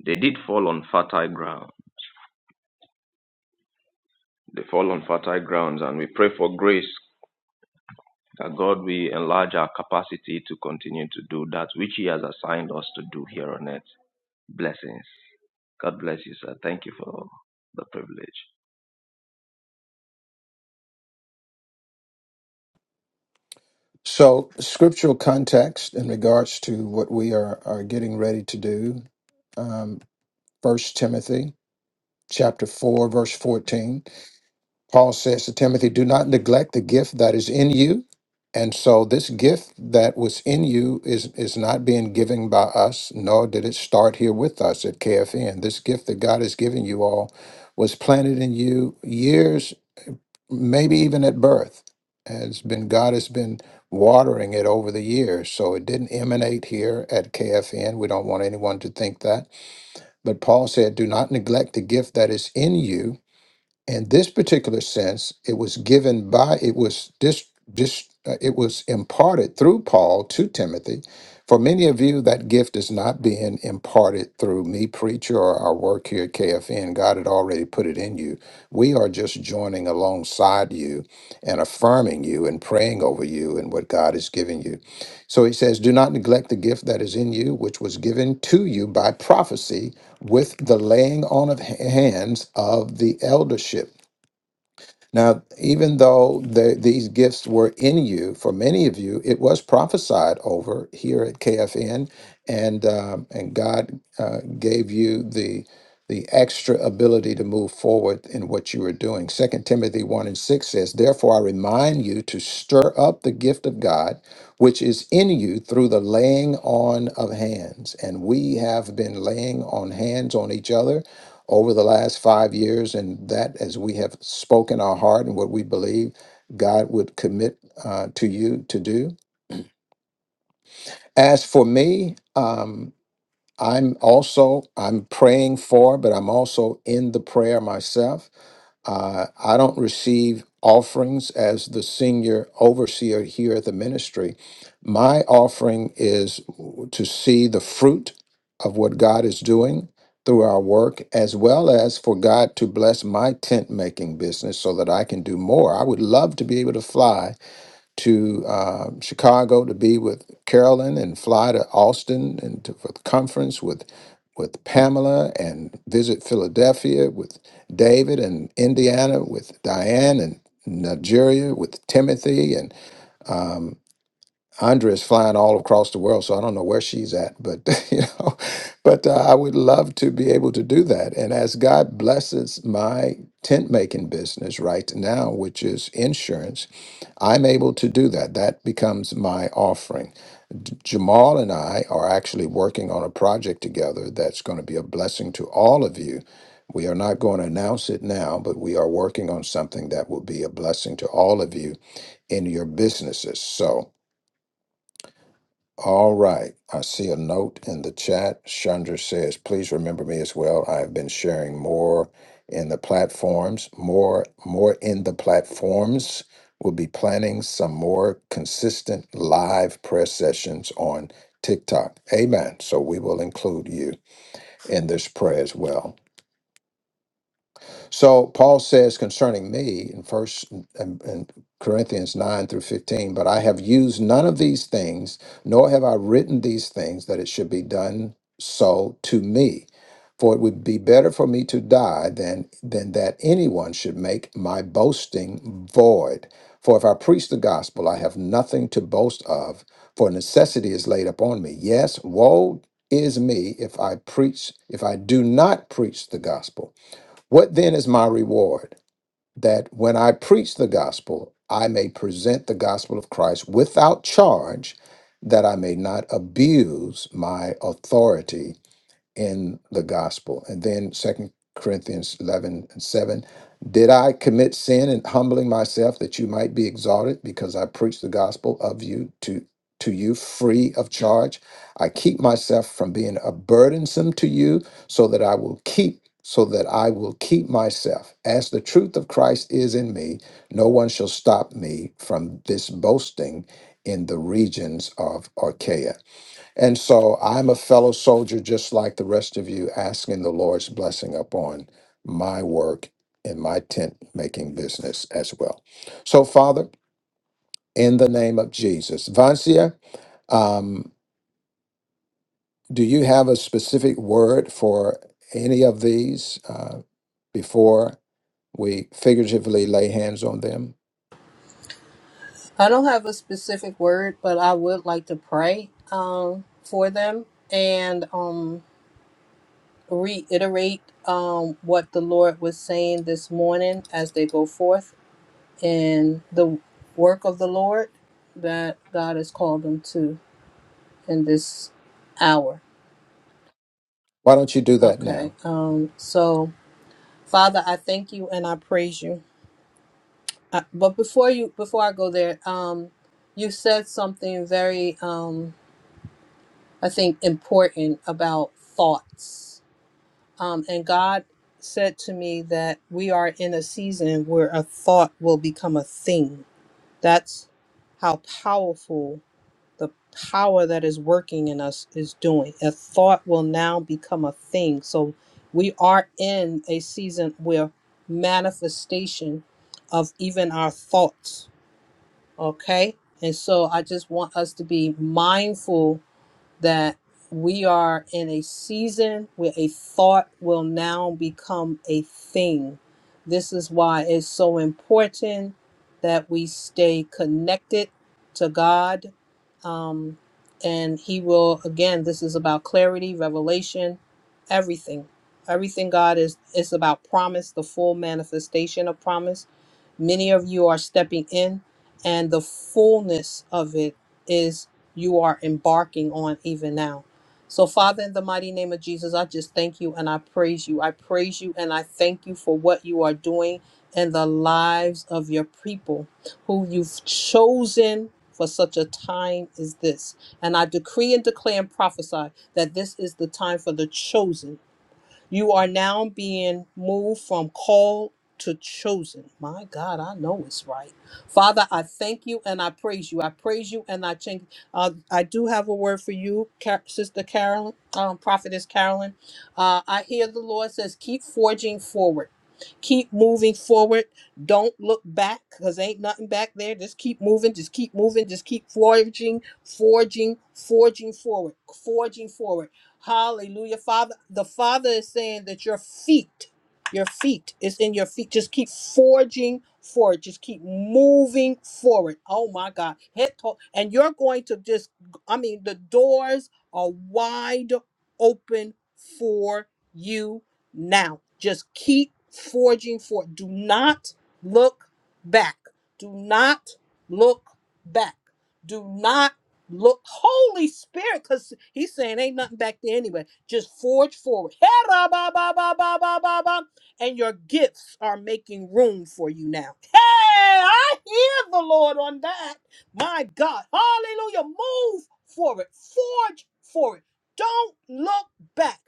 S8: they did fall on fertile ground. They fall on fertile grounds, and we pray for grace that God will enlarge our capacity to continue to do that which He has assigned us to do here on earth. Blessings. God bless you, sir. Thank you for the privilege.
S1: So, scriptural context in regards to what we are, are getting ready to do. Um, 1 Timothy chapter 4, verse 14. Paul says to Timothy, Do not neglect the gift that is in you. And so, this gift that was in you is, is not being given by us, nor did it start here with us at KFN. This gift that God has given you all was planted in you years, maybe even at birth. And It's been God has been watering it over the years. So it didn't emanate here at KFN. We don't want anyone to think that. But Paul said, Do not neglect the gift that is in you, in this particular sense it was given by it was dis, dis, uh, it was imparted through paul to timothy for many of you that gift is not being imparted through me preacher or our work here at kfn god had already put it in you we are just joining alongside you and affirming you and praying over you and what god has given you so he says do not neglect the gift that is in you which was given to you by prophecy with the laying on of hands of the eldership. Now, even though the, these gifts were in you, for many of you, it was prophesied over here at KFN, and um, and God uh, gave you the the extra ability to move forward in what you were doing. Second Timothy one and six says, "Therefore, I remind you to stir up the gift of God, which is in you through the laying on of hands." And we have been laying on hands on each other over the last five years, and that as we have spoken our heart and what we believe God would commit uh, to you to do. As for me, um, I'm also I'm praying for, but I'm also in the prayer myself. Uh, I don't receive offerings as the senior overseer here at the ministry. My offering is to see the fruit of what God is doing through our work, as well as for God to bless my tent making business so that I can do more. I would love to be able to fly to uh, Chicago to be with Carolyn and fly to Austin and to, for the conference with with Pamela and visit Philadelphia with David and Indiana with Diane and Nigeria with Timothy and. Andrea is flying all across the world, so I don't know where she's at, but (laughs) you know, but uh, I would love to be able to do that. And as God blesses my tent making business right now, which is insurance, I'm able to do that. That becomes my offering. D- Jamal and I are actually working on a project together that's going to be a blessing to all of you. We are not going to announce it now, but we are working on something that will be a blessing to all of you in your businesses. So. All right. I see a note in the chat. Chandra says, please remember me as well. I have been sharing more in the platforms, more, more in the platforms. We'll be planning some more consistent live prayer sessions on TikTok. Amen. So we will include you in this prayer as well. So Paul says concerning me in First and, and Corinthians nine through fifteen, but I have used none of these things, nor have I written these things that it should be done so to me. For it would be better for me to die than than that anyone should make my boasting void. For if I preach the gospel, I have nothing to boast of, for necessity is laid upon me. Yes, woe is me if I preach, if I do not preach the gospel. What then is my reward? That when I preach the gospel, I may present the gospel of Christ without charge, that I may not abuse my authority in the gospel. And then Second Corinthians 11 and 7. Did I commit sin in humbling myself that you might be exalted because I preach the gospel of you to to you free of charge? I keep myself from being a burdensome to you so that I will keep so that I will keep myself. As the truth of Christ is in me, no one shall stop me from this boasting in the regions of Archaea. And so I'm a fellow soldier just like the rest of you, asking the Lord's blessing upon my work and my tent making business as well. So, Father, in the name of Jesus, Vancia, um, do you have a specific word for any of these uh, before we figuratively lay hands on them?
S2: I don't have a specific word, but I would like to pray um, for them and um, reiterate um, what the Lord was saying this morning as they go forth in the work of the Lord that God has called them to in this hour.
S1: Why don't you do that
S2: Okay.
S1: now?
S2: Um, so, Father, I thank you and I praise you. Uh but before you, before I go there, um, you said something very. um, I think, important about thoughts. Um, and God said to me that we are in a season where a thought will become a thing. That's how powerful the power that is working in us is doing. A thought will now become a thing. So we are in a season where manifestation of even our thoughts, okay? And so I just want us to be mindful that we are in a season where a thought will now become a thing. This is why it's so important that we stay connected to God. Um, and He will, again, this is about clarity, revelation, everything. Everything God is, is about promise, the full manifestation of promise. Many of you are stepping in, and the fullness of it is you are embarking on even now. So, Father, in the mighty name of Jesus, I just thank you and I praise you. I praise you and I thank you for what you are doing in the lives of your people who you've chosen for such a time as this. And I decree and declare and prophesy that this is the time for the chosen you are now being moved from called to chosen. My God, I know it's right. Father, I thank you and I praise you. I praise you and I thank. Uh, I do have a word for you, Car- Sister Carolyn, um, Prophetess Carolyn. Uh, I hear the Lord says, keep forging forward. Keep moving forward. Don't look back because ain't nothing back there. Just keep moving. Just keep moving. Just keep forging, forging, forging forward, forging forward. Hallelujah. Father, the Father is saying that your feet, your feet is in your feet. Just keep forging forward. Just keep moving forward. Oh my God. Head to- and you're going to just, I mean, the doors are wide open for you now. Just keep forging forward. Do not look back. Do not look back. Do not Look, Holy Spirit, because he's saying ain't nothing back there anyway. Just forge forward. (laughs) Hera ba ba ba ba ba ba ba. And your gifts are making room for you now. Hey, I hear the Lord on that. My God. Hallelujah. Move forward. Forge forward. Don't look back.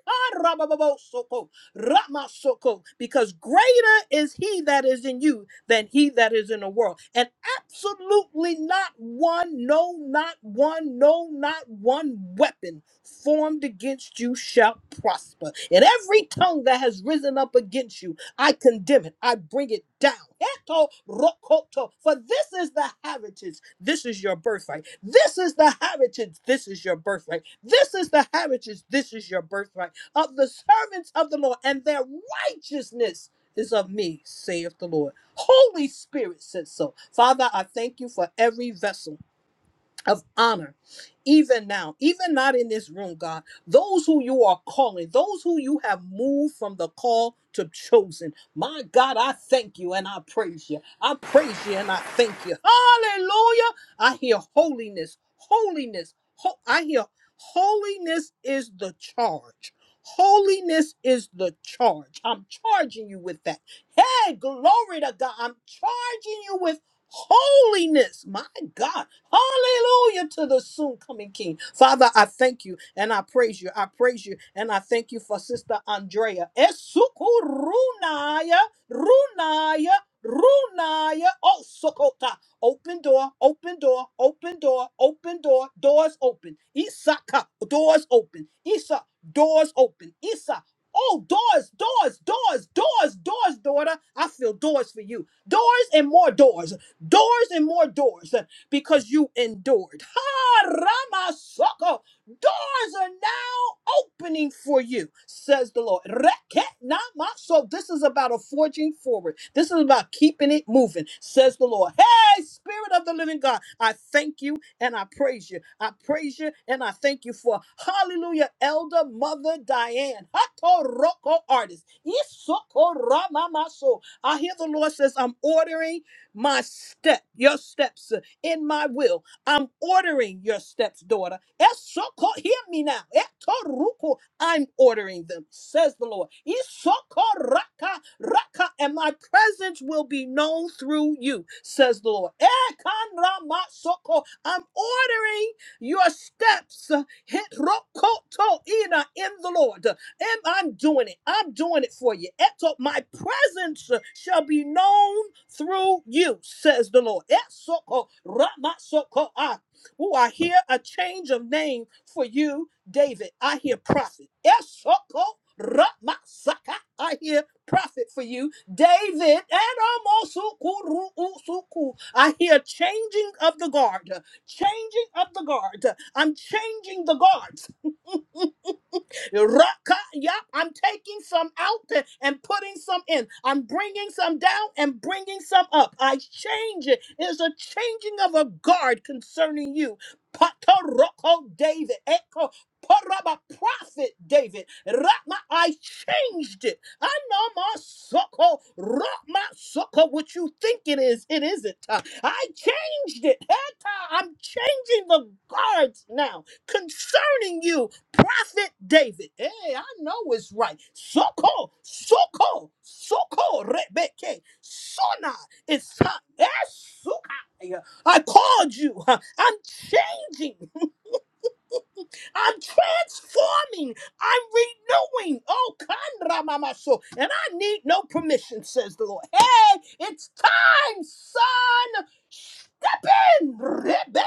S2: Ramasoko, because greater is he that is in you than he that is in the world. And absolutely not one, no, not one, no, not one weapon formed against you shall prosper. And every tongue that has risen up against you, I condemn it, I bring it down. Eto rokoto. For this is the heritage, this is your birthright. This is the heritage, this is your birthright. This is the heritage, this is your birthright of the servants of the Lord, and their righteousness is of me, saith the Lord. Holy Spirit says so. Father, I thank you for every vessel of honor even now even not in this room god those who you are calling those who you have moved from the call to chosen my god i thank you and i praise you i praise you and i thank you hallelujah i hear holiness holiness ho- i hear holiness is the charge Holiness is the charge. I'm charging you with that. Hey, glory to God. I'm charging you with holiness. My God. Hallelujah to the soon coming King. Father, I thank you and I praise you. I praise you and I thank you for Sister Andrea. Esukurunaya, runaya, runaya. Oh, sokota. Open door, open door, open door, open door. Doors open. Isaka, doors open. Isa, doors open. Isa, Oh, doors, doors, doors, doors, doors, daughter. I feel doors for you. Doors and more doors doors and more doors uh, because you endured. Ha Ramasoko, doors are now opening for you, says the Lord. Reke namaso. This is about a forging forward. This is about keeping it moving, says the Lord. Hey, Spirit of the Living God, I thank you and I praise you. I praise you and I thank you for Hallelujah, Elder Mother Diane, Hatoroko artist. Isoko Ramamaso. I hear the Lord says, I'm ordering my step, your steps uh, in my will. I'm ordering your steps, daughter. Esoko, hear me now. Etoruko, I'm ordering them, says the Lord. Isoko raka raka, and my presence will be known through you, says the Lord. Ekanramasoko, I'm ordering your steps. uh, Hitrokoto ina in the Lord. Am- I'm doing it. I'm doing it for you. Eto, my presence uh, shall be known through you, says the Lord. Esoko ramasoko ah. Oh, I hear a change of name for you, David. I hear prophet. Esoko ramasaka. I hear prophet for you, David. Eramosuku ruusuku. I hear changing of the guard, changing of the guard. I'm changing the guard. Raka, yep, I'm taking some out and putting some in. I'm bringing some down and bringing some up. I change it. It's a changing of a guard concerning you. Pataroko David, Echo, Paraba Prophet David, Rama, I changed it. I know my sucker, Rama sucker, what you think it is, it isn't. Uh, I changed it. Eta, I'm changing the guards now concerning you prophet David. Hey, I know it's right. Soko, soko, soko, rebeke, sona. It's time. Esuka. I called you. (laughs) I'm changing. I'm transforming. I'm renewing. Oh, Kanramamaso. And I need no permission, says the Lord. Hey, it's time, son. Step in, Rebecca.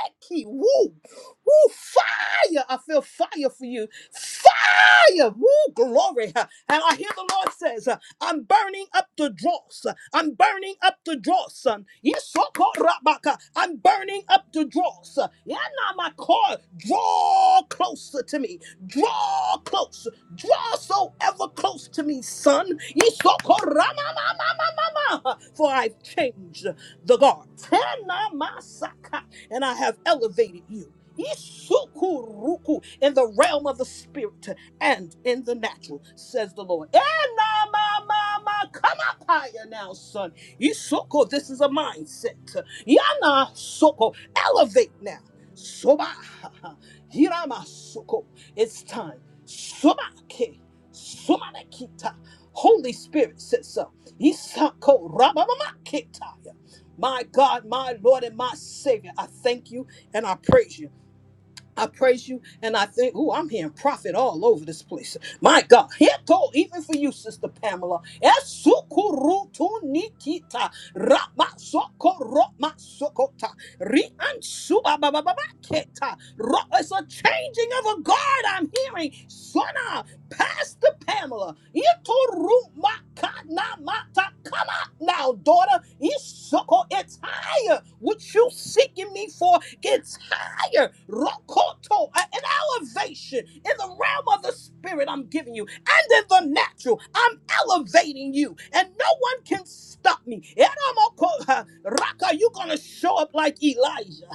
S2: Woo. Woo, fire. I feel fire for you. Fire. Woo, glory. And I hear the Lord says, I'm burning up the dross. I'm burning up the dross. Yisokorabaka. I'm burning up the dross. Yanamako. Draw closer to me. Draw close. Draw so ever close to me, son. Yisokoramamamamamama. For I've changed the guard. Tenamasaka. And I have elevated you. Isukuruku in the realm of the spirit and in the natural, says the Lord. Eh, nah, ma, ma, ma. Come up higher now, son. Isoko, this is a mindset. Yana soko, elevate now. Soba, (laughs) hirama soko. It's time. Soba ke, soba kita. Holy Spirit says so. Isako, rababama ketaya. My God, my Lord, and my Savior, I thank you and I praise you. I praise you and I think, oh, I'm hearing prophet all over this place. My God, Hito, even for you, Sister Pamela. Esukurutunikita, rabasokorokmasokota, riansubabababaketa, ro- It's a changing of a guard I'm hearing. Sona, Pastor Pamela. Itorumakanamata. Come out now, daughter. Isoko, It's time higher. What you seeking me for gets higher. Rokoto, a- an elevation in the realm of the spirit I'm giving you, and in the natural I'm elevating you, and no one can stop me. Eramoko, i Raka, you're gonna show up like Elijah.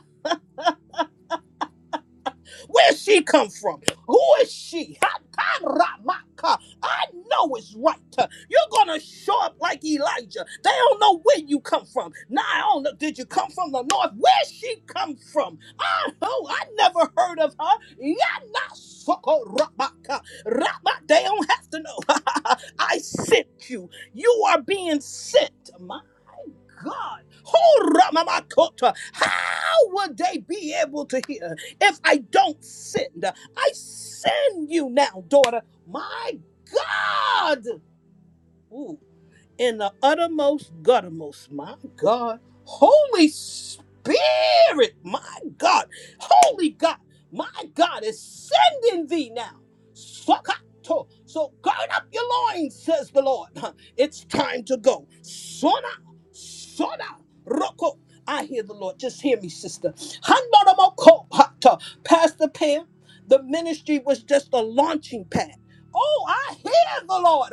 S2: Where she come from? Who is she? Hataramaka. I know it's right. You're gonna show up like Elijah. They don't know where you come from. Now I don't know. Did you come from the north? Where she come from? I oh, I never heard of her. Yanasokorabaka. Rama. They don't have to know. (laughs) I sent you. You are being sent. God, oh, Ramamakota, how would they be able to hear if I don't send? I send you now, daughter. My God. Ooh, in the uttermost, guttermost. My God. Holy Spirit, my God. Holy God, my God is sending thee now. Sokato. So gird up your loins, says the Lord. (laughs) It's time to go. Sona, sona, roko. I hear the Lord. Just hear me, sister. Handoromoko, hata. Pastor Pam, the ministry was just a launching pad. Oh, I hear the Lord.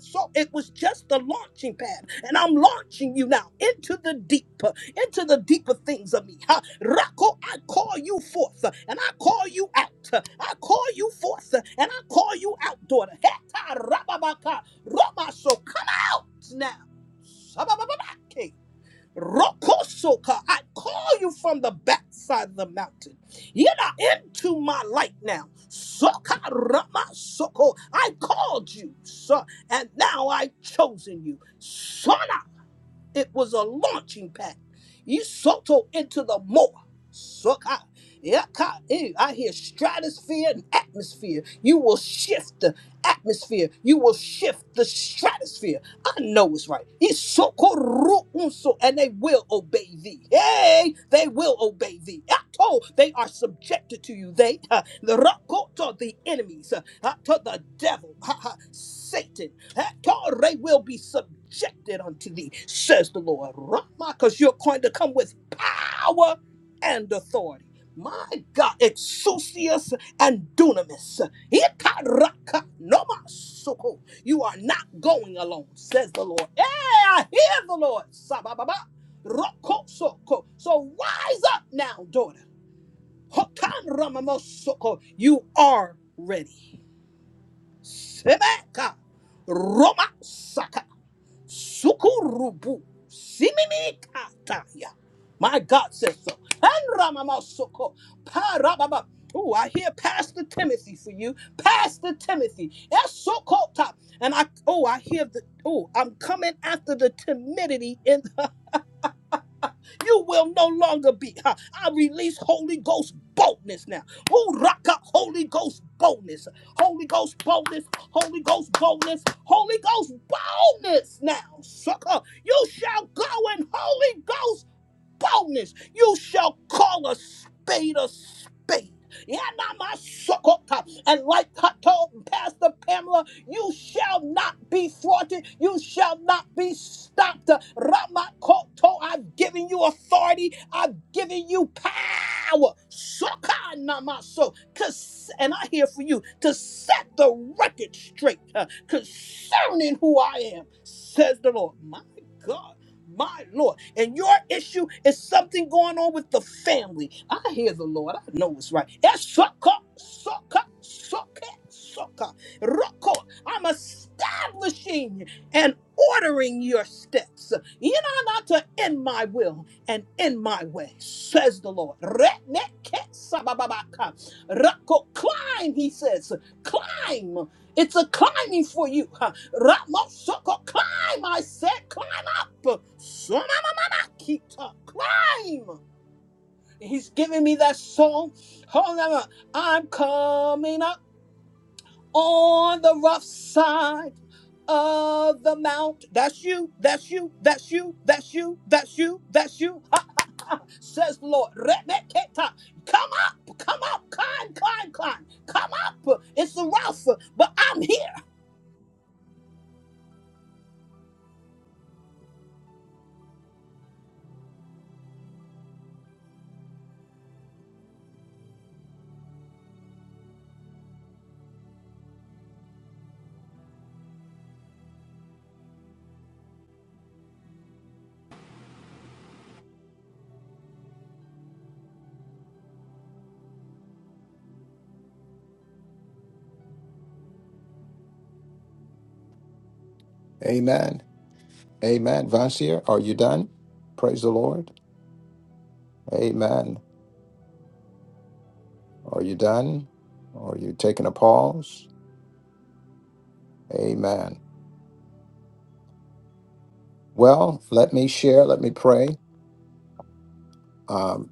S2: So it was just the launching pad. And I'm launching you now into the deeper, into the deeper things of me. Ha. Rako, I call you forth uh, and I call you out. uh, I call you forth uh, and I call you out, daughter. Heta rababaka. Rama so cut now. Sabababake. Rokosoka, I call you from the backside of the mountain. You're not into my light now. Soka Rama Soko. I called you, son, and now I've chosen you. Sona it was a launching pad. You soto into the more. Soka. Yaka. Eh, I hear stratosphere and atmosphere. You will shift the atmosphere. You will shift the stratosphere. I know it's right. It's soko unso, and they will obey thee. Hey, they will obey thee. Ato, they are subjected to you. They, (laughs) the rakoto, the enemies, uh, to the devil, (laughs) Satan. They will be subjected unto thee, says the Lord. Rama, because you're going to come with power and authority. My God, exousias and dunamis. Ikaraka nomasoko. You are not going alone, says the Lord. Hey, I hear the Lord. Sabababa. Rokosoko. So rise up now, daughter. Hotan ramamosoko. You are ready. Semeka. Roma Sukurubu. Siminikataya. My God says so. And Ramamasoko. Parababa. Ooh, I hear Pastor Timothy for you. Pastor Timothy. That's so called top. And I oh, I hear the oh, I'm coming after the timidity in. You will no longer be. huh, I release Holy Ghost boldness now. Who rock up Holy Ghost boldness? Holy Ghost boldness. Holy Ghost boldness. Holy Ghost boldness now. Sucker, you shall go in Holy Ghost boldness. You shall call a spade a spade. Yanamasokota. And like I told Pastor Pamela, you shall not be thwarted. You shall not be stopped. Ramakoto, I've given you authority. I've given you power. Sokanamaso. Cons- And I here for you to set the record straight uh, concerning who I am, says the Lord. My God. My Lord. And your issue is something going on with the family. I hear the Lord. I know it's right. Esoka, soka, soka, soka, roko. I'm establishing and ordering your steps. You know not to in my will and in my way, says the Lord. Reneke sabababaka. Roko. Climb, he says. Climb. It's a climbing for you. Huh. Ramosoko. Climb, I said. Climb so mama, mama, Sonamamakita. Climb. He's giving me that song. Hold on. I'm coming up on the rough side of the mount. That's you. That's you. That's you. That's you. That's you. That's you. Ha, says the Lord. Rebeketa. Come up. Come up. Climb, climb, climb. Come up. It's rough, but I'm here.
S1: Amen. Amen. Vancia, are you done? Praise the Lord. Amen. Are you done? Are you taking a pause? Amen. Well, let me share. Let me pray. Um,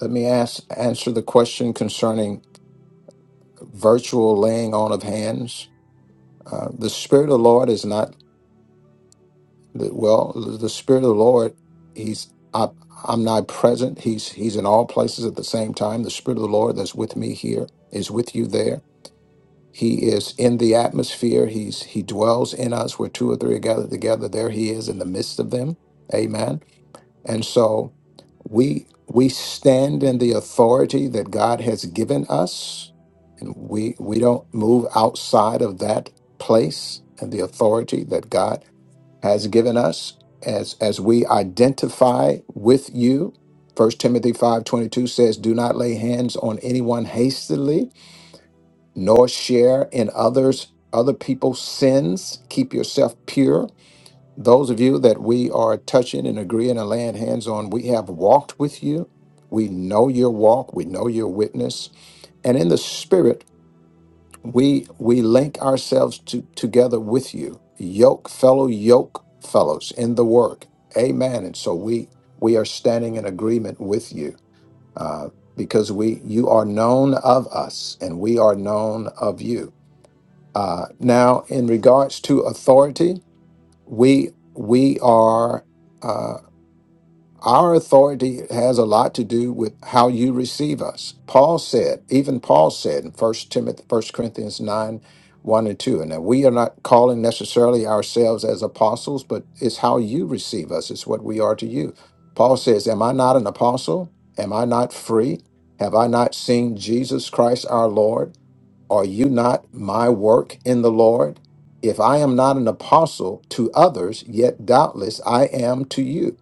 S1: let me ask answer the question concerning virtual laying on of hands. Uh, the Spirit of the Lord is not well. The Spirit of the Lord, He's om- omnipresent. He's He's in all places at the same time. The Spirit of the Lord that's with me here is with you there. He is in the atmosphere. He's he dwells in us where two or three are gathered together. There he is in the midst of them. Amen. And so we we stand in the authority that God has given us. And we we don't move outside of that place and the authority that God has given us as as we identify with you. First Timothy 5:22 says, "Do not lay hands on anyone hastily." nor share in others other people's sins keep yourself pure those of you that we are touching and agreeing and laying hands on we have walked with you we know your walk we know your witness and in the spirit we we link ourselves to, together with you yoke fellow yoke fellows in the work amen and so we we are standing in agreement with you uh, because we you are known of us and we are known of you uh, now, in regards to authority, we we are uh, our authority has a lot to do with how you receive us. Paul said, even Paul said in First Timothy, First Corinthians nine. One and two, and now we are not calling necessarily ourselves as apostles, but it's how you receive us. It's what we are to you. Paul says, "Am I not an apostle? Am I not free? Have I not seen Jesus Christ our Lord?" Are you not my work in the Lord? If I am not an apostle to others, yet doubtless I am to you,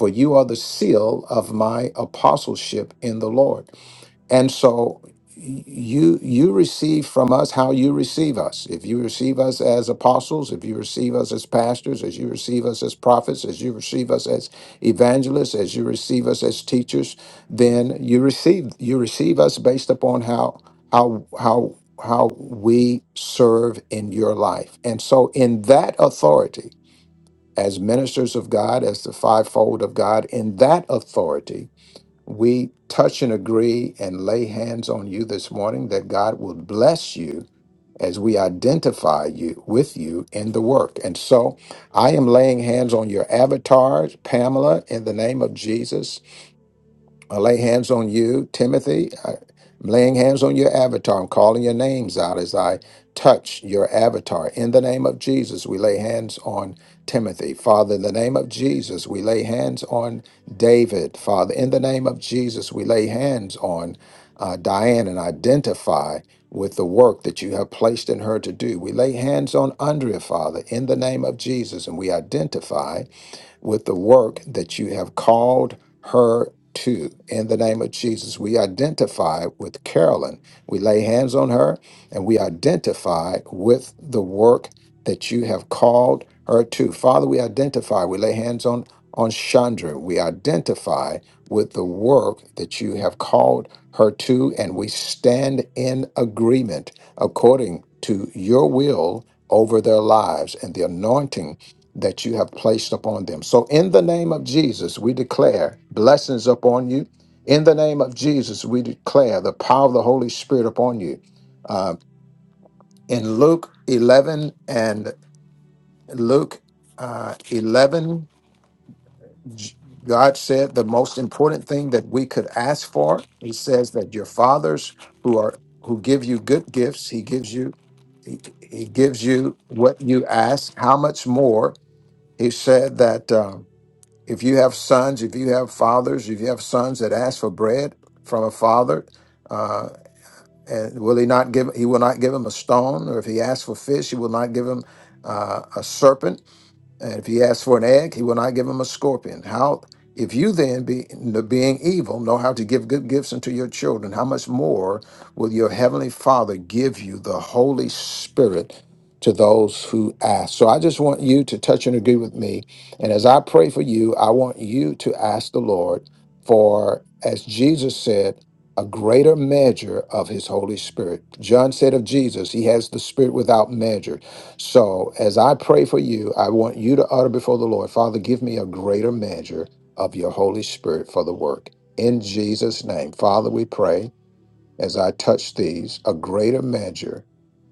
S1: for you are the seal of my apostleship in the Lord. And so y- you you receive from us how you receive us. If you receive us as apostles, if you receive us as pastors, as you receive us as prophets, as you receive us as evangelists, as you receive us as teachers, then you receive you receive us based upon how how how how we serve in your life. And so in that authority, as ministers of God, as the fivefold of God, in that authority, we touch and agree and lay hands on you this morning that God will bless you as we identify you with you in the work. And so I am laying hands on your avatars, Pamela, in the name of Jesus I lay hands on you, Timothy. I'm laying hands on your avatar. I'm calling your names out as I touch your avatar. In the name of Jesus, we lay hands on Timothy. Father, in the name of Jesus, we lay hands on David. Father, in the name of Jesus, we lay hands on uh, Diane and identify with the work that you have placed in her to do. We lay hands on Andrea, Father, in the name of Jesus, and we identify with the work that you have called her to. In the name of Jesus, we identify with Carolyn. We lay hands on her and we identify with the work that you have called her to. Father, we identify, we lay hands on, on Chandra. We identify with the work that you have called her to, and we stand in agreement according to your will over their lives and the anointing that you have placed upon them. So, in the name of Jesus, we declare blessings upon you. In the name of Jesus, we declare the power of the Holy Spirit upon you. Uh, in Luke 11 and Luke uh, 11, J- God said the most important thing that we could ask for. He says that your fathers who are who give you good gifts, He gives you He, he gives you what you ask. How much more? He said that. Um, If you have sons, if you have fathers, if you have sons that ask for bread from a father, uh, and will he not give? He will not give him a stone, or if he asks for fish, he will not give him uh, a serpent and if he asks for an egg, he will not give him a scorpion. How, if you then, be, being evil, know how to give good gifts unto your children, how much more will your heavenly Father give you the Holy Spirit to those who ask? So I just want you to touch and agree with me. And as I pray for you, I want you to ask the Lord for, as Jesus said, a greater measure of his Holy Spirit. John said of Jesus, he has the Spirit without measure. So, as I pray for you, I want you to utter before the Lord, Father, give me a greater measure of your Holy Spirit for the work. In Jesus' name, Father, we pray as I touch these, a greater measure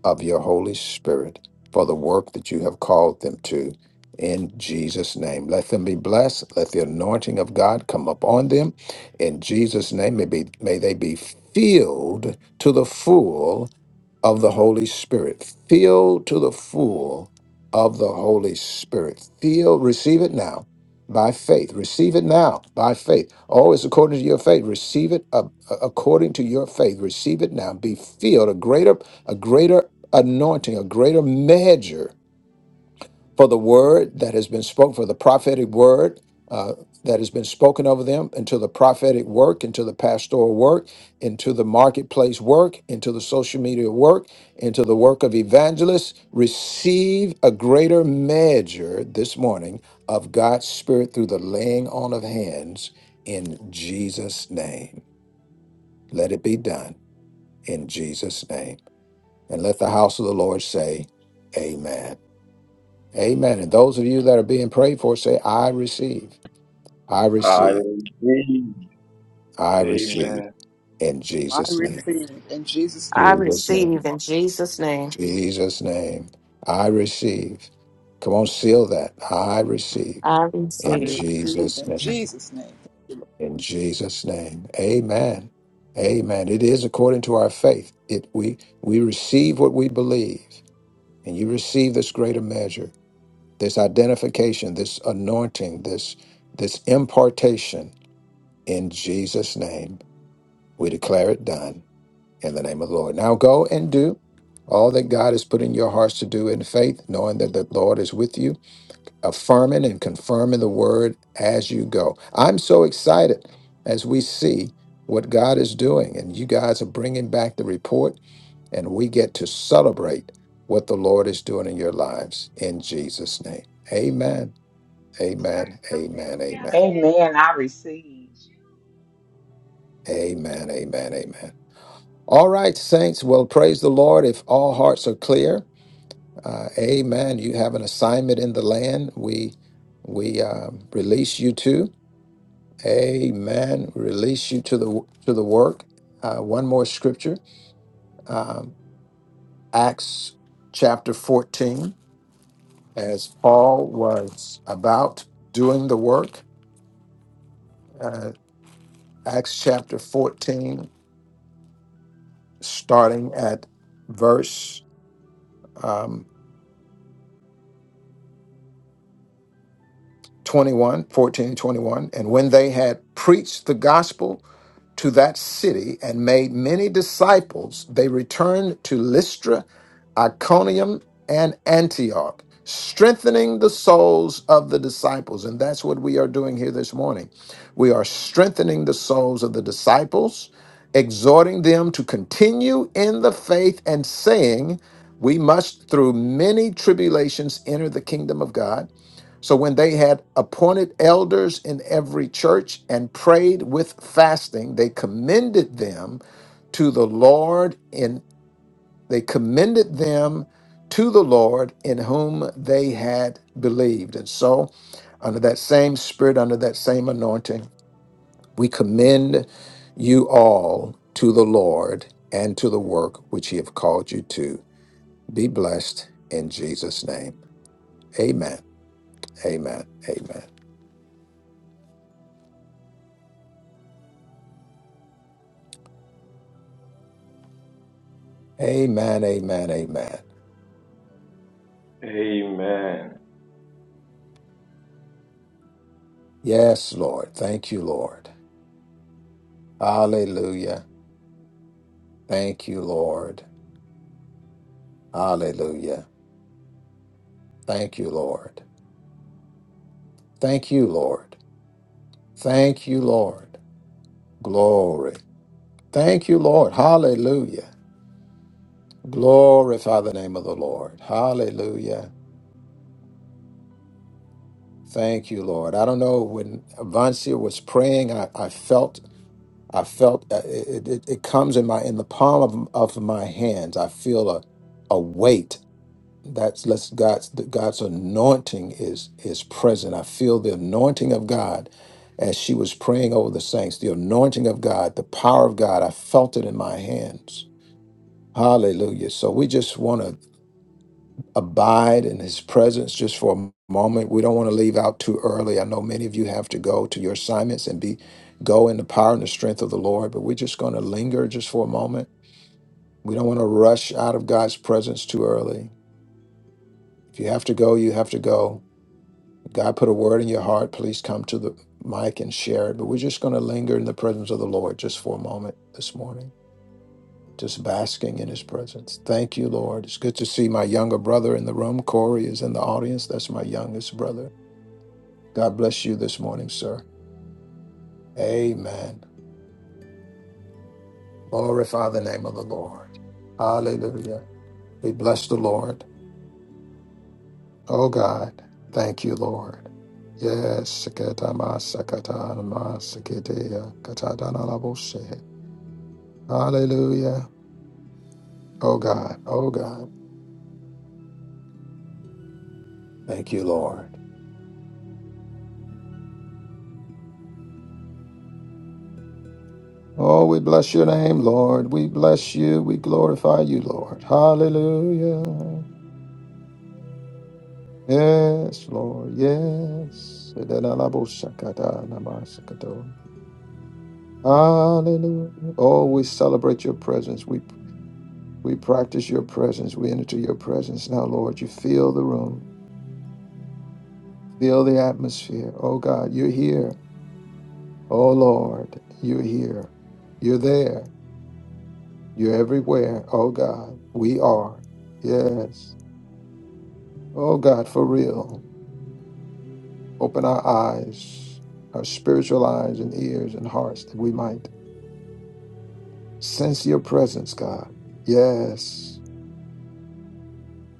S1: of your Holy Spirit for the work that you have called them to. In Jesus' name, let them be blessed. Let the anointing of God come upon them. In Jesus' name, may, be, may they be filled to the full of the Holy Spirit. Filled to the full of the Holy Spirit. Feel, receive it now by faith. Receive it now by faith. Always according to your faith. Receive it a- according to your faith. Receive it now. Be filled a greater, a greater anointing, a greater measure for the word that has been spoken, for the prophetic word uh, that has been spoken over them, into the prophetic work, into the pastoral work, into the marketplace work, into the social media work, into the work of evangelists. Receive a greater measure this morning of God's Spirit through the laying on of hands in Jesus' name. Let it be done in Jesus' name. And let the house of the Lord say, Amen. Amen. And those of you that are being prayed for, say, I receive, I
S8: I
S1: receive,
S8: indeed.
S1: I
S8: Amen.
S1: receive in
S4: i
S1: Jesus' name,
S4: receive in jesus
S6: I
S4: name
S1: Jesus'
S6: receive
S1: name,
S6: in Jesus' name.
S1: Jesus' name. I receive. Come on, seal that. I receive
S6: I
S4: i
S1: in
S6: receive.
S4: receive
S1: Jesus'
S4: in
S1: name,
S4: jesus name Thank you,
S1: in Jesus' name. Amen. Amen. It is according to our faith. It we we receive what we believe, and you receive this greater measure, this identification, this anointing, this this impartation In Jesus' name, we declare it done in the name of the Lord. Now go and do all that God has put in your hearts to do in faith, knowing that the Lord is with you, affirming and confirming the word as you go. I'm so excited as we see what God is doing, and you guys are bringing back the report, and we get to celebrate what the Lord is doing in your lives in Jesus' name. Amen. Amen. Amen. Amen.
S3: Amen. I receive.
S1: Amen. Amen. Amen. All right, saints. Well, praise the Lord. If all hearts are clear, uh, Amen. You have an assignment in the land. We we um, release you to Amen. Release you to the to the work. Uh, one more scripture, um, Acts chapter fourteen. As Paul was about doing the work, uh, Acts chapter fourteen, starting at verse. um, 21, fourteen and 21. And when they had preached the gospel to that city and made many disciples, they returned to Lystra, Iconium, and Antioch, strengthening the souls of the disciples. And that's what we are doing here this morning. We are strengthening the souls of the disciples, exhorting them to continue in the faith and saying, we must, through many tribulations, enter the kingdom of God so when they had appointed elders in every church and prayed with fasting, they commended them to the Lord in they commended them to the Lord in whom they had believed. And so under that same spirit, under that same anointing, we commend you all to the Lord and to the work which he have called you to. Be blessed in Jesus' name. Amen. Amen. Amen. Amen, amen, amen.
S8: Amen.
S1: Yes, Lord. Thank you, Lord. Hallelujah. Thank you, Lord. Hallelujah. Thank you, Lord. Thank you, Lord. Thank you, Lord. Glory. Thank you, Lord. Hallelujah. Glorify the name of the Lord. Hallelujah. Thank you, Lord. I don't know when Vancia was praying, I, I felt, I felt uh, it, it, it comes in my in the palm of, of my hands. I feel a a weight That's let's God's the God's anointing is is present. I feel the anointing of God as she was praying over the saints. The anointing of God, the power of God. I felt it in my hands. Hallelujah. So we just want to abide in his presence just for a moment. We don't want to leave out too early. I know many of you have to go to your assignments and be go in the power and the strength of the Lord, but we're just going to linger just for a moment. We don't want to rush out of God's presence too early. If you have to go, you have to go. If God put a word in your heart, please come to the mic and share it. But we're just going to linger in the presence of the Lord just for a moment this morning, just basking in his presence. Thank you, Lord. It's good to see my younger brother in the room. Corey is in the audience. That's my youngest brother. God bless you this morning, sir. Amen. Glorify the name of the Lord. Hallelujah. We bless the Lord. Oh, God. Thank you, Lord. Yes. Sakatama, sakatanama, sakateya, katadana laboshe. Hallelujah. Oh God. Oh God. Thank you, Lord. Oh, we bless your name, Lord. We bless you. We glorify you, Lord. Hallelujah. Yes, Lord. Yes. Hallelujah. Oh, we celebrate your presence. We we practice your presence. We enter your presence now, Lord. You fill the room. Feel the atmosphere. Oh God, you're here. Oh Lord, you're here. You're there. You're everywhere, oh God. We are. Yes. Oh God, for real. Open our eyes, our spiritual eyes and ears and hearts that we might sense your presence, God. Yes.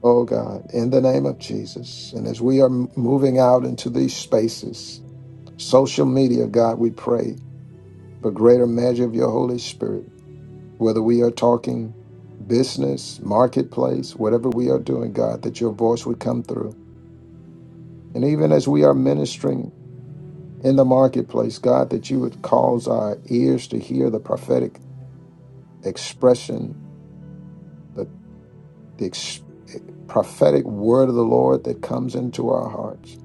S1: Oh God, in the name of Jesus. And as we are m- moving out into these spaces, social media, God, we pray for greater measure of your Holy Spirit, whether we are talking business, marketplace, whatever we are doing, God, that your voice would come through And even as we are ministering in the marketplace, God, that you would cause our ears to hear the prophetic expression, the, the ex- eh, prophetic word of the Lord that comes into our hearts.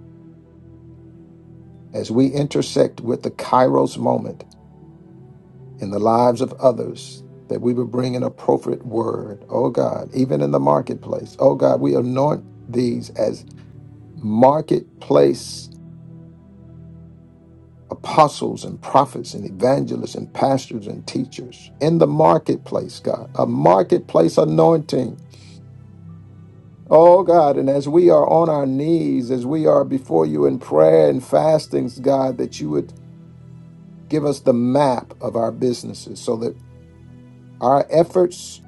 S1: As we intersect with the Kairos moment in the lives of others, that we would bring an appropriate word, oh God, even in the marketplace. Oh God, we anoint these as marketplace apostles and prophets and evangelists and pastors and teachers in the marketplace, God, a marketplace anointing. Oh God, and as we are on our knees, as we are before you in prayer and fastings, God, that you would give us the map of our businesses so that our efforts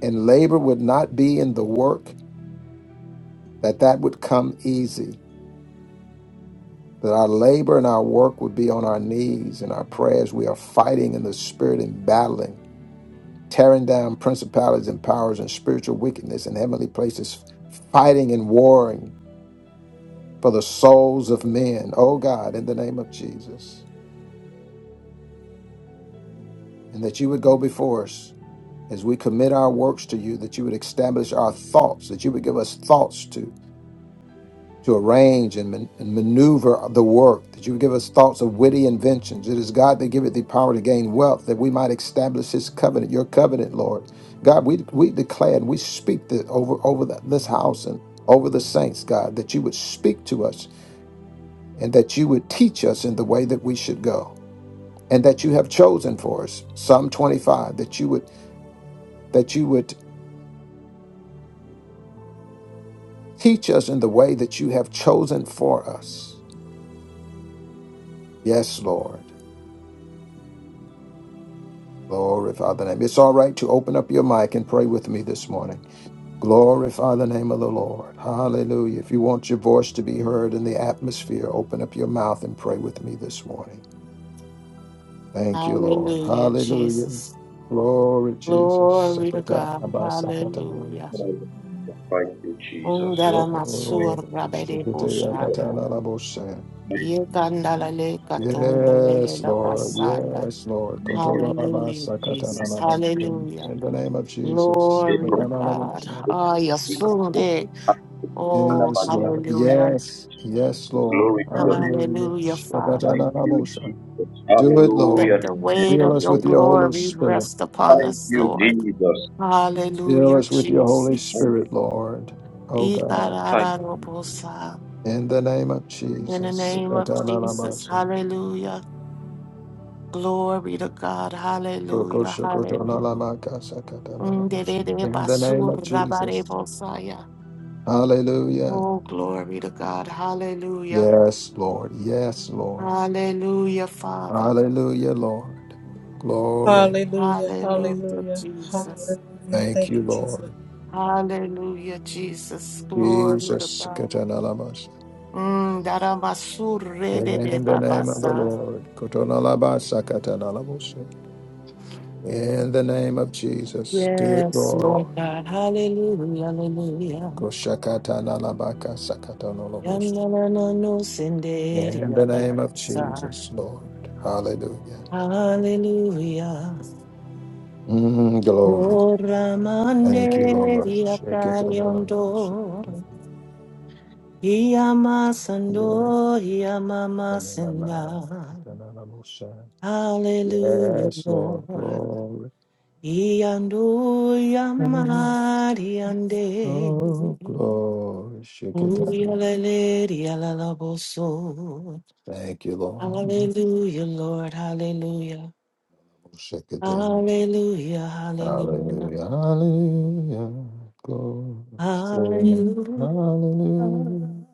S1: and labor would not be in the work, that that would come easy, that our labor and our work would be on our knees and our prayers. We are fighting in the spirit and battling tearing down principalities and powers and spiritual wickedness in heavenly places, fighting and warring for the souls of men. Oh God, in the name of Jesus. And that you would go before us as we commit our works to you, that you would establish our thoughts, that you would give us thoughts to to arrange and, man- and maneuver the work, that you would give us thoughts of witty inventions. It is God that giveth thee power to gain wealth, that we might establish his covenant, your covenant, Lord. God, we, we declare and we speak that over, over the, this house and over the saints, God, that you would speak to us and that you would teach us in the way that we should go and that you have chosen for us. Psalm 25, that you would, that you would teach us in the way that you have chosen for us. Yes, Lord. Glorify the name. It's all right to open up your mic and pray with me this morning. Glorify the name of the Lord. Hallelujah. If you want your voice to be heard in the atmosphere, open up your mouth and pray with me this morning. Thank you, Lord.
S6: Hallelujah,
S1: Hallelujah.
S6: Jesus.
S1: Glory, Jesus.
S6: Glory to
S1: Sekata
S6: God.
S1: ba sakata na
S6: Hallelujah.
S8: Hallelujah. Thank you, Jesus.
S1: Glory.
S6: Ungaramasura
S1: Shikite yakata
S6: bedeboshaya.
S1: na na bo
S8: Thank you, Jesus. Thank
S1: Yes,
S6: Yekandalalekatondelelela
S1: Lord.
S6: basaya.
S1: Yes, Lord. Koto
S8: you,
S1: na ba
S8: Jesus.
S6: Hallelujah,
S1: sakata na
S6: Jesus.
S1: na
S8: Thank
S1: bo
S8: you,
S6: Hallelujah.
S8: Jesus.
S1: In the name of Jesus.
S8: They
S6: Glory
S8: brought
S1: Sekata
S6: to
S1: na na
S8: you
S1: bo
S6: God.
S8: into the
S6: Ah, you
S8: kingdom
S6: assumed it.
S8: of
S6: Oh,
S1: Yes,
S8: Hallelujah.
S1: Lord.
S8: Thank
S6: hallelujah.
S1: Yes, yes,
S8: you,
S1: Lord.
S8: Glory to your name.
S1: Hallelujah.
S6: Hallelujah, Father.
S8: Thank you,
S1: Shakatanarabosha.
S8: Jesus.
S1: Do it,
S6: Let
S8: Hallelujah.
S6: the
S1: Lord.
S8: Thank
S6: weight
S1: Fill
S6: of
S1: us
S6: your
S1: with your Holy
S6: glory
S1: Spirit.
S6: rest upon us,
S8: you,
S6: Lord.
S8: Jesus.
S1: Fill
S6: Hallelujah,
S1: us with your Holy
S6: Jesus.
S1: Spirit, Lord. Oh God.
S8: Thank
S6: Ikarararobosa.
S1: In the name of
S6: In the
S1: Jesus.
S6: name of Jesus,
S1: Shakatanarabosha.
S6: hallelujah. Glory to God, hallelujah, hallelujah.
S1: Rokoshokotonalamaka sakatanarabosha.
S6: Nderere
S1: In the name of
S6: basura
S1: Jesus.
S6: barebosaya.
S1: Hallelujah.
S6: Oh, glory to God, hallelujah.
S1: Yes, Lord. Yes, Lord.
S6: Hallelujah, Father.
S1: Hallelujah, Lord. Glory.
S2: Hallelujah.
S6: Hallelujah,
S2: Hallelujah.
S6: Jesus.
S2: Hallelujah.
S1: Thank
S2: Thank
S1: you,
S2: you,
S1: Lord.
S6: Hallelujah, Jesus. Glory to
S1: Jesus.
S6: God.
S1: Katanalabas.
S6: Mm,
S1: In the name of the
S6: darabasurebebebabasa.
S1: Lord. Kotonalabasa katanalabusa. In the name of Jesus. Do it,
S6: yes,
S1: Lord.
S6: Lord God. Hallelujah, hallelujah.
S1: Koshakatanalabaka sakatanalabusa.
S6: Yananano senderi
S1: In the name of
S6: yalalabasa.
S1: Jesus, Lord. Hallelujah.
S6: Hallelujah.
S1: Mm, glory.
S6: Oh, Ramande,
S1: Thank you, Lord. Shakatanalabasa
S6: Riatariando. Iyama
S1: katanalabusa.
S6: sando, iyama
S1: Yeah.
S6: masenda.
S1: Katanalabusa.
S6: Hallelujah,
S1: Yes, Lord.
S6: Lord.
S1: Glory.
S6: Iyando, iyama, iyande.
S1: Oh, glory. Shake it down.
S6: Uyalele, iyalalaboso.
S1: Thank you, Lord.
S6: Hallelujah, Lord. Hallelujah.
S1: Shake it down.
S6: Hallelujah. Hallelujah.
S1: Hallelujah. Hallelujah. Glory. to your name.
S6: Hallelujah.
S1: Hallelujah.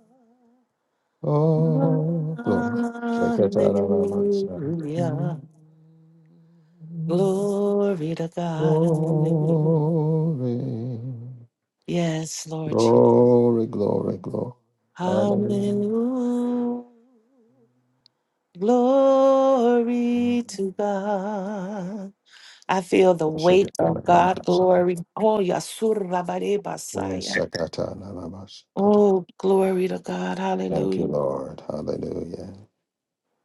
S1: Oh, glory. Shake it down.
S6: Hallelujah.
S1: Hallelujah.
S6: Glory to God. Hallelujah.
S1: Glory.
S6: Yes, Lord. Jesus.
S1: Glory, glory, glory. Hallelujah.
S6: Hallelujah. Glory to God. I feel the
S1: Shake
S6: weight
S1: it down.
S6: of God.
S1: Hallelujah.
S6: Glory. Oh, Yasurra
S1: Yes,
S6: Basaya.
S1: Sakata Namamas.
S6: Oh, glory to God.
S1: Thank you,
S6: Hallelujah.
S1: Lord. Hallelujah.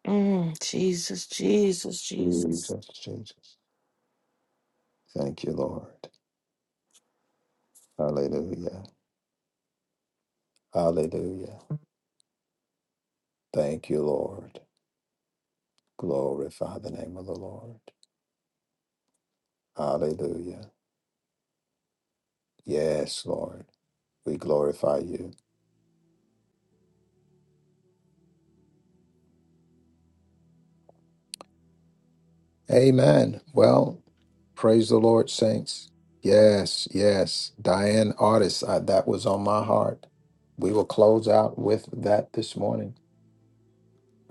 S6: Mm, Jesus, Jesus, Jesus.
S1: Jesus, Jesus. Thank you, Lord. Hallelujah. Hallelujah. Thank you, Lord. Glorify the name of the Lord. Hallelujah. Yes, Lord. We glorify you. Amen. Well, praise the Lord, saints. Yes, yes. Diane Artis, I, that was on my heart. We will close out with that this morning.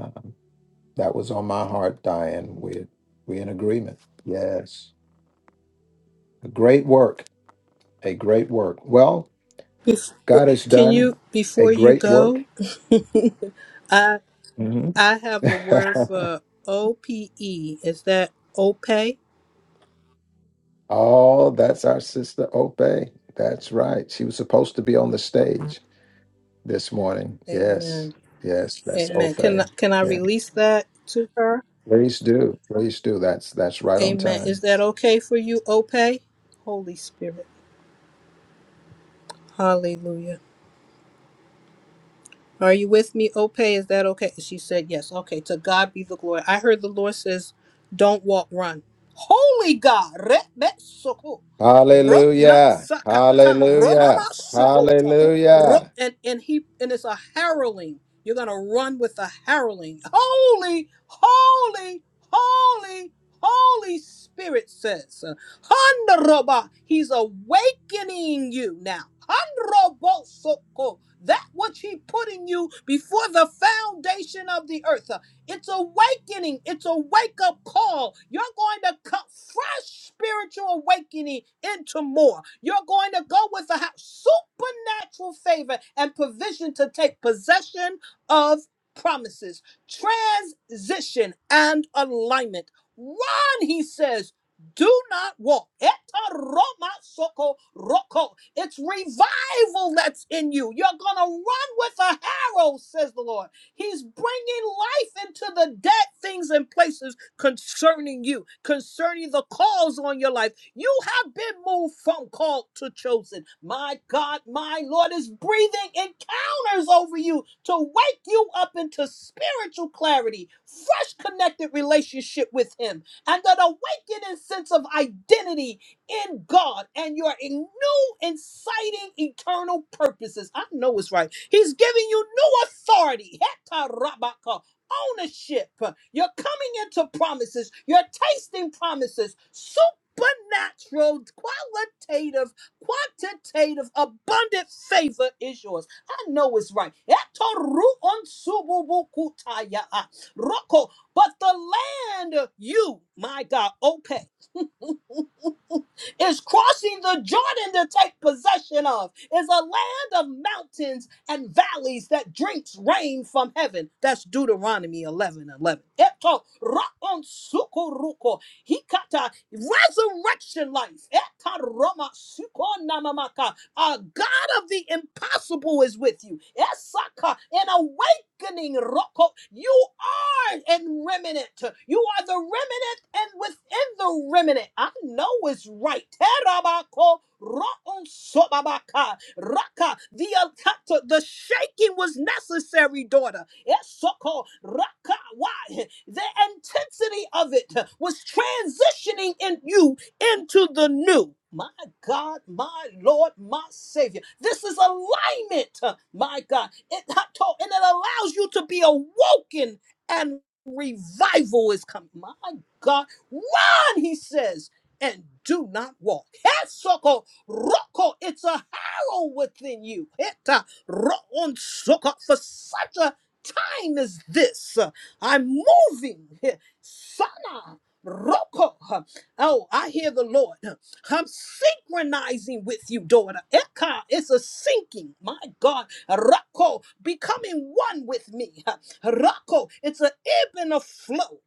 S1: Uh-huh. That was on my heart, Diane. We're, we're in agreement. Yes. A great work. A great work. Well,
S2: Jesus.
S1: God has
S2: Can
S1: done
S2: you,
S1: a
S2: before you
S1: great
S2: go,
S1: work.
S2: (laughs) I
S1: hmm
S2: I have a word
S1: (laughs)
S2: for OPE. Is that OPE?
S1: oh, that's our sister Ope. That's right. She was supposed to be on the stage this morning. Yes.
S2: Amen.
S1: Yes, that's
S2: Amen.
S1: Ope.
S2: Can I, can I
S1: Yeah.
S2: release that to her?
S1: Please do. Please do. That's that's right on
S2: Amen. Is
S1: time.
S2: that okay for you, OPE? Holy Spirit. Hallelujah. Are you with me, Ope? Is that okay? She said, Yes. Okay, to God be the glory. I heard the Lord says, Don't walk, run. Holy God. re- be- soko, ro- na-
S1: Hallelujah.
S2: sakata, ro-
S1: Hallelujah.
S2: mama- sokota, ro-
S1: Hallelujah.
S2: And, and he and it's a harrowing. You're gonna run with a harrowing. Holy, holy, holy, holy spirit says. Handroba, he's awakening you now. Handrobosoko, that which he put in you before the foundation of the earth. It's awakening. It's a wake up call. You're going to come fresh spiritual awakening into more. You're going to go with a ha- supernatural favor and provision to take possession of promises, transition, and alignment. Run, he says do not walk. Eta roma soko roko. It's revival that's in you. You're going to run with a harrow, says the Lord. He's bringing life into the dead things and places concerning you, concerning the calls on your life. You have been moved from called to chosen. My God, my Lord is breathing encounters over you to wake you up into spiritual clarity, fresh connected relationship with Him and an awakening sense of identity in God and your in- new inciting eternal purposes. I know it's right. He's giving you new authority. Heta rabaka, Ownership. You're coming into promises. You're tasting promises. Supernatural, qualitative, quantitative, abundant favor is yours. I know it's right. Heta ru'on sububu kutaya. Roko. But the and you, my God, OPEC, (laughs) is crossing the Jordan to take possession of is a land of mountains and valleys that drinks rain from heaven. That's Deuteronomy 11 11. Eto rakon sukuruko hikata resurrection life. Eta roma suko namamaka. Uh, God of the impossible is with you. Esaka, an awakening. Roko. You are in remnant. You are the remnant and within the remnant. I know it's right. Terabako, ro'on sobabaka, Raka. The, attack- the shaking was necessary, daughter. Esoko, Raka. Why? The intensity of it was transitioning in you into the new. My God, my Lord, my Savior. This is alignment, uh, my God. It, I told- and it allows you to be awoken and revival is coming. My God, run, he says, and do not walk. (laughs) Hesoko, roko, it's a harrow within you. (laughs) Heta, roon, soko, For such a time as this, uh, I'm moving. (laughs) Heh, Sana, roko. Oh, I hear the Lord. I'm synchronizing with you, daughter. Eka, it's a sinking. My God. Rako, becoming one with me. Rako, it's an ebb and a flow.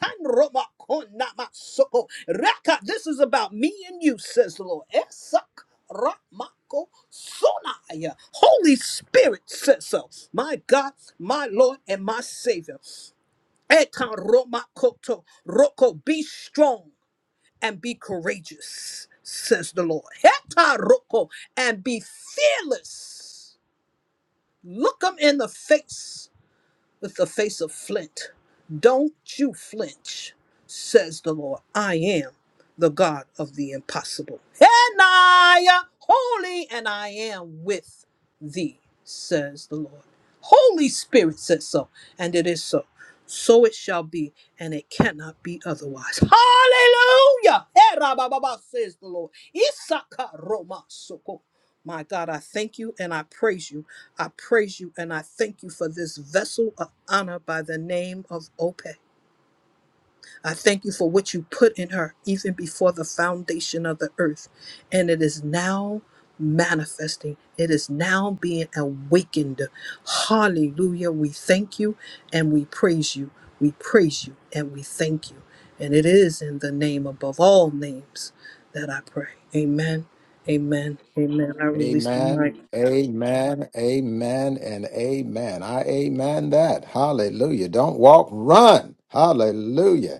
S2: Atanromakonamaso. Raka, this is about me and you, says the Lord. Esak. Ramako Sonaya. Holy Spirit says so. My God, my Lord, and my Savior. Ekan Romakoto. Roko, be strong and be courageous, says the Lord. Hetaroko and be fearless. Look them in the face with the face of flint. Don't you flinch, says the Lord. I am the God of the impossible. And I am holy, and I am with thee, says the Lord. Holy Spirit says so, and it is so. So it shall be, and it cannot be otherwise. Hallelujah! Eh, rabababa, says the Lord. Isaka Roma Soko. My God, I thank you and I praise you I praise you and I thank you for this vessel of honor by the name of Ope. I thank you for what you put in her even before the foundation of the earth. And it is now manifesting, it is now being awakened. Hallelujah. We thank you and we praise you. We praise you and we thank you. And it is in the name above all names that I pray. Amen. Amen. Amen. I release the
S1: Amen,
S2: mic.
S1: amen, amen, and amen. I amen that. Hallelujah. Don't walk, run. Hallelujah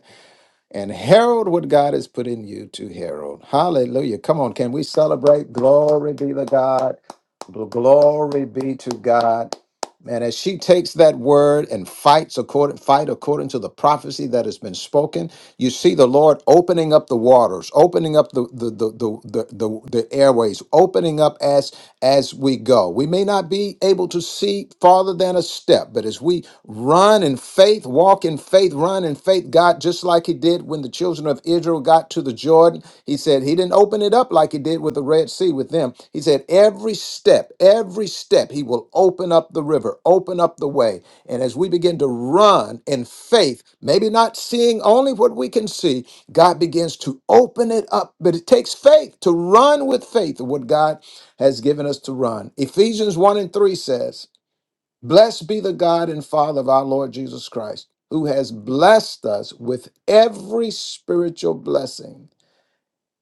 S1: and herald what God has put in you to herald. Hallelujah. Come on, can we celebrate? Glory be to God. Gl- Glory be to God. And as she takes that word and fights according, fight according to the prophecy that has been spoken, you see the Lord opening up the waters, opening up the the the the, the, the, the airways, opening up as as we go. We may not be able to see farther than a step, but as we run in faith, walk in faith, run in faith, God, just like He did did when the children of Israel got to the Jordan. He said he didn't open it up like he did with the Red Sea with them. He said every step, every step, he will open up the river, open up the way. And as we begin to run in faith, maybe not seeing only what we can see, God begins to open it up. But it takes faith to run with faith of what God has given us to run. Ephesians 1 and 3 says, Blessed be the God and Father of our Lord Jesus Christ, who has blessed us with every spiritual blessing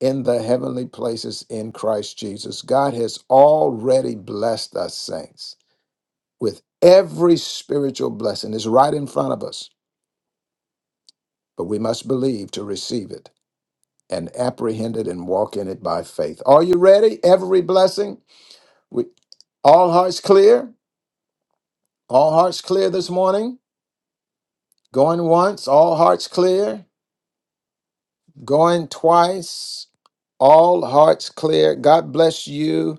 S1: in the heavenly places in Christ Jesus. God has already blessed us, saints, with every spiritual blessing. It's right in front of us, but we must believe to receive it and apprehend it and walk in it by faith. Are you ready? Every blessing? We, all hearts clear? All hearts clear this morning? Going once? All hearts clear? going twice, all hearts clear. God bless you.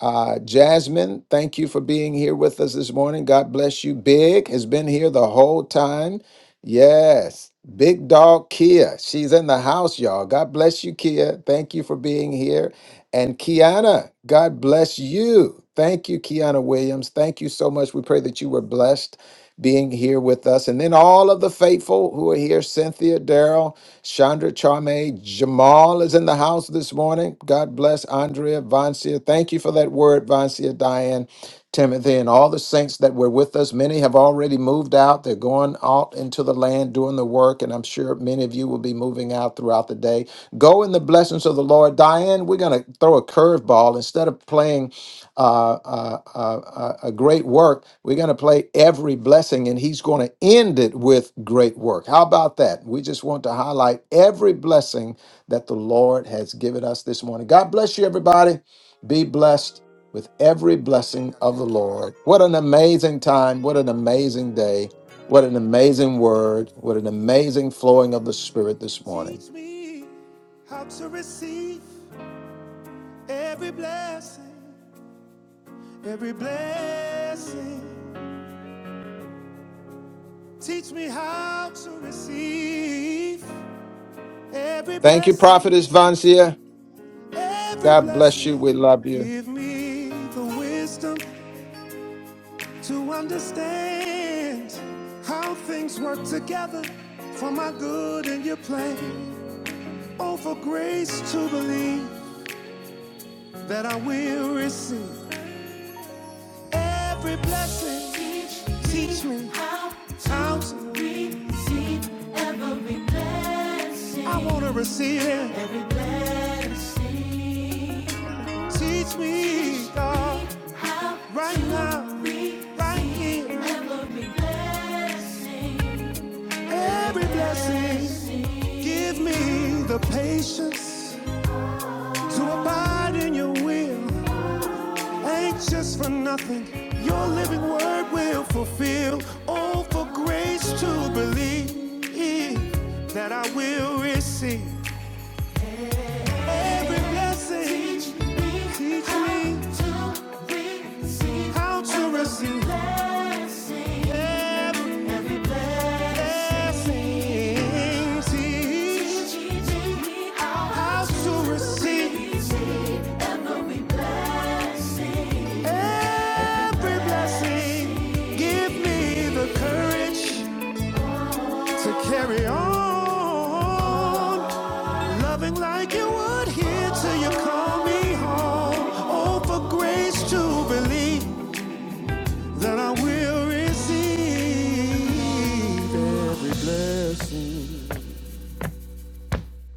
S1: Uh, Jasmine, thank you for being here with us this morning. God bless you. Big has been here the whole time. Yes, big dog Kia. She's in the house, y'all. God bless you, Kia. Thank you for being here. And Kiana, God bless you. Thank you, Kiana Williams. Thank you so much. We pray that you were blessed being here with us. And then all of the faithful who are here Cynthia, Daryl, Chandra, Charme, Jamal is in the house this morning. God bless Andrea, Vancia. Thank you for that word, Vancia, Diane. Timothy and all the saints that were with us. Many have already moved out. They're going out into the land doing the work, and I'm sure many of you will be moving out throughout the day. Go in the blessings of the Lord. Diane, we're going to throw a curveball. Instead of playing uh, uh, uh, uh, a great work. We're going to play every blessing, and he's going to end it with great work. How about that? We just want to highlight every blessing that the Lord has given us this morning. God bless you, everybody. Be blessed with every blessing of the Lord. What an amazing time. What an amazing day. What an amazing word. What an amazing flowing of the Spirit this morning. Thank you, Prophetess Vanzia. God bless you. We love you.
S9: Everything, give me the courage to carry on. Loving like you would here till you call me home. Oh, for grace to believe that I will receive every blessing.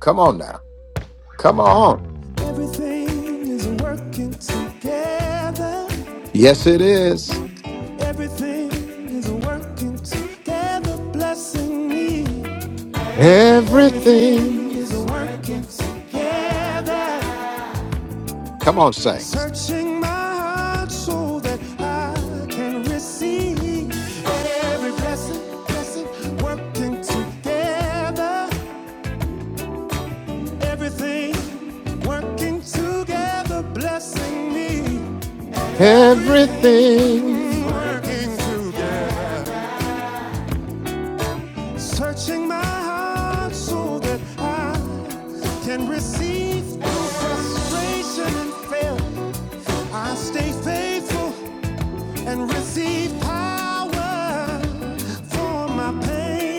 S1: Come on now. Come on.
S9: Everything is working together.
S1: Yes, it is.
S9: Everything is working together, blessing me. Everything is
S1: Everything.
S9: working together.
S1: Come on, saints.
S9: Searching my heart so that I can receive And every blessing, blessing working together. Everything working together, blessing me. Everything
S1: Everything.
S9: working together. Searching my heart so that I can receive through frustration and failure. I stay faithful and receive power for my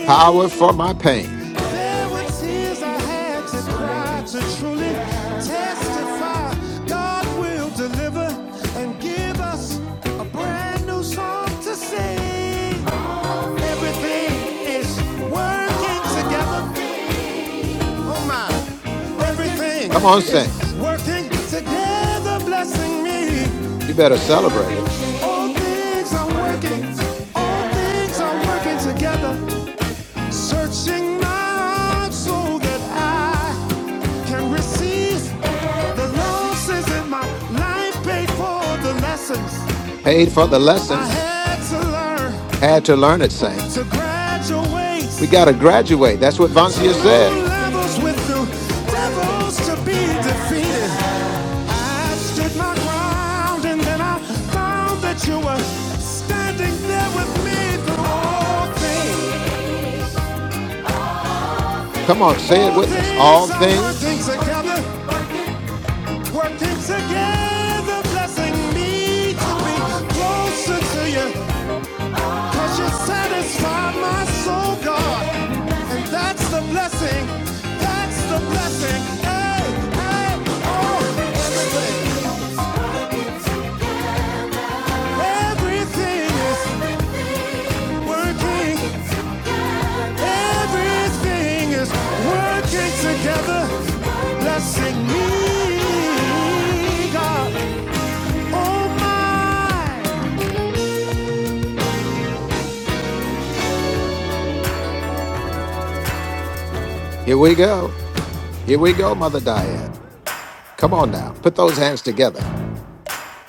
S1: Power for my pain.
S9: There were tears I had to cry to truly testify. God will deliver and give us a brand new song to sing. Everything is working together. Oh my, everything
S1: Come on,
S9: is
S1: saints.
S9: working together, blessing me.
S1: You better celebrate it.
S9: All things are working, all things are working together, searching my heart so that I can receive the losses in my life, paid for the lessons
S1: Paid for the
S9: I
S1: lessons.
S9: had to learn,
S1: Had to learn it,
S9: to
S1: saints.
S9: graduate
S1: We got to graduate. That's what
S9: to
S1: Vancia said.
S9: new levels with new devils to be defeated. I stood my ground and then I found that you were standing there with me through all things.
S1: Come on, say it
S9: All
S1: with us. All
S9: things are working
S1: things.
S9: together, working together, blessing me to be closer to you. Cause you satisfy my soul, God. And that's the blessing. That's the blessing. Hey, hey, oh, everything. Everything is working. Everything is working together, blessing me, God. Oh, my.
S1: Here we go. Here we go, Mother Diane. Come on now. Put those hands together.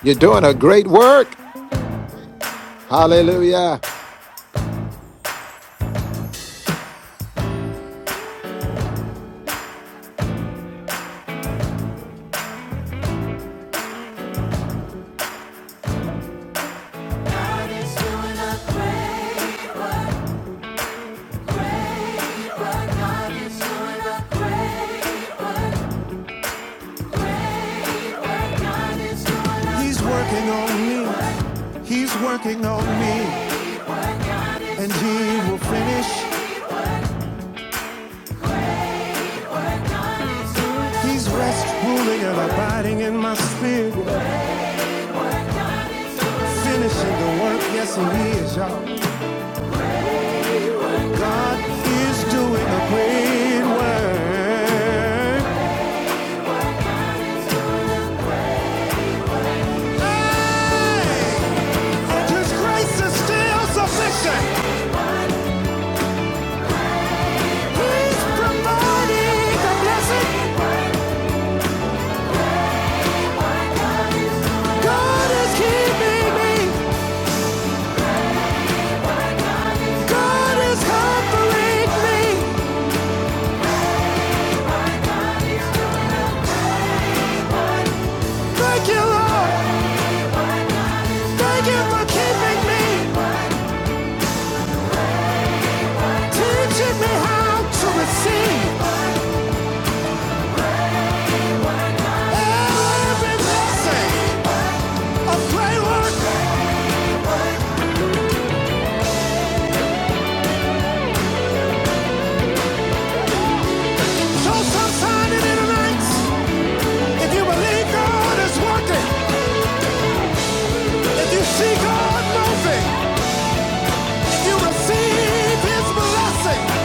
S1: You're doing a great work. Hallelujah.
S9: He's working on me. He's working on me. And he will finish. He's rest ruling and abiding in my spirit.
S4: Lord. yes Lord.
S9: Finishing the work. Yes, he is, y'all. God is doing a great work. Hey! And his grace is still sufficient. He's providing the blessing. God is keeping me. God is comforting me. Thank you, Lord. Thank you for keeping me, teaching me how to receive every blessing. A great work, show some sign in the night. If you believe God is working, if you see God moving, if you receive His blessing,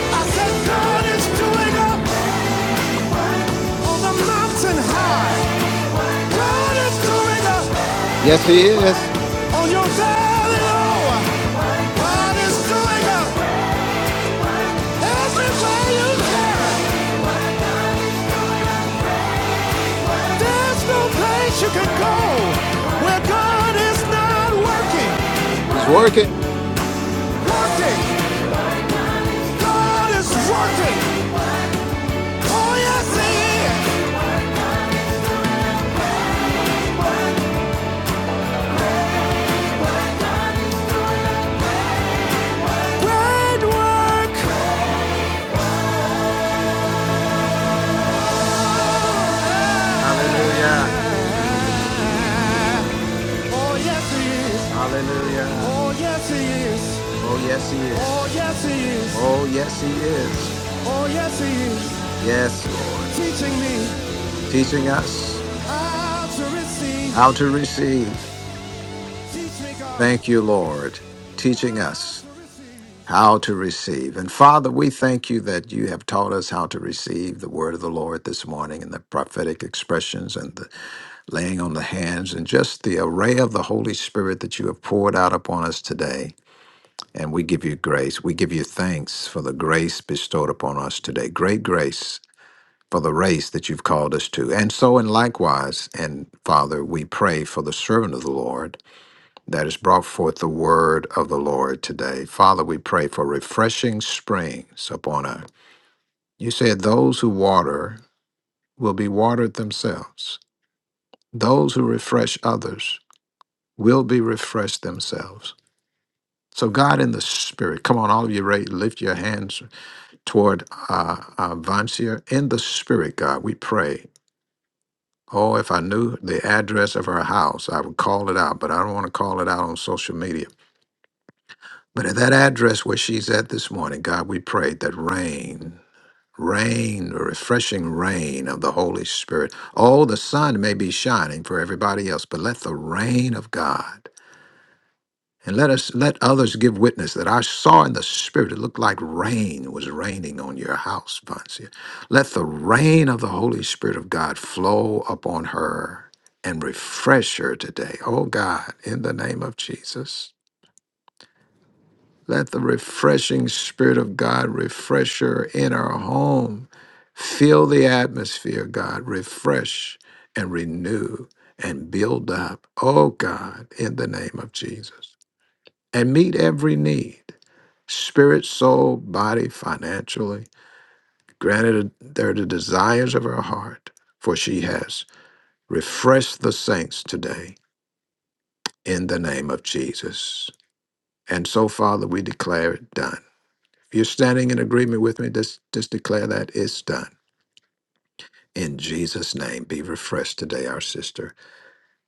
S9: I said God is doing up on the mountain high. God is doing up
S1: Yes, he is.
S9: on your valley low. God is doing up everywhere you can. There's no place you can go where God is not working.
S1: He's working.
S9: Working. God is working. Oh, yes, He is. Great work.
S1: Hallelujah.
S9: Oh, yes, He is.
S1: Hallelujah.
S9: Oh, yes, He is.
S1: Oh, yes, He
S9: Oh,
S1: is.
S9: yes, He is.
S1: Oh, yes, He is.
S9: Oh, yes, He is.
S1: Yes, Lord.
S9: Teaching me
S1: Teaching us
S9: how to
S1: how
S9: receive.
S1: to receive.
S9: Teach me, God,
S1: Thank you, Lord. Teaching
S9: how
S1: us
S9: to receive.
S1: how to receive. And Father, we thank you that you have taught us how to receive the word of the Lord this morning and the prophetic expressions and the laying on the hands and just the array of the Holy Spirit that you have poured out upon us today. And we give you grace. We give you thanks for the grace bestowed upon us today. Great grace for the race that you've called us to. And so, and likewise, and Father, we pray for the servant of the Lord that has brought forth the word of the Lord today. Father, we pray for refreshing springs upon us. You said those who water will be watered themselves, those who refresh others will be refreshed themselves. So, God, in the Spirit, come on, all of you, ra- lift your hands toward uh, uh, Vancia in the spirit, God. We pray. Oh, if I knew the address of her house, I would call it out, but I don't want to call it out on social media. But at that address where she's at this morning, God, we pray that rain, rain, the refreshing rain of the Holy Spirit. Oh, the sun may be shining for everybody else, but let the rain of God And let us let others give witness that I saw in the spirit. It looked like rain was raining on your house, Vancia. Let the rain of the Holy Spirit of God flow upon her and refresh her today. Oh God, in the name of Jesus. Let the refreshing spirit of God refresh her in her home. Fill the atmosphere, God. Refresh and renew and build up. Oh God, in the name of Jesus and meet every need spirit, soul, body, financially. Granted her the desires of her heart, for she has refreshed the saints today in the name of Jesus. And so, Father, we declare it done. If you're standing in agreement with me, just, just declare that it's done. In Jesus' name, be refreshed today, our sister,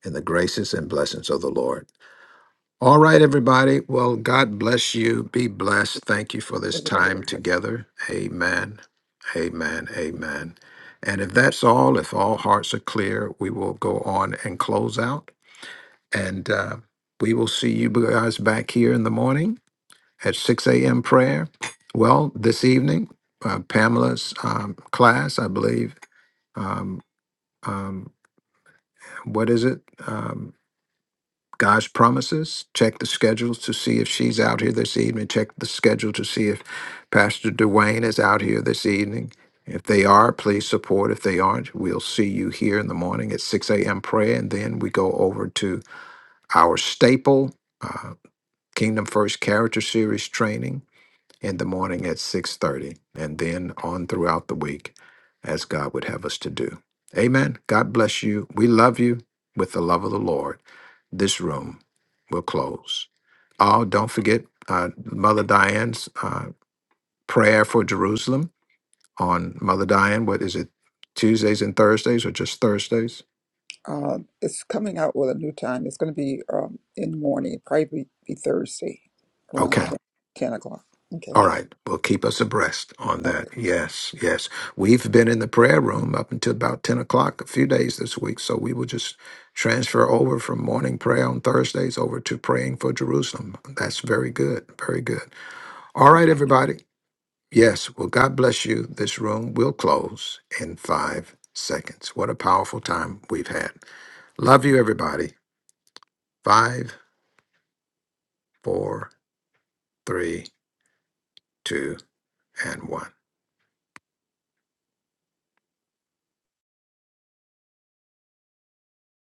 S1: in the graces and blessings of the Lord. All right, everybody. Well, God bless you. Be blessed. Thank you for this time together. Amen. Amen. Amen. And if that's all, if all hearts are clear, we will go on and close out. And uh, we will see you guys back here in the morning at 6 a.m. prayer. Well, this evening, uh, Pamela's um, class, I believe. Um, um, what is it? Um, God's promises. Check the schedules to see if she's out here this evening. Check the schedule to see if Pastor Dwayne is out here this evening. If they are, please support. If they aren't, we'll see you here in the morning at 6 a.m. prayer. And then we go over to our staple uh, Kingdom First Character Series training in the morning at 6:30 and then on throughout the week as God would have us to do. Amen. God bless you. We love you with the love of the Lord. This room will close. Oh, don't forget uh, Mother Diane's uh, prayer for Jerusalem on Mother Diane. What is it? Tuesdays and Thursdays or just Thursdays?
S4: Uh, it's coming out with a new time. It's going to be um, in the morning. Probably be, be Thursday around
S1: Okay.
S4: 10, 10 o'clock. Okay.
S1: All right. Well, keep us abreast on that.
S4: Okay.
S1: Yes, yes. We've been in the prayer room up until about 10 o'clock a few days this week. So we will just transfer over from morning prayer on Thursdays over to praying for Jerusalem. That's very good. Very good. All right, everybody. Yes. Well, God bless you. This room will close in five seconds. What a powerful time we've had. Love you, everybody. Five, four, three, two, and one.